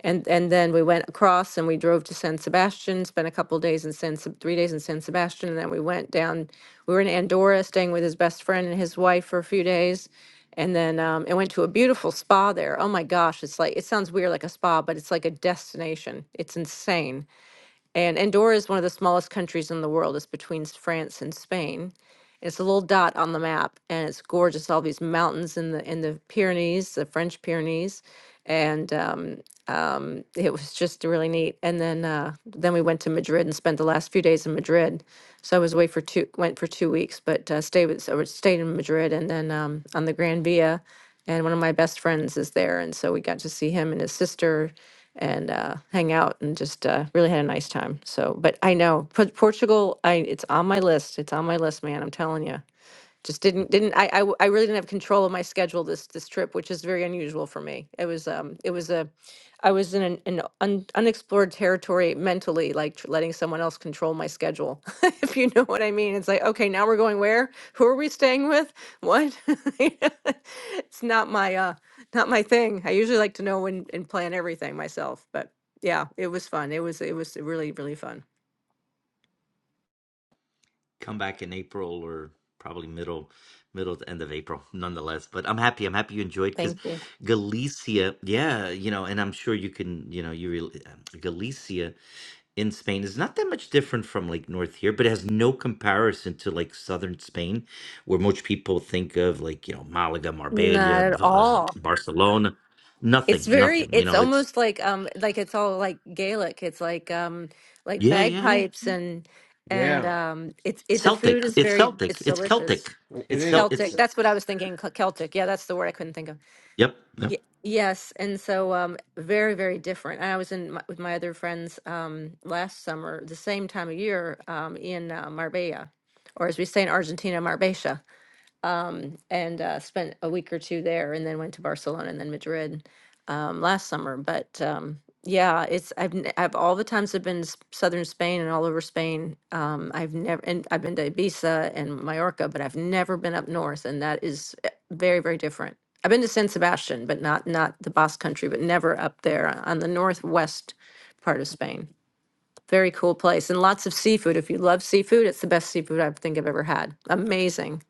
Speaker 8: And and then we went across and we drove to San Sebastian, spent a couple days in San Seb- three days in San Sebastian, and then we went down. We were in Andorra, staying with his best friend and his wife for a few days, and then um, and went to a beautiful spa there. Oh my gosh, it's like it sounds weird like a spa, but it's like a destination. It's insane. And Andorra is one of the smallest countries in the world. It's between s- France and Spain. It's a little dot on the map, and it's gorgeous. All these mountains in the in the Pyrenees, the French Pyrenees and um, um, it was just really neat. And then uh, then we went to Madrid and spent the last few days in Madrid. So I was away for two went for two weeks, but uh, stayed with so I stayed in Madrid and then um, on the Gran Via. And one of my best friends is there, and so we got to see him and his sister and uh, hang out and just uh, really had a nice time. So, but I know P- Portugal, I it's on my list. It's on my list, man. I'm telling you just didn't didn't I, I I I really didn't have control of my schedule this this trip which is very unusual for me it was um it was a i was in an, an un, unexplored territory mentally like tr- letting someone else control my schedule [laughs] if you know what i mean it's like okay now we're going where who are we staying with what [laughs] You know, it's not my uh not my thing i usually like to know and, and plan everything myself but yeah it was fun it was it was really really fun
Speaker 6: Come back in April or probably middle, middle to end of April, nonetheless. But I'm happy. I'm happy you enjoyed because
Speaker 8: thank you
Speaker 6: Galicia, yeah, you know, and I'm sure you can, you know, you really Galicia. in Spain is not that much different from like north here, but it has no comparison to like southern Spain, where most people think of like, you know, Malaga,
Speaker 8: not
Speaker 6: Marbella,
Speaker 8: at
Speaker 6: V- uh,
Speaker 8: all
Speaker 6: Barcelona.
Speaker 8: It's
Speaker 6: Nothing,
Speaker 8: very,
Speaker 6: nothing. You
Speaker 8: it's
Speaker 6: know, it's
Speaker 8: almost like um like it's all like Gaelic. It's like um like
Speaker 6: yeah, yeah, yeah.
Speaker 8: bagpipes and and
Speaker 1: yeah,
Speaker 8: um it's it the
Speaker 6: Celtic.
Speaker 8: food is
Speaker 6: It's
Speaker 8: very
Speaker 6: Celtic.
Speaker 8: it's
Speaker 6: It's
Speaker 8: delicious.
Speaker 6: Celtic.
Speaker 1: it
Speaker 6: It's
Speaker 1: is.
Speaker 6: Cel-
Speaker 8: Celtic.
Speaker 6: it's
Speaker 8: That's what I was thinking. Cel- Celtic. Yeah, that's the word I couldn't think of.
Speaker 6: yep, yep.
Speaker 8: Ye- yes, and so um very very different. And I was in my, with my other friends um last summer, the same time of year um in uh, Marbella or as we say in Argentina, Marbella um, and uh, spent a week or two there, and then went to Barcelona and then Madrid um, last summer. But um, yeah, it's I've n- I've all the times I've been to s- southern Spain and all over Spain. Um, I've never and I've been to Ibiza and Mallorca, but I've never been up north, and that is eh, very very different. I've been to San Sebastian, but not not the Basque Country, but never up there on the northwest part of Spain. Very cool place and lots of seafood. If you love seafood, it's the best seafood I think I've ever had. Amazing,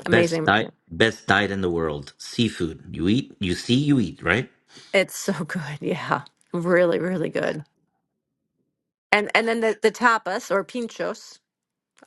Speaker 6: Best
Speaker 8: amazing.
Speaker 6: diet best diet in the world. Seafood. You eat, you see, you eat, right?
Speaker 8: It's so [laughs] good. Yeah. Really, really good. And and then the, the tapas or pinchos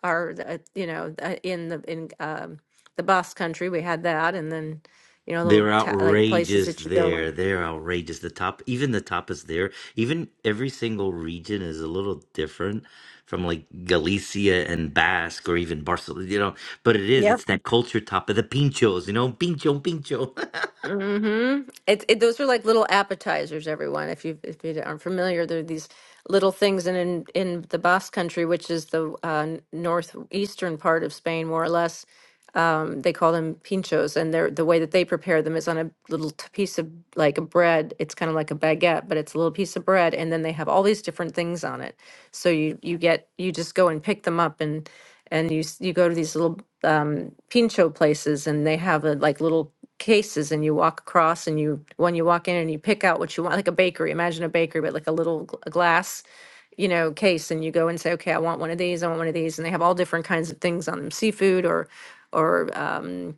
Speaker 8: are uh, you know uh, in the in um the Basque country we had that and then you know little
Speaker 6: They're
Speaker 8: ta- like places
Speaker 6: outrageous
Speaker 8: that you go in.
Speaker 6: there. They're outrageous. The top, even the tapas there, even every single region is a little different from like Galicia and Basque or even Barcelona, you know. But it
Speaker 8: Yep.
Speaker 6: is, it's that culture tapa, the pinchos, you know, pincho, pincho. [laughs]
Speaker 8: Mm-hmm. It, it those are like little appetizers, everyone. If you if you aren't familiar, they're these little things in in, in the Basque Country, which is the uh, n- northeastern part of Spain, more or less. Um, they call them pinchos, and they're the way that they prepare them is on a little t- piece of like a bread. It's kind of like a baguette, but it's a little piece of bread, and then they have all these different things on it. So you you get you just go and pick them up and and you s- you go to these little um, pincho places, and they have a, like little cases, and you walk across, and you when you walk in, and you pick out what you want, like a bakery. Imagine a bakery, but like a little gl- glass, you know, case, and you go and say, okay, I want one of these, I want one of these, and they have all different kinds of things on them, seafood or or um,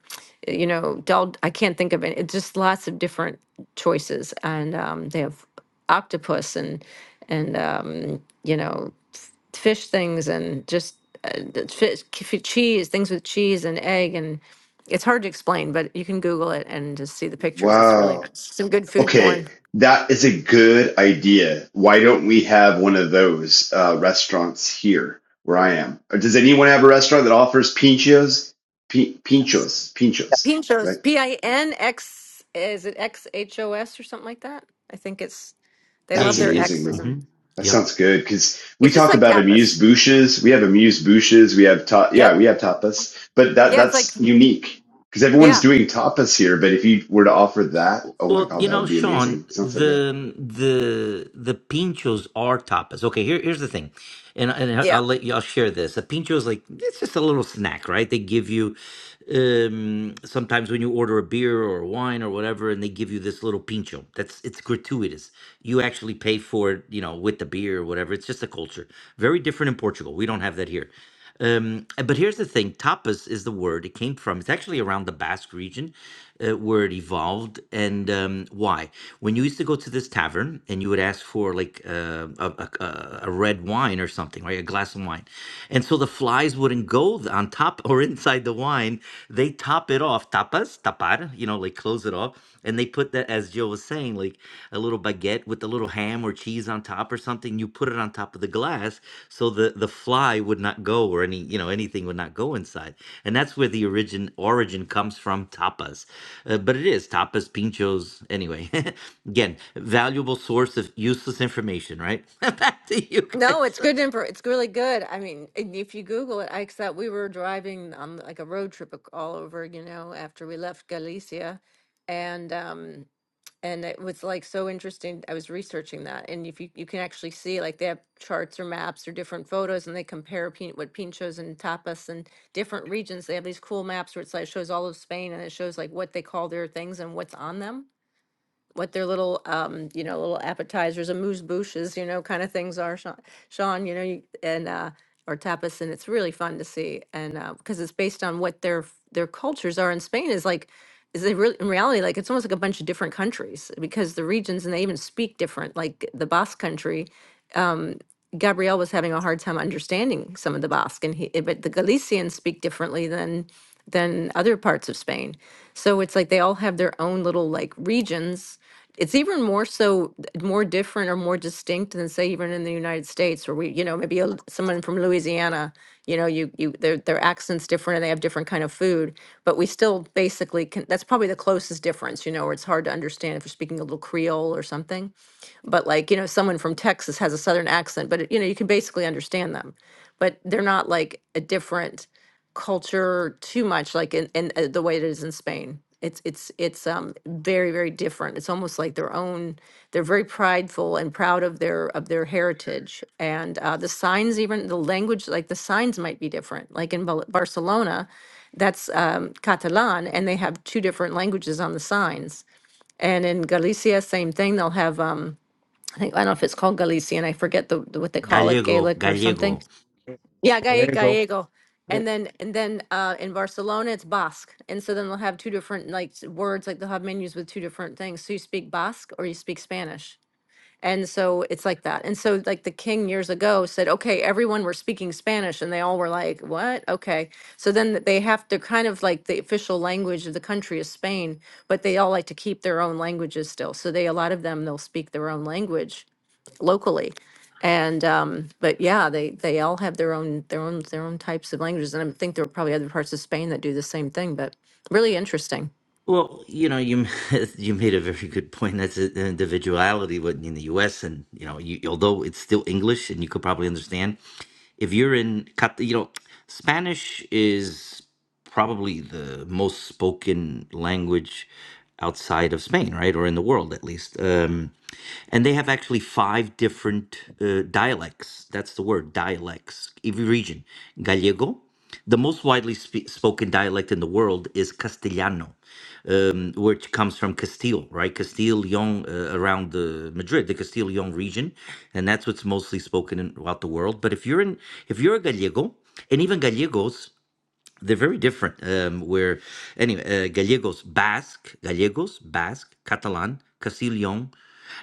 Speaker 8: you know, dal. I can't think of it. It's just lots of different choices, and um, they have octopus and and um, you know f- fish things and just uh, the fish, k- cheese things with cheese and egg and it's hard to explain, but you can Google it and just see the pictures. It's really
Speaker 5: Wow.
Speaker 8: nice. some good food
Speaker 5: Okay,
Speaker 8: porn.
Speaker 5: that is a good idea. Why don't we have one of those uh, restaurants here where I am? Or does anyone have a restaurant that offers pinchos? Pi- pinchos, pinchos, right?
Speaker 8: Pinchos, P I N X, is it X H O S or something like that? I think it's they
Speaker 6: yeah,
Speaker 8: love
Speaker 5: That's
Speaker 6: yeah,
Speaker 8: their
Speaker 6: yes.
Speaker 5: amazing,
Speaker 8: X's
Speaker 5: man.
Speaker 8: and
Speaker 6: hmm
Speaker 5: That
Speaker 6: Yep.
Speaker 5: sounds good because we
Speaker 8: it's just
Speaker 5: talk
Speaker 8: like
Speaker 5: about amuse
Speaker 8: tapas.
Speaker 5: bouches. We have amuse bouches. We have ta-
Speaker 8: Yep.
Speaker 5: yeah, we have tapas, but that
Speaker 8: Yeah, it's like
Speaker 5: that's unique because everyone's
Speaker 8: yeah,
Speaker 5: doing tapas here. But if you were to offer that, oh my
Speaker 6: Well,
Speaker 5: god,
Speaker 6: you
Speaker 5: that
Speaker 6: know,
Speaker 5: would be
Speaker 6: Sean,
Speaker 5: amazing. Sounds so good.
Speaker 6: the the the pinchos are tapas. Okay, here here's the thing, and and
Speaker 8: yeah.
Speaker 6: I'll let y'all share this. A pincho is like it's just a little snack, right? They give you um sometimes when you order a beer or wine or whatever, and they give you this little pincho. That's it's gratuitous. You actually pay for it, you know, with the beer or whatever. It's just a culture. Very different in Portugal. We don't have that here. Um, uh, but here's the thing: tapas is the word it came from. It's actually around the Basque region uh, where it evolved. And um, why? When you used to go to this tavern and you would ask for like uh, a, a a a red wine or something, right? A glass of wine, and so the flies wouldn't go th- on top or [laughs] inside the wine. They top it off, tapas, tapar, you know, like close it off. And they put that, as Jill was saying, like a little baguette with a little ham or cheese on top or something. You put it on top of the glass so the the fly would not go or any you know anything would not go inside. And that's where the origin origin comes from tapas. Uh, but it is tapas, pinchos. Anyway, [laughs] again, valuable source of useless information. Right? [laughs] Back to you
Speaker 8: No, it's
Speaker 6: guys.
Speaker 8: good info. It's really good. I mean, and if you Google it, I except we were driving on like a road trip ac- all over, you know, after we left Galicia, and um, and it was like so interesting. I was researching that, and if you you can actually see like they have charts or maps or different photos, and they compare pin, what pinchos and tapas and different regions. They have these cool maps where it's like shows all of Spain, and it shows like what they call their things and what's on them what their little, um, you know, little appetizers and moose bouches, you know, kind of things are, Sean, Sean, you know, you- and, uh, or tapas, and it's really fun to see. And, uh, because it's based on what their, f- their cultures are in Spain is like, is they really, in reality, like, it's almost like a bunch of different countries because the regions and they even speak different, like the Basque country Gabriel was having a hard time understanding some of the Basque, and he, eh, but the Galicians speak differently than than other parts of Spain. So it's like they all have their own little like regions. It's even more so more different or more distinct than say even in the United States, where we you know maybe a, someone from Louisiana, you know you you their their accents different and they have different kind of food, but we still basically can. That's probably the closest difference, you know, where it's hard to understand if you're speaking a little Creole or something but like you know someone from texas has a southern accent but it, you know you can basically understand them but they're not like a different culture too much like in, in uh, the way it is in spain it's it's it's um very very different it's almost like their own they're very prideful and proud of their of their heritage and uh, the signs even the language like the signs might be different like in Bal- barcelona that's um, catalan and they have two different languages on the signs and in galicia same thing they'll have um, I think, I don't know if it's called Galician, I forget the, the- what they
Speaker 6: [laughs]
Speaker 8: call it,
Speaker 6: Gallego,
Speaker 8: Gaelic or something.
Speaker 6: Gallego.
Speaker 8: Yeah, Gae-
Speaker 1: There you go.
Speaker 8: Gallego. And
Speaker 1: It's
Speaker 8: then, and then, uh, in Barcelona, it's Basque. And so then they'll have two different like s- words, like they'll have menus with two different things. So you speak Basque or you speak Spanish. And so it's like that. And so like the king years ago said, okay, everyone were speaking Spanish and they all were like, what? Okay. So then they have to kind of like the official language of the country is Spain, but they all like to keep their own languages still. So they, a lot of them, they'll speak their own language locally. And, um, but yeah, they, they all have their own, their own, their own types of languages. And I think there are probably other parts of Spain that do the same thing, but really interesting.
Speaker 6: Well, you know, you [laughs] you made a very good point. That's an individuality what- in the U.S. and you know, you, although it's still English and you could probably understand, if you're in, Cat- you know, Spanish is probably the most spoken language outside of Spain, right, or in the world at least. Um, and they have actually five different uh, dialects. That's the word, dialects. Every region, Gallego. The most widely spe- spoken dialect in the world is Castellano um, which comes from Castile, right? Castile, Leon, uh, around the Madrid, the Castile, Leon region, and that's what's mostly spoken in, throughout the world. But if you're in, if you're a Gallego, and even Gallegos they're very different. Um, where anyway, uh, Gallegos, Basque, Gallegos, Basque, Catalan, Castilian.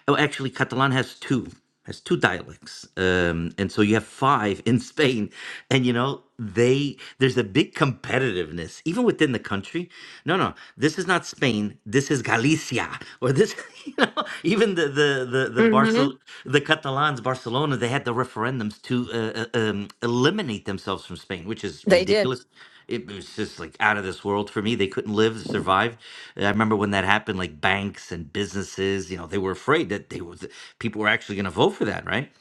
Speaker 6: Oh, actually, Catalan has two has two dialects, um, and so you have five in Spain. And you know, they there's a big competitiveness even within the country. No, no, this is not Spain. This is Galicia, or this. [laughs] You know, even the the the the
Speaker 8: hmm
Speaker 6: Barcel- the Catalans, Barcelona, they had the referendums to uh, uh, um, eliminate themselves from Spain, which is
Speaker 8: They did.
Speaker 6: ridiculous it was just like out of this world for me. They couldn't live, survive. I remember when that happened, like banks and businesses, you know, they were afraid that they was people were actually going to vote for that, right?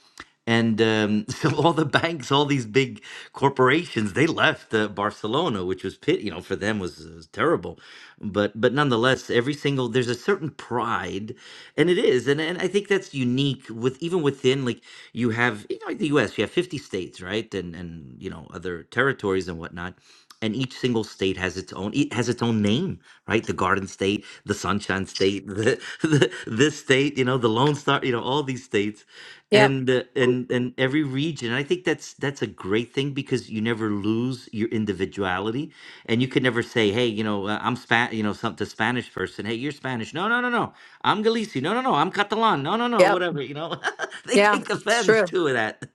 Speaker 6: And um, [laughs] so all the banks, all these big corporations, they left uh, Barcelona, which was pit, you know, for them was, was terrible. But but nonetheless, every single single there's a certain pride and it is and, and i think that's unique with even within like you have you know like the us you have 50 states right and and you know other territories and whatnot and each single state has its own it has its own name right the garden state the sunshine state the, [laughs] the this state you know the lone star you know all these states
Speaker 8: Yep.
Speaker 6: and uh, and and every region i think that's that's a great thing because you never lose your individuality and you could never say, "Hey, you know, uh, I'm spa you know, some to Spanish person. Hey, you're Spanish. No, no, no, no. I'm Galicia. No, no, no. I'm Catalan. No, no, no.
Speaker 8: Yep.
Speaker 6: Whatever. You know, [laughs] they
Speaker 8: Yeah.
Speaker 6: take
Speaker 8: It's
Speaker 6: offense
Speaker 8: true.
Speaker 6: to that.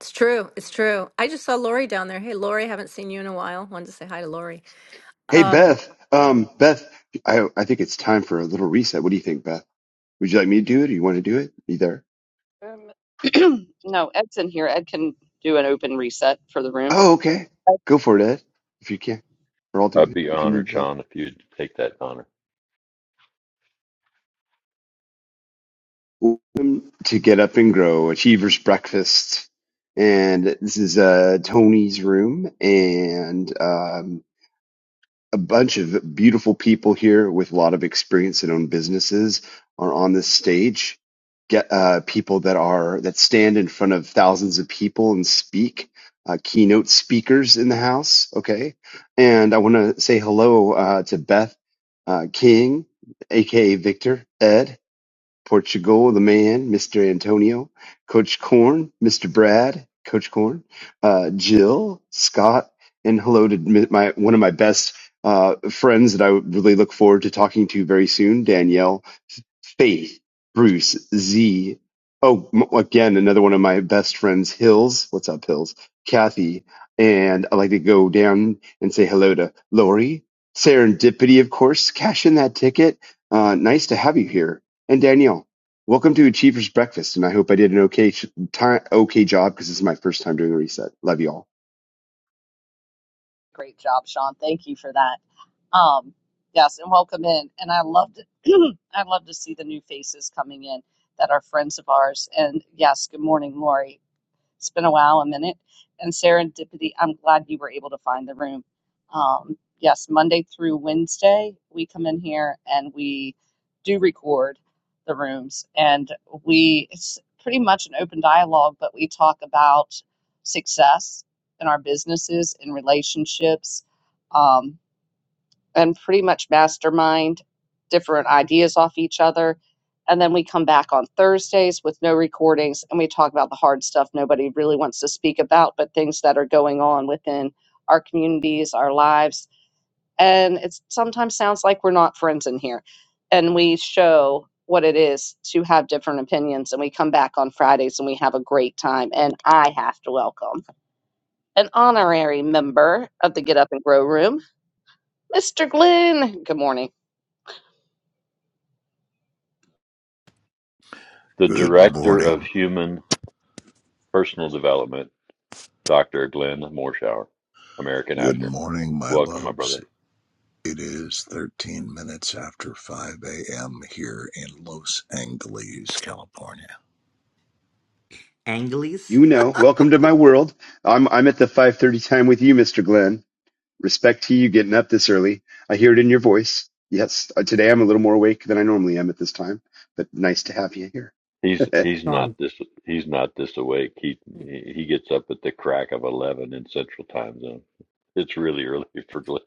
Speaker 8: It's true. It's true. I just saw Lori down there. Hey, Lori, haven't seen you in a while. Wanted to say hi to Lori.
Speaker 5: Hey
Speaker 8: Um,
Speaker 5: Beth, um, Beth, I I think it's time for a little reset. What do you think, Beth? Would you like me to do it, or you want to do it? You there?
Speaker 2: Um, [clears throat] no, Ed's in here. Ed can do an open reset for the room.
Speaker 5: Oh, okay. Go for it, Ed, if you can, or I'll do
Speaker 3: I'd
Speaker 5: it
Speaker 3: be
Speaker 5: if you
Speaker 3: honored,
Speaker 5: need help.
Speaker 3: Sean, if you'd take that honor.
Speaker 5: Welcome to Get Up and Grow Achievers Breakfast, and this is uh Tony's room, and um, a bunch of beautiful people here with a lot of experience and own businesses are on this stage. Get uh, people that are that stand in front of thousands of people and speak. Uh, keynote speakers in the house. Okay, and I want to say hello uh, to Beth uh, King, aka Victor Ed. Portugal, the man, Mr. Antonio, Coach Corn, Mr. Brad, Coach Corn, uh, Jill, Scott, and hello to m- my one of my best uh, friends that I would really look forward to talking to very soon, Danielle, Faith, Bruce, Z. Oh, m- again, another one of my best friends, Hills. What's up, Hills? Kathy, and I'd like to go down and say hello to Lori. Serendipity, of course, cash in that ticket. Uh, nice to have you here and Danielle, welcome to Achievers Breakfast, and I hope I did an okay sh- time, okay job because this is my first time doing a reset. Love you all.
Speaker 2: Great job, Sean. Thank you for that. Um, yes, and welcome in. And I loved [clears throat] I love to see the new faces coming in that are friends of ours. And yes, good morning, Lori. It's been a while, a minute. And serendipity, I'm glad you were able to find the room. Um, yes, Monday through Wednesday, we come in here and we do record the rooms. And we, it's pretty much an open dialogue, but we talk about success in our businesses, in relationships. um, and pretty much mastermind different ideas off each other. And then we come back on Thursdays with no recordings and we talk about the hard stuff nobody really wants to speak about, but things that are going on within our communities, our lives. And it sometimes sounds like we're not friends in here. And we show what it is to have different opinions. And we come back on Fridays and we have a great time. And I have to welcome an honorary member of the Get Up and Grow Room, Mr. Glenn. Good morning
Speaker 3: The
Speaker 9: Good
Speaker 3: director of
Speaker 9: morning.
Speaker 3: human Personal Development, Dr. Glenn Morshower, American
Speaker 9: Good
Speaker 3: actor.
Speaker 9: morning, my
Speaker 3: Welcome, my
Speaker 9: loves.
Speaker 3: brother.
Speaker 9: It is 13 minutes after 5 a.m. here in Los Angeles, California.
Speaker 6: Angeles.
Speaker 5: You know, welcome to my world. I'm I'm at the 5:30 time with you, Mr. Glenn. Respect to you getting up this early. I hear it in your voice. Yes, uh, today I'm a little more awake than I normally am at this time, but nice to have you here.
Speaker 3: He's
Speaker 5: [laughs]
Speaker 3: he's not
Speaker 1: on.
Speaker 3: this he's not this awake. He he gets up at the crack of eleven in Central Time Zone. It's really early [laughs] for Glenn,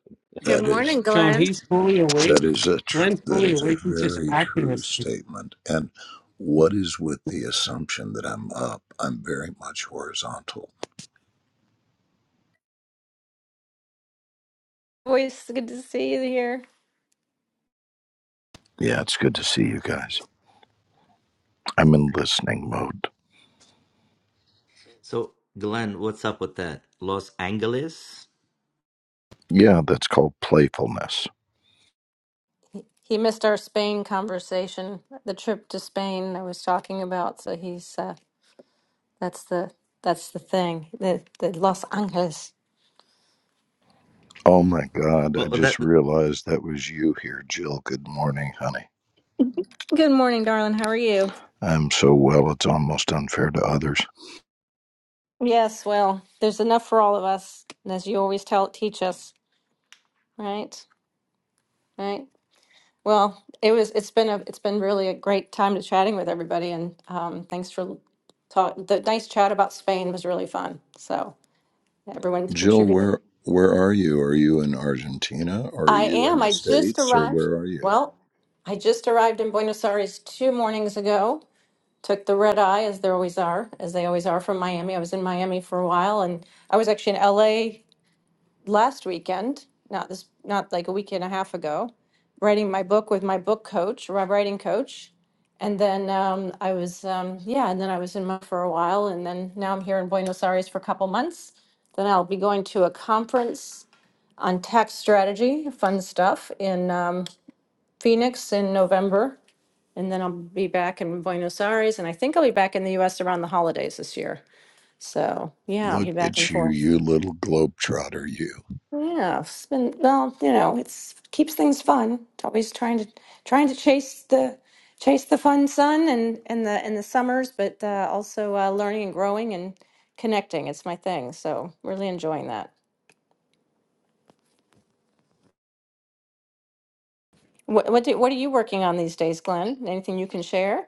Speaker 8: good
Speaker 9: That is
Speaker 8: morning,
Speaker 1: Sean,
Speaker 8: Glenn.
Speaker 1: he's fully awake.
Speaker 9: that is a tr-
Speaker 1: Glenn's
Speaker 9: that
Speaker 1: fully
Speaker 9: is
Speaker 1: awake.
Speaker 9: a
Speaker 1: He's just
Speaker 9: very
Speaker 1: acting
Speaker 9: true
Speaker 1: asleep.
Speaker 9: statement. And what is with the assumption that I'm up? I'm very much horizontal.
Speaker 8: Always good to see you here.
Speaker 9: Yeah, it's good to see you guys. I'm in listening mode.
Speaker 6: So, Glenn, what's up with that? Los Angeles.
Speaker 9: Yeah, that's called playfulness.
Speaker 8: He he missed our Spain conversation, the trip to Spain I was talking about. So he's uh, That's the that's the thing. The the Los Angeles.
Speaker 9: Oh my god, I
Speaker 6: Well, that.
Speaker 9: just realized that was you here, Jill. Good morning, honey.
Speaker 8: Good morning, darling. How are you?
Speaker 9: I'm so well, it's almost unfair to others.
Speaker 8: Yes, well, there's enough for all of us, and as you always tell teach us, right? Right. Well, it was it's been a it's been really a great time to chatting with everybody and um thanks for talk the nice chat about Spain was really fun. So yeah, everyone
Speaker 9: Jill,
Speaker 8: contributed.
Speaker 9: where where are you? Are you in Argentina? Are
Speaker 8: I
Speaker 9: you in
Speaker 8: am.
Speaker 9: the
Speaker 8: I just
Speaker 9: States or
Speaker 8: arrived.
Speaker 9: where are you?
Speaker 8: Well, I just arrived in Buenos Aires two mornings ago. took the red eye as there always are, as they always are from Miami. I was in Miami for a while and I was actually in LA last weekend, not this not like a week and a half ago, writing my book with my book coach, my writing coach. And then um, I was um, yeah, and then I was in Miami for a while and then now I'm here in Buenos Aires for a couple months. Then I'll be going to a conference on tax strategy, fun stuff in um, Phoenix in November and then I'll be back in Buenos Aires, and I think I'll be back in the US around the holidays this year. So yeah, I'll
Speaker 9: Look
Speaker 8: be back and
Speaker 9: at you,
Speaker 8: forth.
Speaker 9: you little globetrotter, you.
Speaker 8: Yeah, it's been well, you know, it's keeps things fun. It's always trying to trying to chase the chase the fun sun and and the and the summers, but uh, also uh, learning and growing and connecting. It's my thing, so really enjoying that. What what do, what are you working on these days, Glenn? Anything you can share?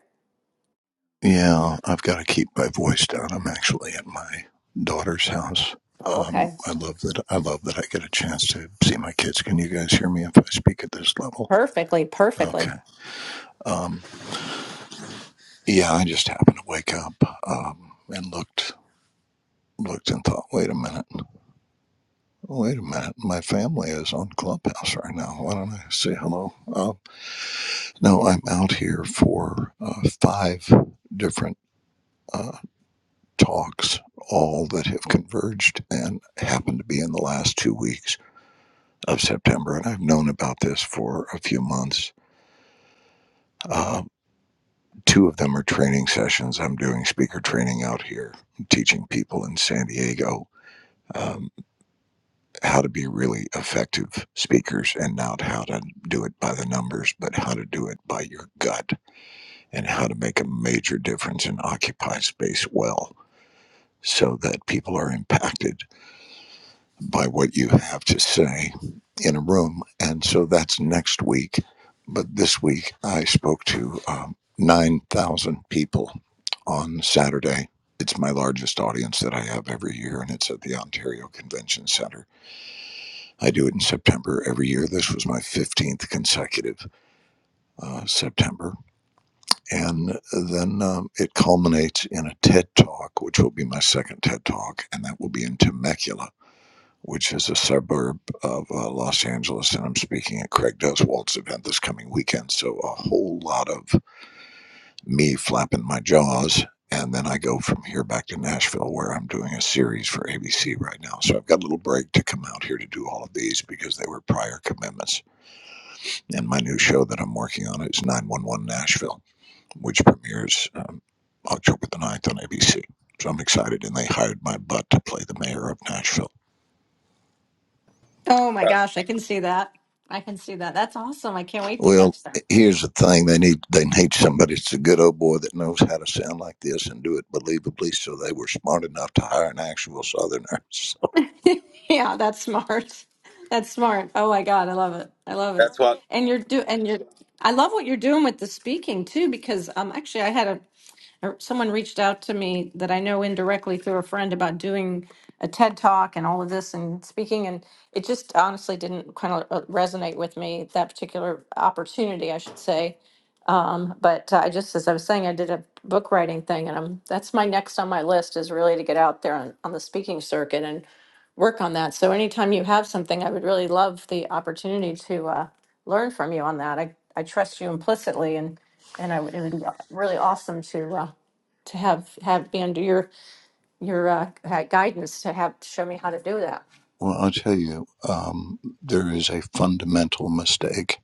Speaker 9: Yeah, I've got to keep my voice down. I'm actually at my daughter's house.
Speaker 8: Oh,
Speaker 9: Um,
Speaker 8: okay.
Speaker 9: I love that. I love that I get a chance to see my kids. Can you guys hear me if I speak at this level?
Speaker 8: Perfectly, perfectly.
Speaker 9: Okay. Um, yeah, I just happened to wake up um, and looked looked and thought, wait a minute. Oh, Wait a minute. My family is on Clubhouse right now. Why don't I say hello? Uh, no, I'm out here for uh, five different uh, talks, all that have converged and happened to be in the last two weeks of September. And I've known about this for a few months. Uh, two of them are training sessions. I'm doing speaker training out here, teaching people in San Diego. Um, how to be really effective speakers and not how to do it by the numbers, but how to do it by your gut and how to make a major difference and occupy space well so that people are impacted by what you have to say in a room. And so that's next week. But this week I spoke to um, 9,000 people on Saturday. It's my largest audience that I have every year, and it's at the Ontario Convention Center I do it in September every year. This was my 15th consecutive uh, September. And then um, it culminates in a TED Talk, which will be my second TED Talk, and that will be in Temecula, which is a suburb of uh, Los Angeles. And I'm speaking at Craig Deswalt's event this coming weekend. So a whole lot of me flapping my jaws. And then I go from here back to Nashville, where I'm doing a series for ABC right now. So I've got a little break to come out here to do all of these because they were prior commitments And my new show that I'm working on is 911 Nashville, which premieres um, October the ninth on ABC. So I'm excited, and they hired my butt to play the mayor of Nashville.
Speaker 8: Oh my
Speaker 7: Uh,
Speaker 8: gosh, I can see that. I can see that. That's awesome. I can't wait to
Speaker 9: Well,
Speaker 8: catch them.
Speaker 9: here's the thing: they need they need somebody. It's a good old boy that knows how to sound like this and do it believably. So they were smart enough to hire an actual Southerner. [laughs] So,
Speaker 8: [laughs] yeah, that's smart. That's smart. Oh my God, I love it. I love it.
Speaker 7: That's what
Speaker 8: And you're do and you're I love what you're doing with the speaking too, because um actually I had a or someone reached out to me that I know indirectly through a friend about doing a TED talk and all of this and speaking, and it just honestly didn't kind of resonate with me that particular opportunity, I should say. Um, but uh, I just, as I was saying, I did a book writing thing and I'm, that's my next on my list is really to get out there on, on the speaking circuit and work on that. So anytime you have something, I would really love the opportunity to, uh, learn from you on that. I, I trust you implicitly and, and I would, it would be really awesome to, uh, to have, have be under your, your, uh, guidance to have, show me how to do that.
Speaker 9: well, I'll tell you, um, there is a fundamental mistake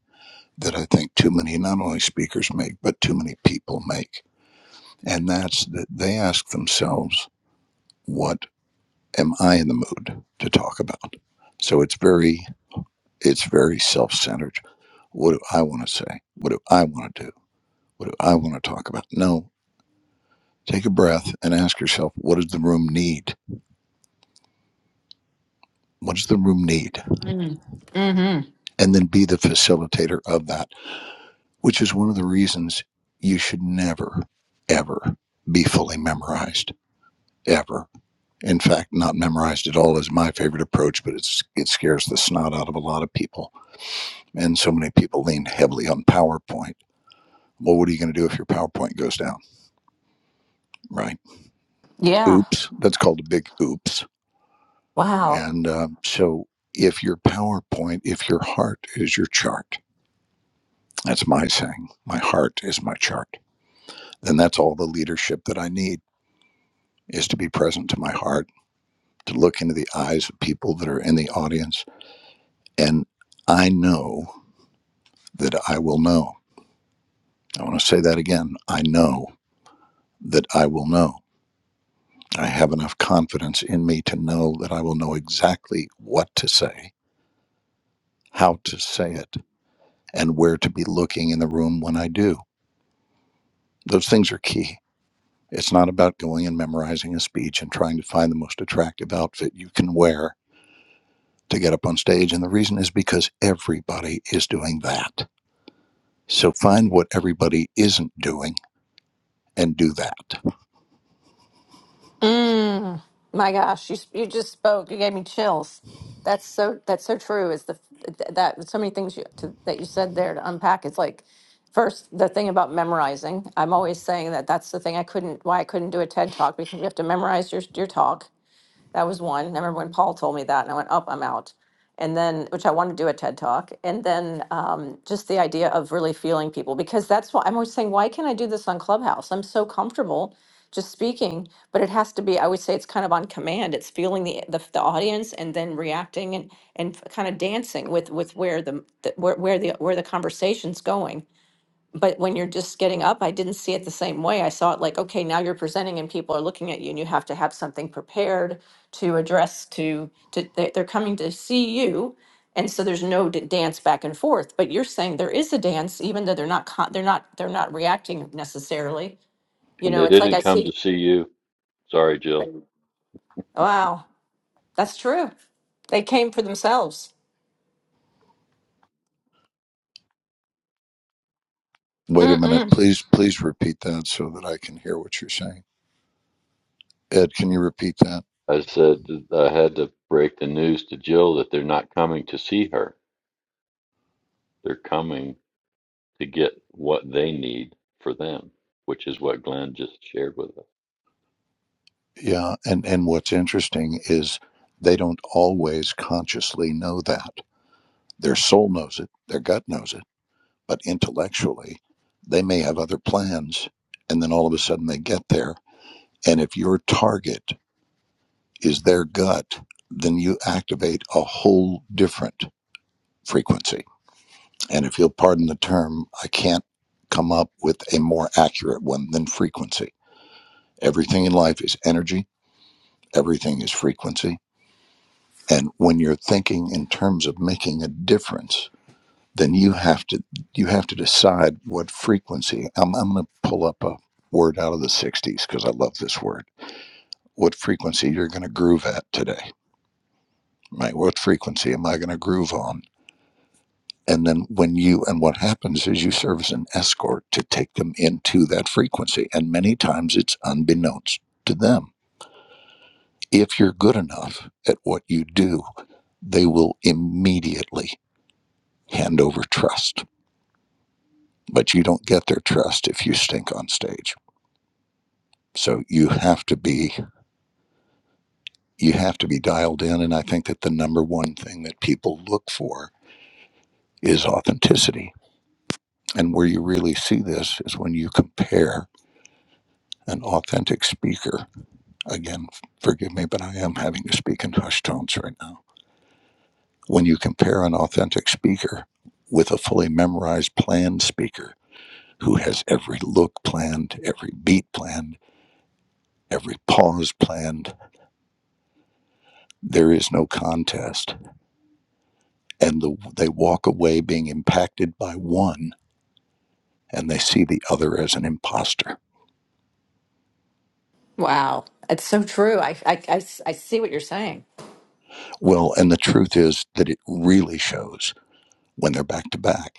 Speaker 9: that I think too many not only speakers make, but too many people make, and that's that they ask themselves what am I in the mood to talk about? So it's very it's very self-centered. What do I want to say? What do I want to do? What do I want to talk about? No, take a breath and ask yourself, what does the room need? What does the room need?
Speaker 8: Mm. hmm
Speaker 9: And then be the facilitator of that, which is one of the reasons you should never, ever be fully memorized. Ever. In fact, not memorized at all is my favorite approach, but it's, it scares the snot out of a lot of people and so many people lean heavily on PowerPoint. Well, what are you going to do if your PowerPoint goes down? Right.
Speaker 8: Yeah.
Speaker 9: Oops. That's called a big oops.
Speaker 8: Wow.
Speaker 9: And uh, so, if your PowerPoint, if your heart is your chart, that's my saying, my heart is my chart, then that's all the leadership that I need is to be present to my heart, to look into the eyes of people that are in the audience. And I know that I will know. I want to say that again. I know that I will know I have enough confidence in me to know that I will know exactly what to say, how to say it, and where to be looking in the room when I do. Those things are key. It's not about going and memorizing a speech and trying to find the most attractive outfit you can wear to get up on stage. And the reason is because everybody is doing that. So find what everybody isn't doing and do that.
Speaker 8: Mm, my gosh, you you just spoke. You gave me chills. That's so that's so true. Is the th- that so many things you to, that you said there to unpack? It's like first the thing about memorizing. I'm always saying that that's the thing I couldn't why I couldn't do a TED talk because you have to memorize your your talk that was one. And I remember when Paul told me that, and I went, "Up, I'm out." And then, which I wanted to do a TED talk, and then um, just the idea of really feeling people, because that's why I'm always saying, "Why can't I do this on Clubhouse? I'm so comfortable." just speaking but it has to be i would say it's kind of on command it's feeling the the, the audience and then reacting and and kind of dancing with with where the, the where, where the where the conversation's going but when you're just getting up, I didn't see it the same way. I saw it like, okay, now you're presenting and people are looking at you and you have to have something prepared to address to to they- they're coming to see you. And so there's no d- dance back and forth, but you're saying there is a dance even though they're not con- they're not they're not reacting necessarily. You
Speaker 3: and
Speaker 8: know,
Speaker 3: they
Speaker 8: it's like
Speaker 3: didn't
Speaker 8: I
Speaker 3: come to
Speaker 8: see
Speaker 3: see you. Sorry, Jill.
Speaker 8: wow, that's true. They came for themselves.
Speaker 9: Wait a minute.
Speaker 8: Mm-mm.
Speaker 9: Please, please repeat that so that I can hear what you're saying. Ed, can you repeat that?
Speaker 3: I said I had to break the news to Jill that they're not coming to see her. They're coming to get what they need for them, which is what Glenn just shared with us.
Speaker 9: Yeah, and and what's interesting is they don't always consciously know that. Their soul knows it, their gut knows it, but intellectually, they may have other plans, and then all of a sudden they get there. And if your target is their gut, then you activate a whole different frequency. And if you'll pardon the term, I can't come up with a more accurate one than frequency. Everything in life is energy, everything is frequency and when you're thinking in terms of making a difference then you have to you have to decide what frequency i'm, I'm going to pull up a word out of the 60s because i love this word what frequency you're going to groove at today right what frequency am i going to groove on and then when you and what happens is you serve as an escort to take them into that frequency and many times it's unbeknownst to them if you're good enough at what you do they will immediately hand over trust but you don't get their trust if you stink on stage. So you have to be you have to be dialed in and I think that the number one thing that people look for is authenticity. And where you really see this is when you compare an authentic speaker. Again, forgive me, but I am having to speak in hushed tones right now. When you compare an authentic speaker with a fully memorized planned speaker who has every look planned, every beat planned, every pause planned, There is no contest. And the, they walk away being impacted by one and they see the other as an imposter.
Speaker 8: Wow. It's so true. I, I, I s- I see what you're saying.
Speaker 9: Well, and the truth is that it really shows when they're back to back.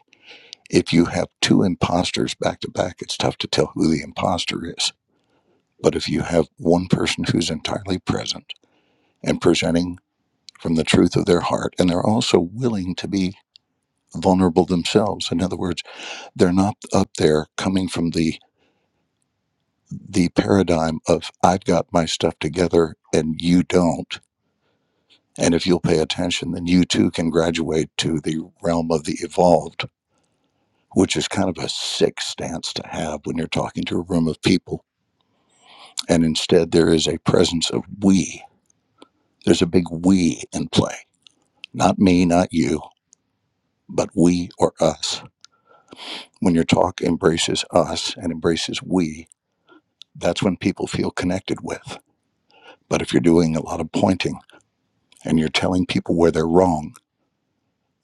Speaker 9: If you have two imposters back to back, it's tough to tell who the imposter is. But if you have one person who's entirely present and presenting from the truth of their heart, and they're also willing to be vulnerable themselves, in other words, they're not up there coming from the the paradigm of I've got my stuff together and you don't. And if you'll pay attention, then you too can graduate to the realm of the evolved, which is kind of a sick stance to have when you're talking to a room of people. And instead, there is a presence of we. There's a big we in play. Not me, not you, but we or us. When your talk embraces us and embraces we, that's when people feel connected with. But if you're doing a lot of pointing and you're telling people where they're wrong,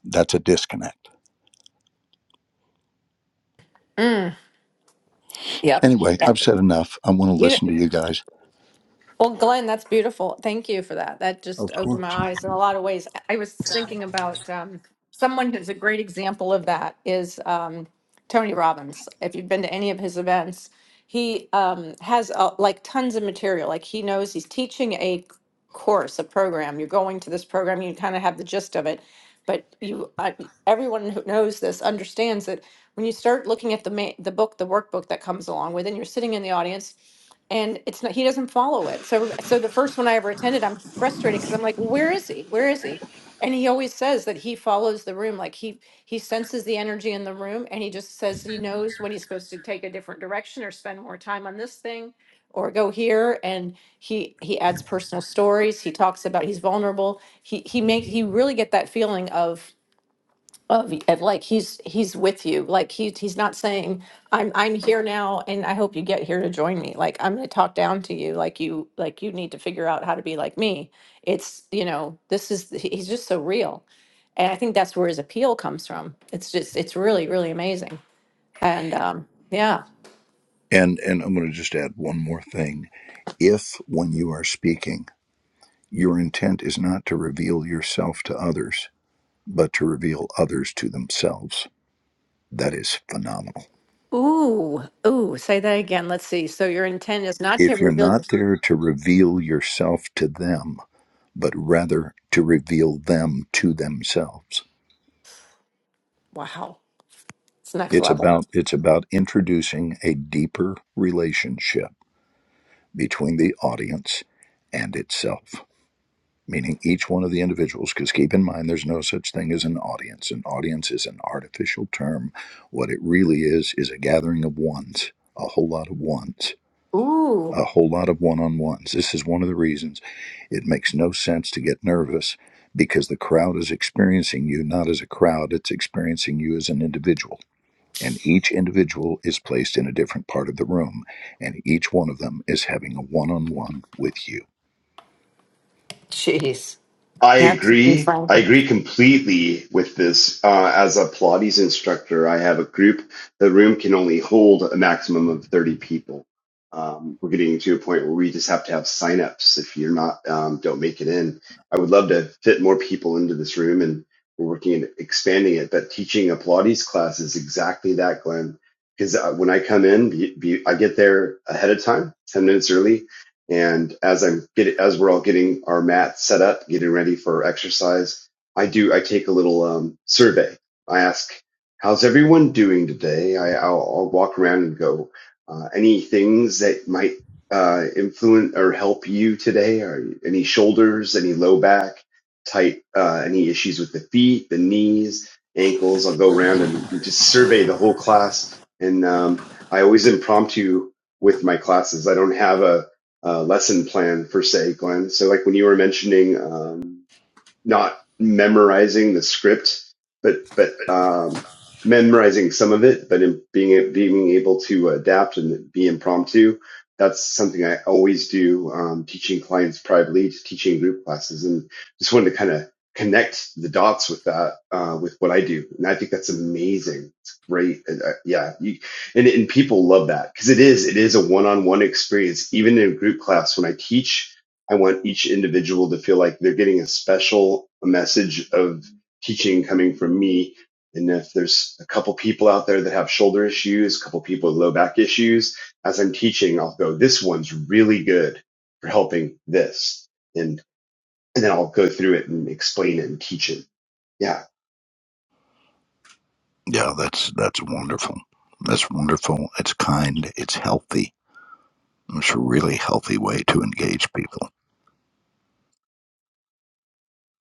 Speaker 9: That's a disconnect.
Speaker 8: Yep.
Speaker 9: Anyway, I've said enough. I want to
Speaker 8: Yeah.
Speaker 9: listen to you guys.
Speaker 8: Well, Glenn, that's beautiful. Thank you for that. That just
Speaker 9: Of
Speaker 8: opened my
Speaker 9: course.
Speaker 8: eyes in a lot of ways. I I was thinking about um, someone who's a great example of that is um, Tony Robbins. If you've been to any of his events, he um, has uh, like tons of material. Like he knows he's teaching a course, a program. You're going to this program, you kind of have the gist of it. But you, uh, everyone who knows this understands that when you start looking at the ma- the book, the workbook that comes along with, and you're sitting in the audience and it's not he doesn't follow it so so the first one i ever attended i'm frustrated because i'm like "Well, where is he where is he and he always says that he follows the room like he he senses the energy in the room and he just says he knows when he's supposed to take a different direction or spend more time on this thing or go here and he he adds personal stories he talks about he's vulnerable he he makes he really get that feeling of of, of like he's he's with you like he he's not saying i'm i'm here now and i hope you get here to join me like i'm going to talk down to you like you like you need to figure out how to be like me it's you know this is he- he's just so real and i think that's where his appeal comes from it's just it's really really amazing and um yeah
Speaker 9: And and I'm going to just add one more thing. If when you are speaking, your intent is not to reveal yourself to others, but to reveal others to themselves, that is phenomenal.
Speaker 8: ooh ooh say that again let's see so your intent is not to
Speaker 9: If you're
Speaker 8: reveal your
Speaker 9: not there to reveal yourself to them, but rather to reveal them to themselves.
Speaker 8: wow it's next
Speaker 9: It's
Speaker 8: level
Speaker 9: about it's about introducing a deeper relationship between the audience and itself, meaning each one of the individuals. Because keep in mind, there's no such thing as an audience. An audience is an artificial term. What it really is, is a gathering of ones, a whole lot of ones,
Speaker 8: ooh
Speaker 9: a whole lot of one on ones. This is one of the reasons it makes no sense to get nervous because the crowd is experiencing you not as a crowd, it's experiencing you as an individual and each individual is placed in a different part of the room, and each one of them is having a one on one with you.
Speaker 8: jeez
Speaker 5: I
Speaker 8: that's
Speaker 5: agree. I
Speaker 8: fun
Speaker 5: agree completely with this. Uh, as a Pilates instructor, I have a group. The room can only hold a maximum of 30 people. Um, we're getting to a point where we just have to have signups. If you're not, um, don't make it in. I would love to fit more people into this room and we're working at expanding it, but teaching a Pilates class is exactly that, Glenn. Because uh, when I come in, be, be, I get there ahead of time, 10 minutes early and as I'm getting, as we're all getting our mat set up, getting ready for exercise, I do, I take a little um, survey. I ask, how's everyone doing today? I, I'll, I'll walk around and go, uh, any things that might uh, influence or help you today? Are any shoulders, any low back, tight, uh, any issues with the feet, the knees, ankles? I'll go around and just survey the whole class. And um, I always impromptu with my classes. I don't have a, uh, lesson plan per se, Glenn. So like when you were mentioning, um, not memorizing the script, but but um, memorizing some of it, but in being being able to adapt and be impromptu. That's something I always do, um, teaching clients privately, teaching group classes, and just wanted to kind of connect the dots with that, uh, with what I do. And I think that's amazing. It's great. And, uh, yeah. You, and, and people love that because it is, it is a one-on-one experience, even in a group class when I teach I want each individual to feel like they're getting a special message of teaching coming from me. And if there's a couple people out there that have shoulder issues, a couple people with low back issues, as I'm teaching, I'll go, this one's really good for helping this. And, and then I'll go through it and explain it and teach it. Yeah.
Speaker 9: Yeah, that's that's wonderful. That's wonderful. It's kind. It's healthy. It's a really healthy way to engage people.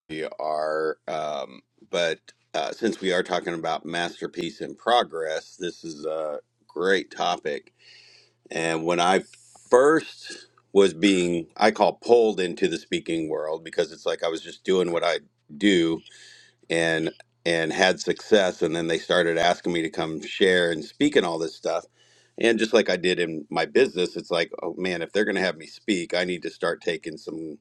Speaker 7: we are. Um, but uh, since we are talking about masterpiece in progress, this is a great topic And when I first was being, I call pulled into the speaking world because it's like I was just doing what I do and and had success, and then they started asking me to come share and speak and all this stuff. And just like I did in my business, it's like, oh man, if they're going to have me speak, I need to start taking some,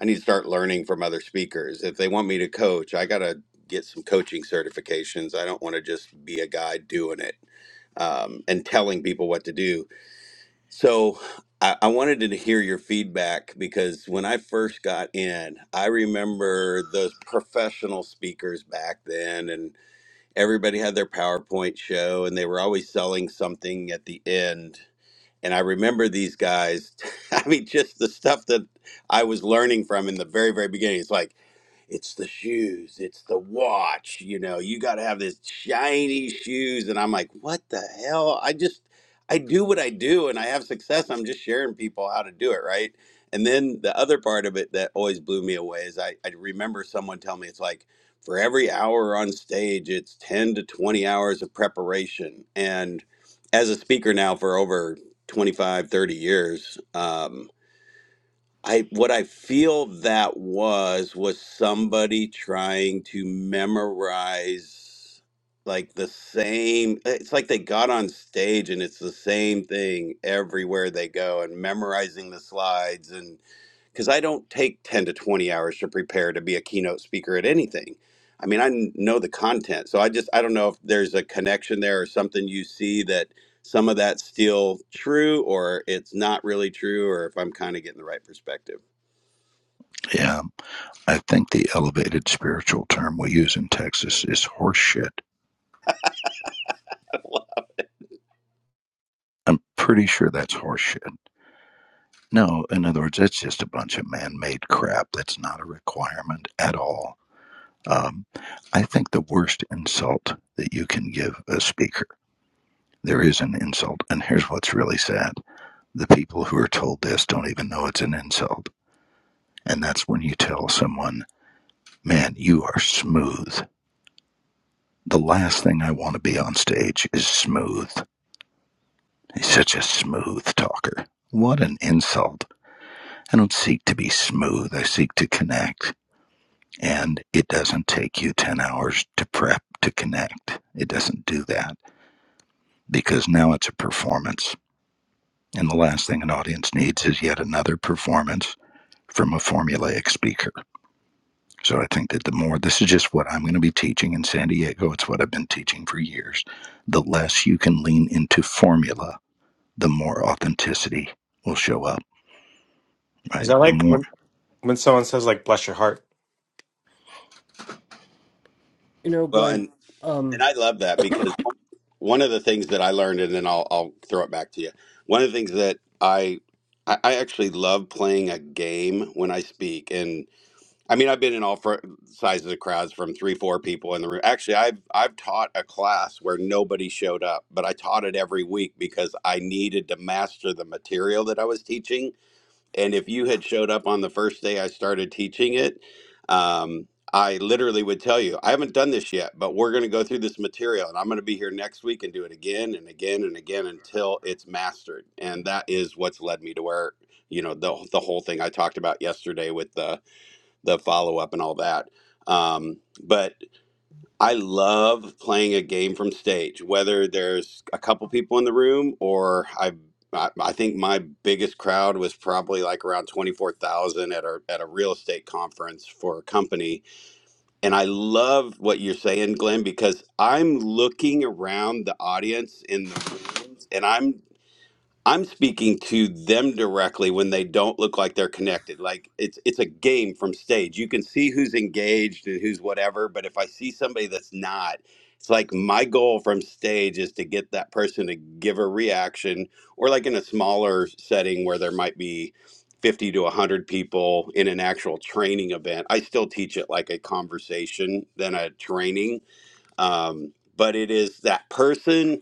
Speaker 7: I need to start learning from other speakers. If they want me to coach, I got to get some coaching certifications. I don't want to just be a guy doing it um, and telling people what to do so I, I wanted to hear your feedback because when I first got in, I remember those professional speakers back then, and everybody had their PowerPoint show, and they were always selling something at the end. And I remember these guys, [laughs] I mean, just the stuff that I was learning from in the very, very beginning. It's like, it's the shoes, it's the watch, you know, you got to have this shiny shoes. And I'm like, what the hell? I just, I do what I do and I have success. I'm just sharing people how to do it, right? And then the other part of it that always blew me away is I, I remember someone telling me it's like for every hour on stage, it's 10 to 20 hours of preparation. And as a speaker now for over twenty five, thirty 30 years, um, I what I feel that was was somebody trying to memorize like the same eh, it's like they got on stage and it's the same thing everywhere they go and memorizing the slides and cuz I don't take 10 to 20 hours to prepare to be a keynote speaker at anything. I mean, I kn- know the content. So I just I don't know if there's a connection there or something you see that some of that's still true or it's not really true or if I'm kind of getting the right perspective.
Speaker 9: Yeah, I think the elevated spiritual term we use in Texas is horseshit. I'm pretty sure that's horseshit. No, in other words, it's just a bunch of man-made crap. That's not a requirement at all. Um, I think the worst insult that you can give a speaker, there is an insult. And here's what's really sad the people who are told this don't even know it's an insult. And that's when you tell someone, man, you are smooth. The last thing I want to be on stage is smooth. He's such a smooth talker. What an insult. I don't seek to be smooth, I seek to connect. And it doesn't take you 10 hours to prep to connect. It doesn't do that because now it's a performance. And the last thing an audience needs is yet another performance from a formulaic speaker. So I think that the more, this is just what I'm going to be teaching in San Diego, it's what I've been teaching for years. The less you can lean into formula, the more authenticity will show up,
Speaker 10: Is
Speaker 9: right?
Speaker 10: that
Speaker 9: The
Speaker 10: like
Speaker 9: more,
Speaker 10: when when someone says like bless your heart?
Speaker 1: You know,
Speaker 7: Well,
Speaker 1: Glenn.
Speaker 7: and
Speaker 1: Um,
Speaker 7: and I love that because one one of the things that I learned, and then I'll I'll throw it back to you. One of the things that I I I actually love playing a game when I speak, and I mean I've been in all fr- sizes of crowds from three four people in the room. Actually, I've I've taught a class where nobody showed up, but I taught it every week because I needed to master the material that I was teaching and if you had showed up on the first day I started teaching it, um, I literally would tell you, I haven't done this yet, but we're going to go through this material and I'm going to be here next week and do it again and again and again until it's mastered. And that is what's led me to where, you know, the, the whole thing I talked about yesterday with the, the follow up and all that. Um, but I love playing a game from stage, whether there's a couple people in the room or I. I I think my biggest crowd was probably like around twenty four thousand at a at a real estate conference for a company, and I love what you're saying, Glenn, because I'm looking around the audience in the rooms, and I'm I'm speaking to them directly when they don't look like they're connected. Like it's it's a game from stage. You can see who's engaged and who's whatever, but if I see somebody that's not, it's like my goal from stage is to get that person to give a reaction or like in a smaller setting where there might be 50 to 100 people in an actual training event. I still teach it like a conversation than a training. Um, but it is that person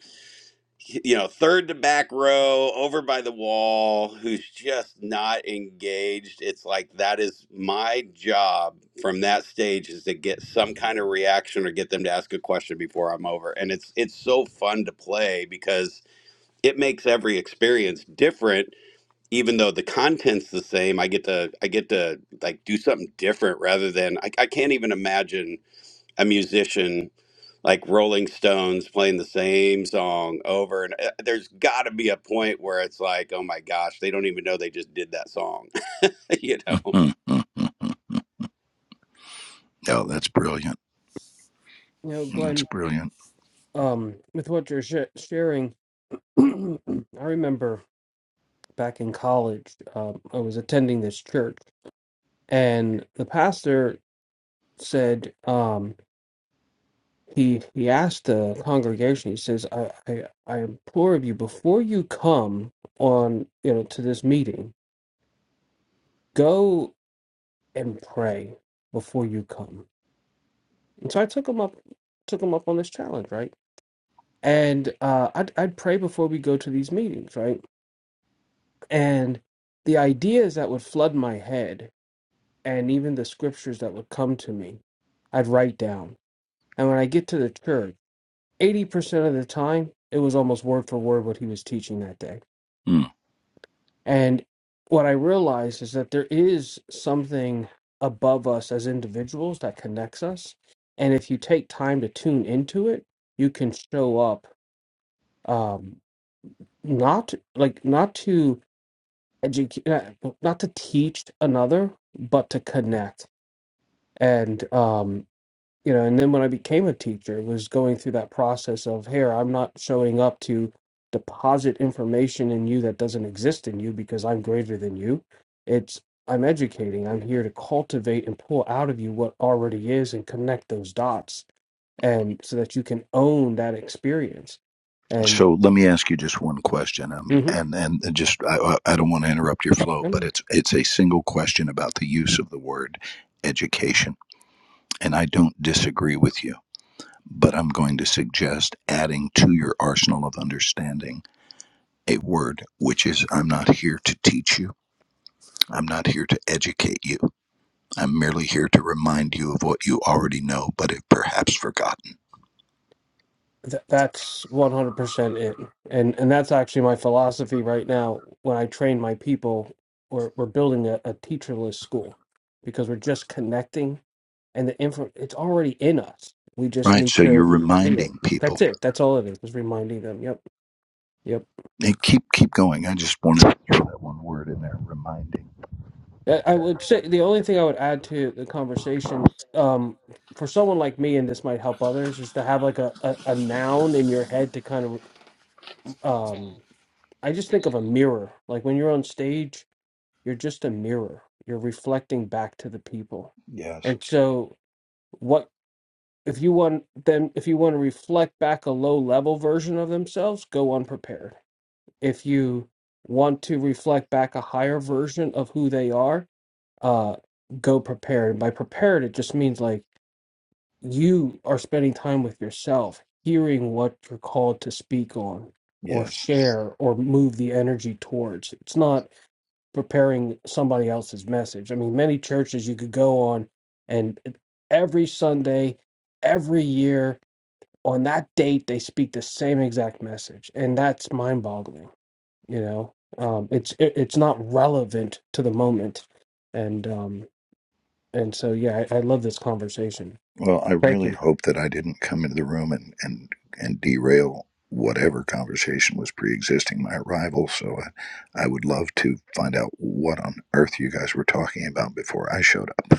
Speaker 7: you know, third to back row over by the wall who's just not engaged. It's like that is my job from that stage is to get some kind of reaction or get them to ask a question before I'm over. And it's it's so fun to play because it makes every experience different even though the content's the same. I get to I get to like do something different rather than I, I can't even imagine a musician like Rolling Stones playing the same song over and uh, there's got to be a point where it's like, oh my gosh, they don't even know they just did that song, [laughs] you
Speaker 9: [laughs]
Speaker 7: know.
Speaker 9: mm mm. oh, that's brilliant.
Speaker 1: you know,
Speaker 9: That's
Speaker 1: Glenn.
Speaker 9: brilliant.
Speaker 1: Um, with what you're sh- sharing, [clears throat] I remember back in college, um, I was attending this church. and the pastor said um he he asked the congregation he says I, I i implore of you before you come on you know to this meeting go and pray before you come and so i took him up took him up on this challenge right and uh i'd, I'd pray before we go to these meetings right and the ideas that would flood my head and even the scriptures that would come to me i'd write down and when i get to the church 80% of the time, it was almost word for word what he was teaching that day. And what I realized is that there is something above us as individuals that connects us. And if you take time to tune into it, you can show up um, not like not to educate, not to teach another, but to connect. And um, you know and then when i became a teacher was going through that process of here i'm not showing up to deposit information in you that doesn't exist in you because i'm greater than you it's i'm educating i'm here to cultivate and pull out of you what already is and connect those dots and so that you can own that experience and
Speaker 9: So let me ask you just one question, um,
Speaker 1: Mhm.
Speaker 9: and and just I, I I don't want to interrupt your flow, but it's it's a single question about the use of the word education, and I don't disagree with you, but I'm going to suggest adding to your arsenal of understanding a word which is I'm not here to teach you, I'm not here to educate you, I'm merely here to remind you of what you already know, but have perhaps forgotten.
Speaker 1: Th- that's 100% it. And and that's actually my philosophy right now when I train my people we're we're building a, a teacherless school because we're just connecting and the info it's already in us. We just
Speaker 9: Right,
Speaker 1: need
Speaker 9: so you're
Speaker 1: to see it.
Speaker 9: reminding people
Speaker 1: That's it. That's all it is. Just reminding them. Yep. Yep.
Speaker 9: And keep keep going. I just wanted to hear that one word in there, reminding.
Speaker 1: I I would say the only thing I would add to the conversation um for someone like me and this might help others is to have like a a, a noun in your head to kind of um I just think of a mirror. Like when you're on stage You're just a mirror. You're reflecting back to the people.
Speaker 9: Yes,
Speaker 1: And so what if you want them if you want to reflect back a low level version of themselves, go unprepared. If you want to reflect back a higher version of who they are, uh go prepared. And by prepared it just means like you are spending time with yourself, hearing what you're called to speak on or
Speaker 9: yes.
Speaker 1: share or move the energy towards. It's not preparing somebody else's message. I mean, many churches you could go on, and every Sunday, every year, on that date, they speak the same exact message, and that's mind-boggling. You know, um, it's it, it's not relevant to the moment, and um, and so yeah, I, I love this conversation.
Speaker 9: Well, I
Speaker 1: Thank
Speaker 9: really
Speaker 1: you.
Speaker 9: hope that I didn't come into the room and and and derail whatever conversation was pre-existing my arrival. So I, I would love to find out what on earth you guys were talking about before I showed up.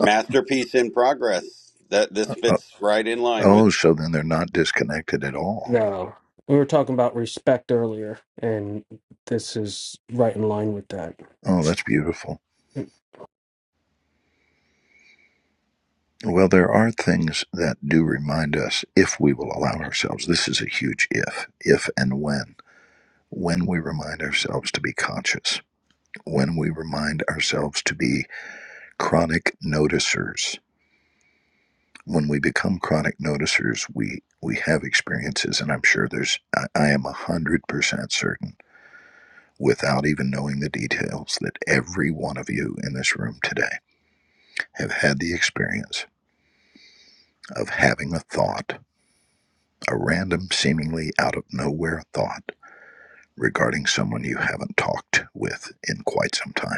Speaker 7: Masterpiece in progress. That this
Speaker 9: Oh,
Speaker 7: fits right in line with.
Speaker 9: oh, so then they're not disconnected at all.
Speaker 1: No, we were talking about respect earlier, and this is right in line with that.
Speaker 9: Oh, that's beautiful. Well, there are things that do remind us if we will allow ourselves. This is a huge if, if and when when we remind ourselves to be conscious, when we remind ourselves to be chronic noticers. When we become chronic noticers, we, we have experiences, and I'm sure there's, I, I am 100% certain, without even knowing the details, that every one of you in this room today have had the experience of having a thought, a random, seemingly out of nowhere thought regarding someone you haven't talked with in quite some time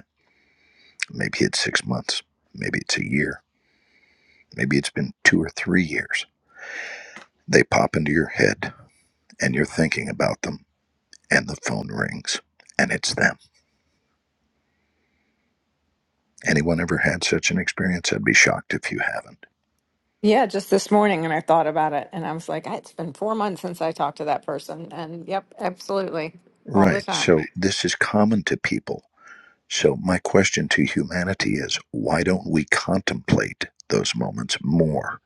Speaker 9: Maybe it's six months. Maybe it's a year. Maybe it's been two or three years. They pop into your head and you're thinking about them, and the phone rings and it's them. Anyone ever had such an experience? I'd be shocked if you haven't.
Speaker 8: Yeah, just this morning, and I thought about it, and I was like, it's been four months since I talked to that person. And yep, absolutely. All the
Speaker 9: Right.
Speaker 8: time.
Speaker 9: So this is common to people. So my question to humanity is why don't we contemplate those moments more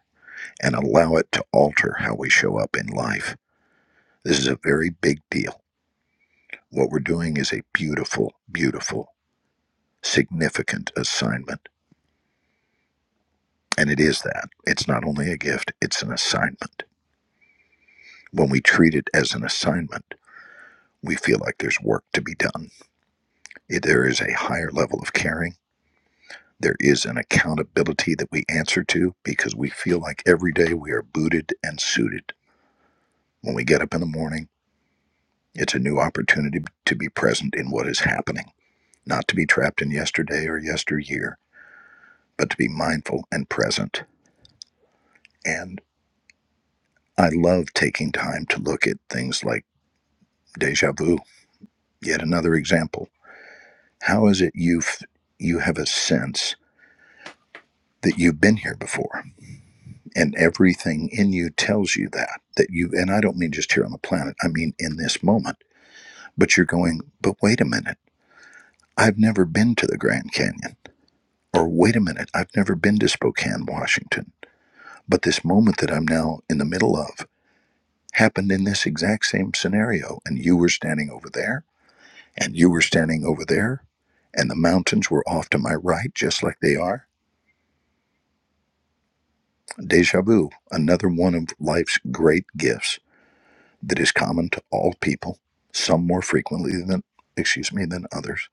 Speaker 9: and allow it to alter how we show up in life? This is a very big deal. What we're doing is a beautiful, beautiful significant assignment. And it is that. It's not only a gift, it's an assignment. When we treat it as an assignment, we feel like there's work to be done. There is a higher level of caring. There is an accountability that we answer to because we feel like every day we are booted and suited. When we get up in the morning, it's a new opportunity to be present in what is happening, not to be trapped in yesterday or yesteryear, but to be mindful and present. And I love taking time to look at things like deja vu yet another example how is it you have you have a sense that you've been here before and everything in you tells you that that you and i don't mean just here on the planet i mean in this moment but you're going but wait a minute i've never been to the grand canyon or wait a minute i've never been to spokane washington but this moment that i'm now in the middle of happened in this exact same scenario and you were standing over there and you were standing over there, and the mountains were off to my right, just like they are. Deja vu, another one of life's great gifts that is common to all people, some more frequently than, excuse me, than others.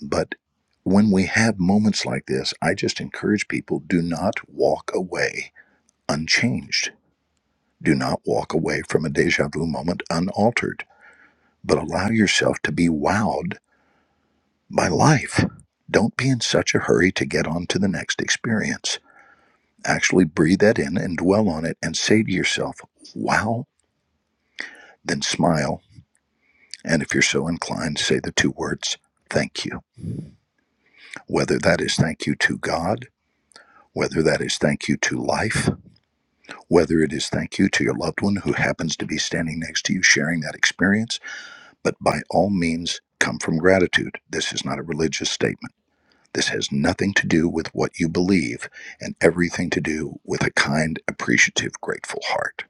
Speaker 9: But when we have moments like this, I just encourage people do not walk away unchanged. Do not walk away from a deja vu moment unaltered, but allow yourself to be wowed My life. Don't be in such a hurry to get on to the next experience. Actually breathe that in and dwell on it and say to yourself, wow, then smile. And if you're so inclined, say the two words, thank you. Whether that is thank you to God, whether that is thank you to life, whether it is thank you to your loved one who happens to be standing next to you sharing that experience, but by all means, come from gratitude. This is not a religious statement. This has nothing to do with what you believe and everything to do with a kind, appreciative, grateful heart.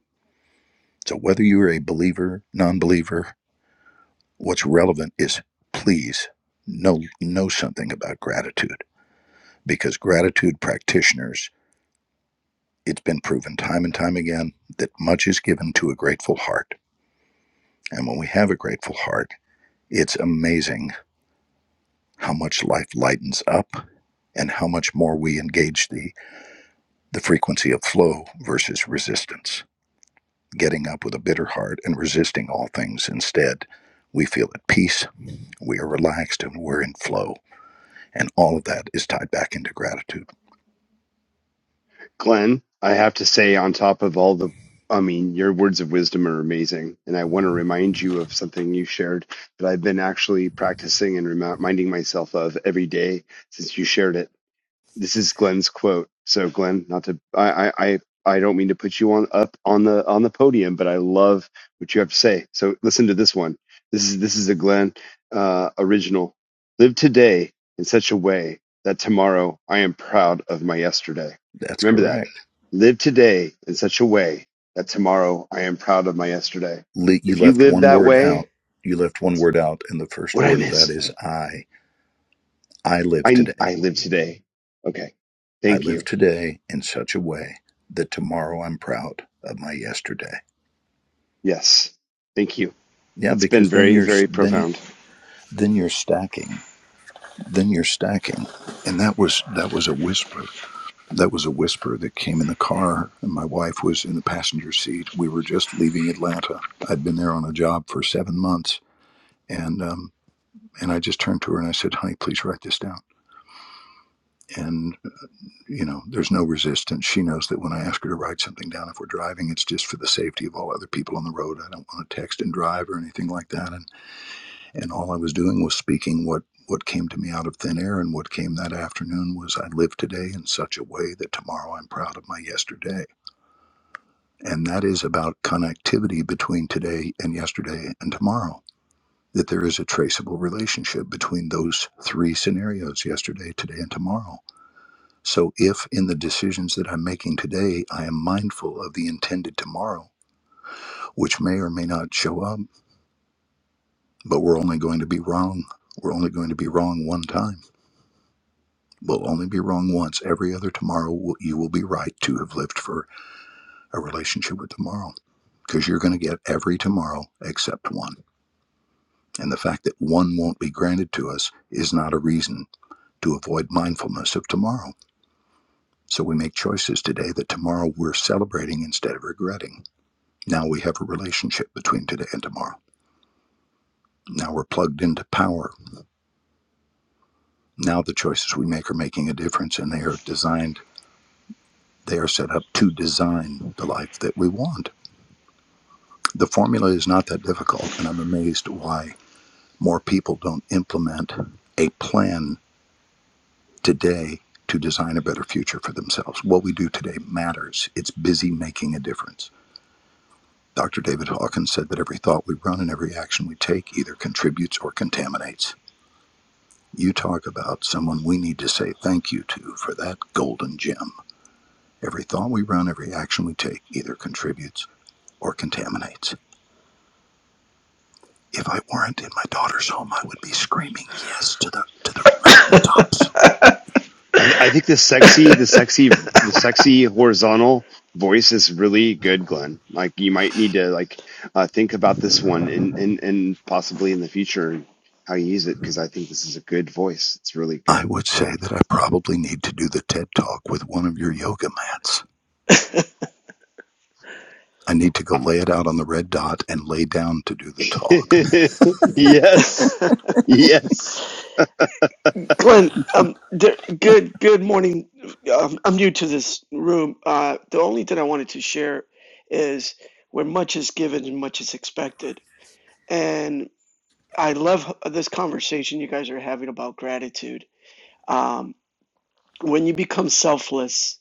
Speaker 9: So, whether you're a believer, non believer, what's relevant is please know, know something about gratitude because gratitude practitioners, it's been proven time and time again that much is given to a grateful heart. And when we have a grateful heart, it's amazing how much life lightens up and how much more we engage the, the frequency of flow versus resistance. getting up with a bitter heart and resisting all things. Instead, we feel at peace, we are relaxed, and we're in flow. And all of that is tied back into gratitude.
Speaker 5: Glenn, I have to say, on top of all the, I mean, your words of wisdom are amazing. And I want to remind you of something you shared that I've been actually practicing and reminding myself of every day since you shared it. This is Glenn's quote. So Glenn, not to I I I don't mean to put you on up on the on the podium, but I love what you have to say. So listen to this one. This is this is a Glenn uh, original. Live today in such a way that tomorrow I am proud of my yesterday.
Speaker 9: That's
Speaker 5: Remember
Speaker 9: correct.
Speaker 5: that. Live today in such a way that tomorrow I am proud of my yesterday.
Speaker 9: You
Speaker 5: If you
Speaker 9: left
Speaker 5: live
Speaker 9: one
Speaker 5: that
Speaker 9: word
Speaker 5: way,
Speaker 9: out. You left one
Speaker 5: that's
Speaker 9: word out, and the first
Speaker 5: what I
Speaker 9: word of that
Speaker 5: miss.
Speaker 9: is I. I live
Speaker 5: I I
Speaker 9: today.
Speaker 5: live today. Okay.
Speaker 9: I
Speaker 5: Thank
Speaker 9: live
Speaker 5: you.
Speaker 9: today in such a way that tomorrow I'm proud of my yesterday.
Speaker 5: Yes. Thank you.
Speaker 9: Yeah,
Speaker 5: That's been
Speaker 9: because then
Speaker 5: very,
Speaker 9: you're
Speaker 5: very
Speaker 9: then
Speaker 5: profound.
Speaker 9: then you're stacking, then you're stacking, and that was that was a whisper That was a whisper that came in the car, and my wife was in the passenger seat. We were just leaving Atlanta. I'd been there on a job for seven months, and um, and I just turned to her and I said, "Honey, please write this down." And you know, there's no resistance. She knows that when I ask her to write something down, if we're driving, it's just for the safety of all other people on the road. I don't want to text and drive or anything like that. And and all I was doing was speaking what what came to me out of thin air, and what came that afternoon was I live today in such a way that tomorrow I'm proud of my yesterday And that is about connectivity between today and yesterday and tomorrow. That there is a traceable relationship between those three scenarios yesterday, today, and tomorrow. So, if in the decisions that I'm making today, I am mindful of the intended tomorrow, which may or may not show up, but we're only going to be wrong. We're only going to be wrong one time. We'll only be wrong once. Every other tomorrow, will- you will be right to have lived for a relationship with tomorrow because you're going to get every tomorrow except one. And the fact that one won't be granted to us is not a reason to avoid mindfulness of tomorrow. So we make choices today that tomorrow we're celebrating instead of regretting. Now we have a relationship between today and tomorrow. Now we're plugged into power. Now the choices we make are making a difference and they are designed, they are set up to design the life that we want. The formula is not that difficult, and I'm amazed why more people don't implement a plan today to design a better future for themselves. What we do today matters. It's busy making a difference. Dr. David Hawkins said that every thought we run and every action we take either contributes or contaminates. You talk about someone we need to say thank you to for that golden gem. Every thought we run, every action we take either contributes or contaminates. If I weren't in my daughter's home, I would be screaming yes to the to the mountaintops.
Speaker 5: I, I think the sexy, the sexy, the sexy horizontal voice is really good, Glenn. Like you might need to like uh, think about this one and and and possibly in the future and how you use it because I think this is a good voice. It's really
Speaker 9: I
Speaker 5: good.
Speaker 9: would
Speaker 5: I
Speaker 9: say
Speaker 5: like
Speaker 9: that I probably need to do the TED talk with one of your yoga mats. I need to go
Speaker 5: it.
Speaker 9: lay it out on the red dot and lay down to do the talk.
Speaker 5: [laughs] yes,
Speaker 11: [laughs]
Speaker 5: yes.
Speaker 11: Glenn, um, there, good good morning. Um, I'm new to this room. Uh, the only thing I wanted to share is where much is given and much is expected. And I love this conversation you guys are having about gratitude. Um, when you become selfless,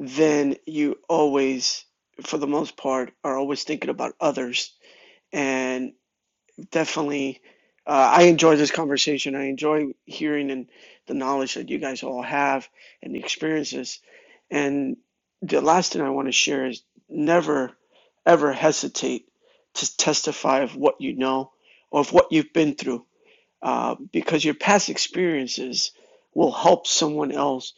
Speaker 11: then you always, for the most part, are always thinking about others And definitely uh, i enjoy this conversation i enjoy hearing and the knowledge that you guys all have and the experiences and the last thing i want to share is never ever hesitate to testify of what you know or of what you've been through uh, because your past experiences will help someone else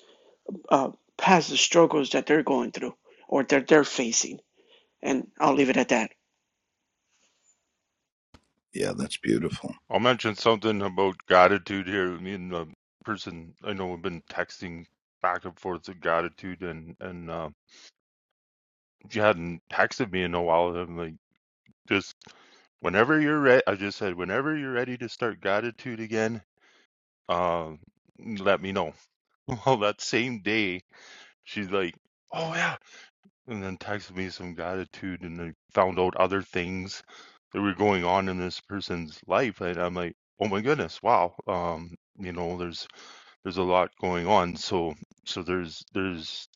Speaker 11: uh, pass the struggles that they're going through or that they're facing and i'll leave it at that
Speaker 9: Yeah, that's beautiful.
Speaker 12: I'll mention something about gratitude here. Me and the person I know have been texting back and forth of gratitude, and and uh, she hadn't texted me in a while. And I'm like, just whenever you're ready, I just said, whenever you're ready to start gratitude again, uh, let me know. [laughs] Well, that same day, she's like, oh yeah, and then texted me some gratitude, and I found out other things that were going on in this person's life, and I'm like, oh my goodness, wow. Um, you know, there's there's a lot going on so so there's there's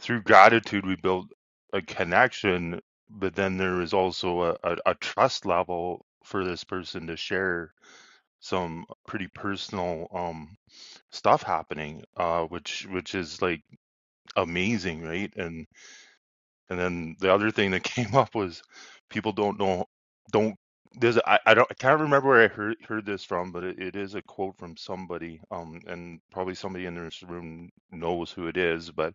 Speaker 12: through gratitude we build a connection but then there is also a, a, a trust level for this person to share some pretty personal um stuff happening uh which which is like amazing right and and then the other thing that [laughs] came up was people don't know, don't, there's, I I do not I, I don't, I can't remember where I heard, heard this from, but it, it is a quote from somebody, um, and probably somebody in this room knows who it is, but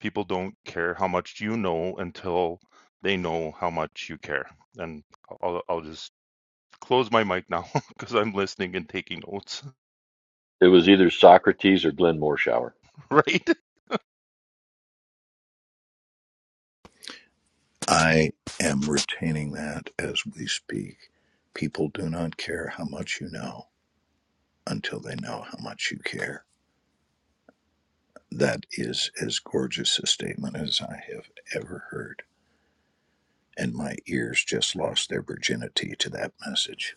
Speaker 12: people don't care how much you know until they know how much you care. And I'll, I'll just close my mic now [laughs] because I'm listening and taking notes,
Speaker 3: It was either Socrates or Glenn Morshower.
Speaker 12: [laughs] right?
Speaker 9: I am retaining that as we speak. People do not care how much you know until they know how much you care. That is as gorgeous a statement as I have ever heard. And my ears just lost their virginity to that message.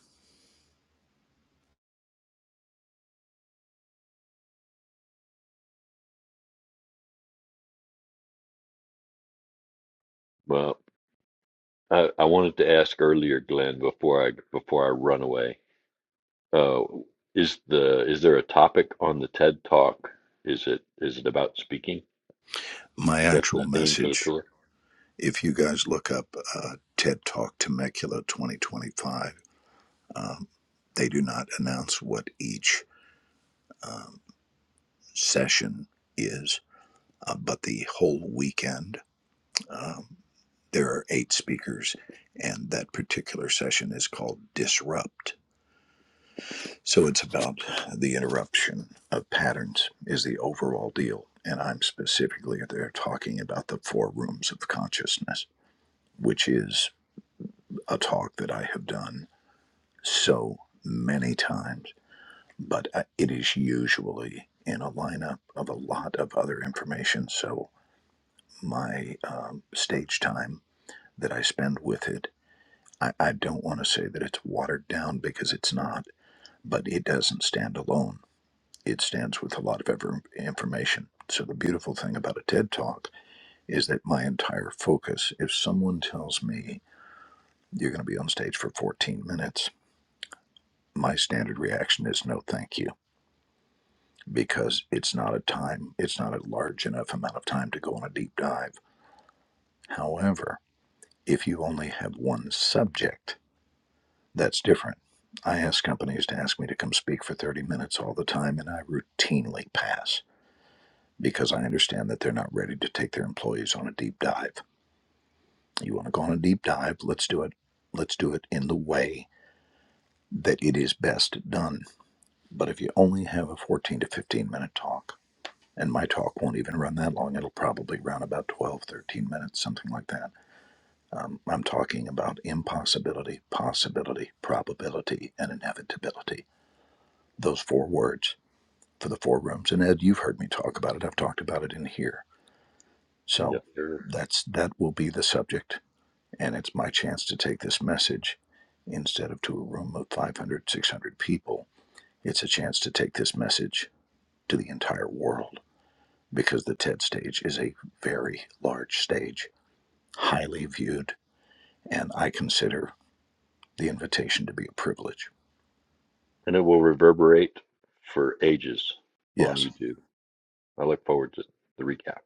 Speaker 3: Well, I, I wanted to ask earlier, Glenn, before I before I run away, uh, is the is there a topic on the TED Talk? Is it is it about speaking?
Speaker 9: My
Speaker 3: Is that the
Speaker 9: actual
Speaker 3: theme for the
Speaker 9: message,
Speaker 3: tour?
Speaker 9: if you guys look up uh, TED Talk Temecula 2025, um, they do not announce what each session is, uh, but the whole weekend. Um, there are eight speakers, and that particular session is called Disrupt. So it's about the interruption of patterns, is the overall deal. And I'm specifically there talking about the four rooms of consciousness, which is a talk that I have done so many times, but uh, it is usually in a lineup of a lot of other information. So my um, stage time that I spend with it. I, I don't want to say that it's watered down because it's not, but it doesn't stand alone. It stands with a lot of ever information. So the beautiful thing about a TED Talk is that my entire focus, if someone tells me you're going to be on stage for 14 minutes, my standard reaction is no thank you because it's not a time, it's not a large enough amount of time to go on a deep dive. However, if you only have one subject That's different. I ask companies to ask me to come speak for 30 minutes all the time, and I routinely pass because I understand that they're not ready to take their employees on a deep dive. You want to go on a deep dive? Let's do it. Let's do it in the way that it is best done. But if you only have a 14 to 15 minute talk, and my talk won't even run that long, it'll probably run about 12, 13 minutes, something like that. Um, I'm talking about impossibility, possibility, probability, and inevitability. Those four words for the four rooms. And Ed, you've heard me talk about it. I've talked about it in here.
Speaker 3: Yes,
Speaker 9: So
Speaker 3: sir.
Speaker 9: that's that will be the subject, and it's my chance to take this message instead of to a room of 500, 600 people. It's a chance to take this message to the entire world because the TED stage is a very large stage, highly viewed, and I consider the invitation to be a privilege.
Speaker 3: And it will reverberate for ages on
Speaker 9: Yes.
Speaker 3: YouTube. I look forward to the recap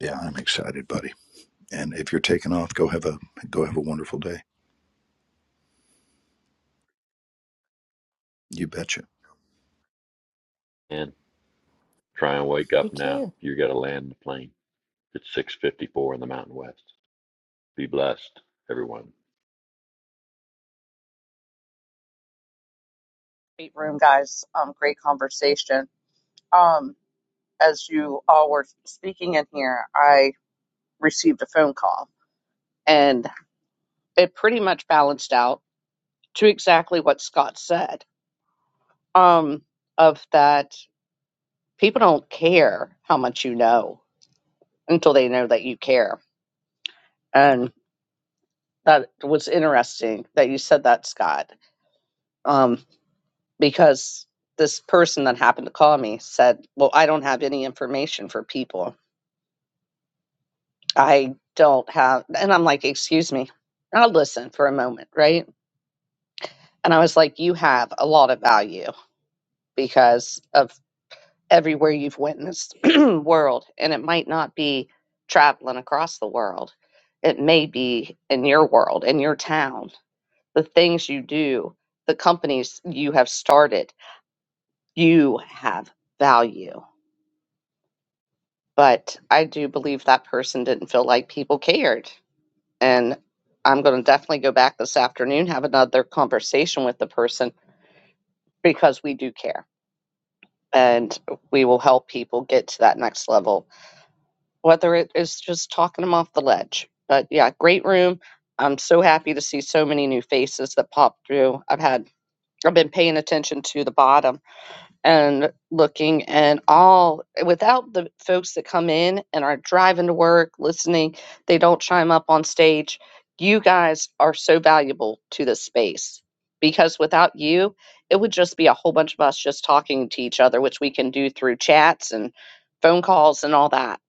Speaker 9: Yeah, I'm excited, buddy. And if you're taking off, go have a go have a wonderful day. You betcha.
Speaker 3: and try and wake
Speaker 8: You
Speaker 3: up now.
Speaker 8: too.
Speaker 3: You got to land the plane. It's 6:54 in the Mountain West. Be blessed, everyone.
Speaker 2: great room, guys. Um, great conversation. Um, as you all were speaking in here, I received a phone call, and it pretty much balanced out to exactly what Scott said. Um, of that, people don't care how much you know until they know that you care, And that was interesting that you said that, Scott, um, because this person that happened to call me said, Well, I don't have any information for people. I don't have, and I'm like, Excuse me, I'll listen for a moment, right? And I was like, You have a lot of value because of everywhere you've witnessed [clears throat] world, and it might not be traveling across the world, it may be in your world, in your town, the things you do, the companies you have started you have value. But I do believe that person didn't feel like people cared. And I'm going to definitely go back this afternoon, have another conversation with the person because we do care and we will help people get to that next level, whether it is just talking them off the ledge. But yeah, great room. I'm so happy to see so many new faces that popped through. I've had, I've been paying attention to the bottom and looking and all without the folks that come in and are driving to work listening they don't chime up on stage you guys are so valuable to this space because without you it would just be a whole bunch of us just talking to each other which we can do through chats and phone calls and all that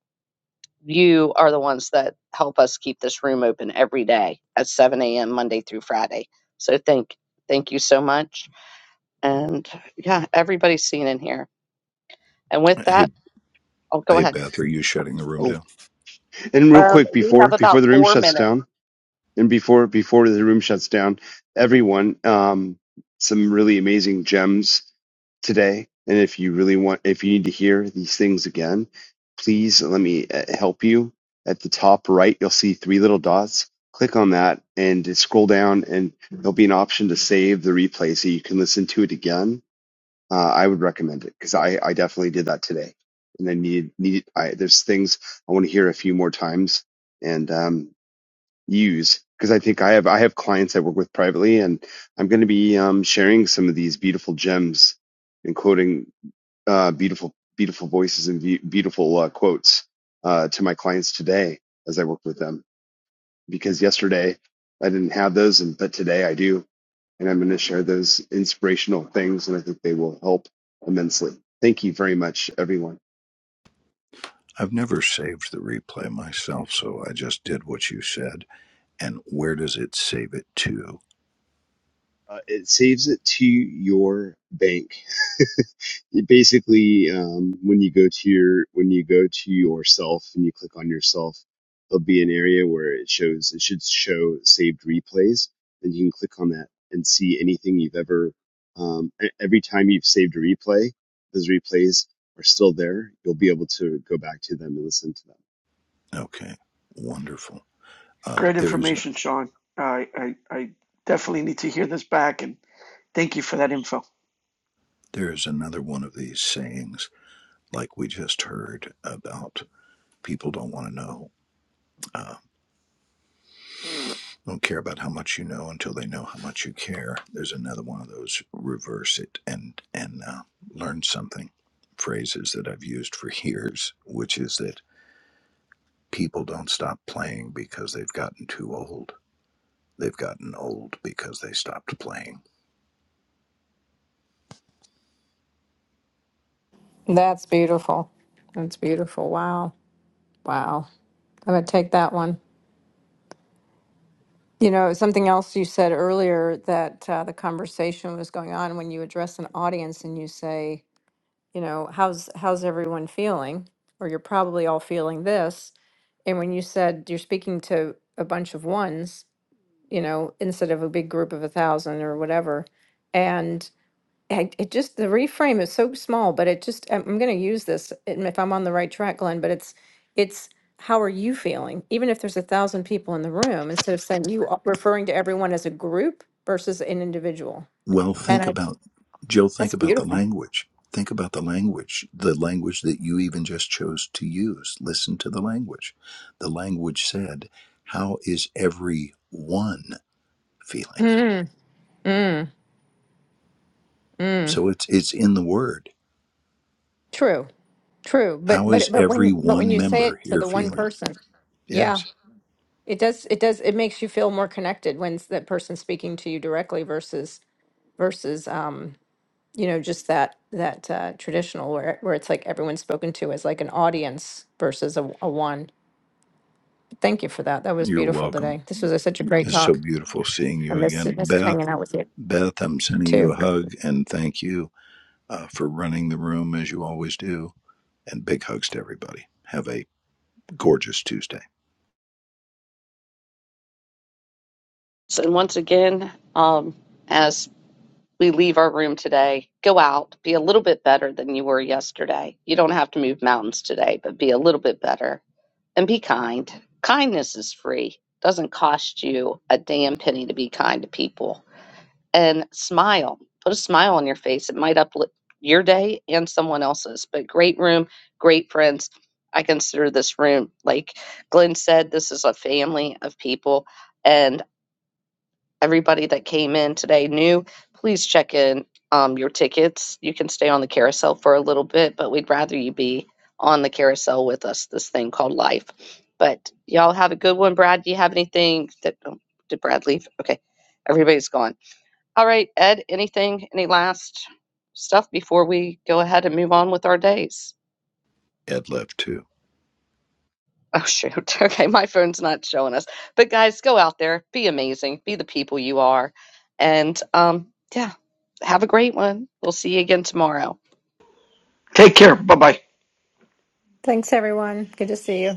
Speaker 2: you are the ones that help us keep this room open every day at 7 a.m monday through friday so thank thank you so much and yeah everybody's seen in here and with
Speaker 9: Hey,
Speaker 2: that, I'll go
Speaker 9: Hey,
Speaker 2: ahead.
Speaker 9: Beth, are you shutting the room
Speaker 5: Oh,
Speaker 9: down?
Speaker 5: and real
Speaker 2: Um,
Speaker 5: quick
Speaker 2: we
Speaker 5: before
Speaker 2: have
Speaker 5: before
Speaker 2: about
Speaker 5: the room
Speaker 2: four
Speaker 5: shuts
Speaker 2: minutes.
Speaker 5: down, and before before the room shuts down, everyone, um, some really amazing gems today. And if you really want, if you need to hear these things again, please let me uh, help you. At the top right, you'll see three little dots. Click on that and just scroll down, and there'll be an option to save the replay so you can listen to it again. Uh, I would recommend it because I, I definitely did that today, and I need need I, there's things I want to hear a few more times, and um, use because I think I have I have clients I work with privately, and I'm going to be um, sharing some of these beautiful gems and quoting uh, beautiful beautiful voices and be- beautiful uh, quotes uh, to my clients today as I work with them because yesterday I didn't have those, and but today I do, and I'm going to share those inspirational things, and I think they will help immensely. Thank you very much, everyone.
Speaker 9: I've never saved the replay myself, so I just did what you said. And where does it save it to?
Speaker 5: Uh, it saves it to your bank. [laughs] It basically, um, when you go to your when you go to yourself and you click on yourself, there'll be an area where it shows it should show saved replays, and you can click on that and see anything you've ever. Um, e- every time you've saved a replay, those replays are still there. You'll be able to go back to them and listen to them.
Speaker 9: Okay, wonderful. Uh,
Speaker 11: Great
Speaker 9: there's a
Speaker 11: information, Sean. I, I, I definitely need to hear this back and thank you for that info.
Speaker 9: there's another one of these sayings, like we just heard about people don't want to know, uh, don't care about how much you know until they know how much you care. There's another one of those reverse it and and uh, learn something phrases that I've used for [laughs] years, which is that people don't stop playing because they've gotten too old. They've gotten old because they stopped playing.
Speaker 8: That's beautiful. That's beautiful. Wow. Wow. I'm going to take that one. You know, something else you said earlier that uh, the conversation was going on when you address an audience and you say, you know, how's how's everyone feeling? Or you're probably all feeling this. And when you said you're speaking to a bunch of ones, you know, instead of a big group of a thousand or whatever. And I, it just, the reframe is so small, but it just, I'm going to use this and if I'm on the right track, Glenn, but it's, it's, how are you feeling? Even if there's a thousand people in the room, instead of saying you, are referring to everyone as a group versus an individual.
Speaker 9: Well,
Speaker 8: And
Speaker 9: think
Speaker 8: I,
Speaker 9: about, Jill,
Speaker 8: that's
Speaker 9: think about the
Speaker 8: beautiful.
Speaker 9: language. Think about the language, the language that you even just chose to use. Listen to the language. The language said, How is every one feeling?
Speaker 8: Mm, mm, mm.
Speaker 9: So it's, it's in the word.
Speaker 8: True, true. But,
Speaker 9: How is
Speaker 8: but, but
Speaker 9: every
Speaker 8: when, but when
Speaker 9: one
Speaker 8: you say
Speaker 9: member
Speaker 8: it to
Speaker 9: here
Speaker 8: the one
Speaker 9: feeling?
Speaker 8: person, yeah,
Speaker 9: Yes.
Speaker 8: It does, it does, it makes you feel more connected when s- that person's speaking to you directly versus versus um, you know, just that that uh traditional where where it's like everyone's spoken to as like an audience versus a, a one. Thank you for that. That was
Speaker 9: You're
Speaker 8: beautiful
Speaker 9: welcome.
Speaker 8: today. This was a, such a great
Speaker 9: It's so
Speaker 8: talk.
Speaker 9: beautiful seeing you again. Beth.
Speaker 8: And out with you
Speaker 9: Beth, I'm sending you
Speaker 8: too.
Speaker 9: a hug and thank you uh, for running the room as you always do. And big hugs to everybody. Have a gorgeous Tuesday.
Speaker 2: And once again, um, as we leave our room today, go out, be a little bit better than you were yesterday. You don't have to move mountains today, but be a little bit better and be kind. Kindness is free. Doesn't cost you a damn penny to be kind to people. and smile. Put a smile on your face. It might uplift your day and someone else's. But great room, great friends. I consider this room, like Glenn said, this is a family of people. And everybody that came in today knew, please check in um, your tickets. You can stay on the carousel for a little bit, but we'd rather you be on the carousel with us, this thing called life. But y'all have a good one. Brad, do you have anything that, oh, did Brad leave? Okay, everybody's gone. All right, Ed, anything, any last stuff before we go ahead and move on with our days?
Speaker 9: Ed left too.
Speaker 2: Oh, shoot. [laughs] Okay, my phone's not showing us. But guys, go out there, be amazing, be the people you are. And um, yeah, have a great one. We'll see you again tomorrow.
Speaker 11: Take care. Bye bye.
Speaker 8: Thanks, everyone. Good to see you.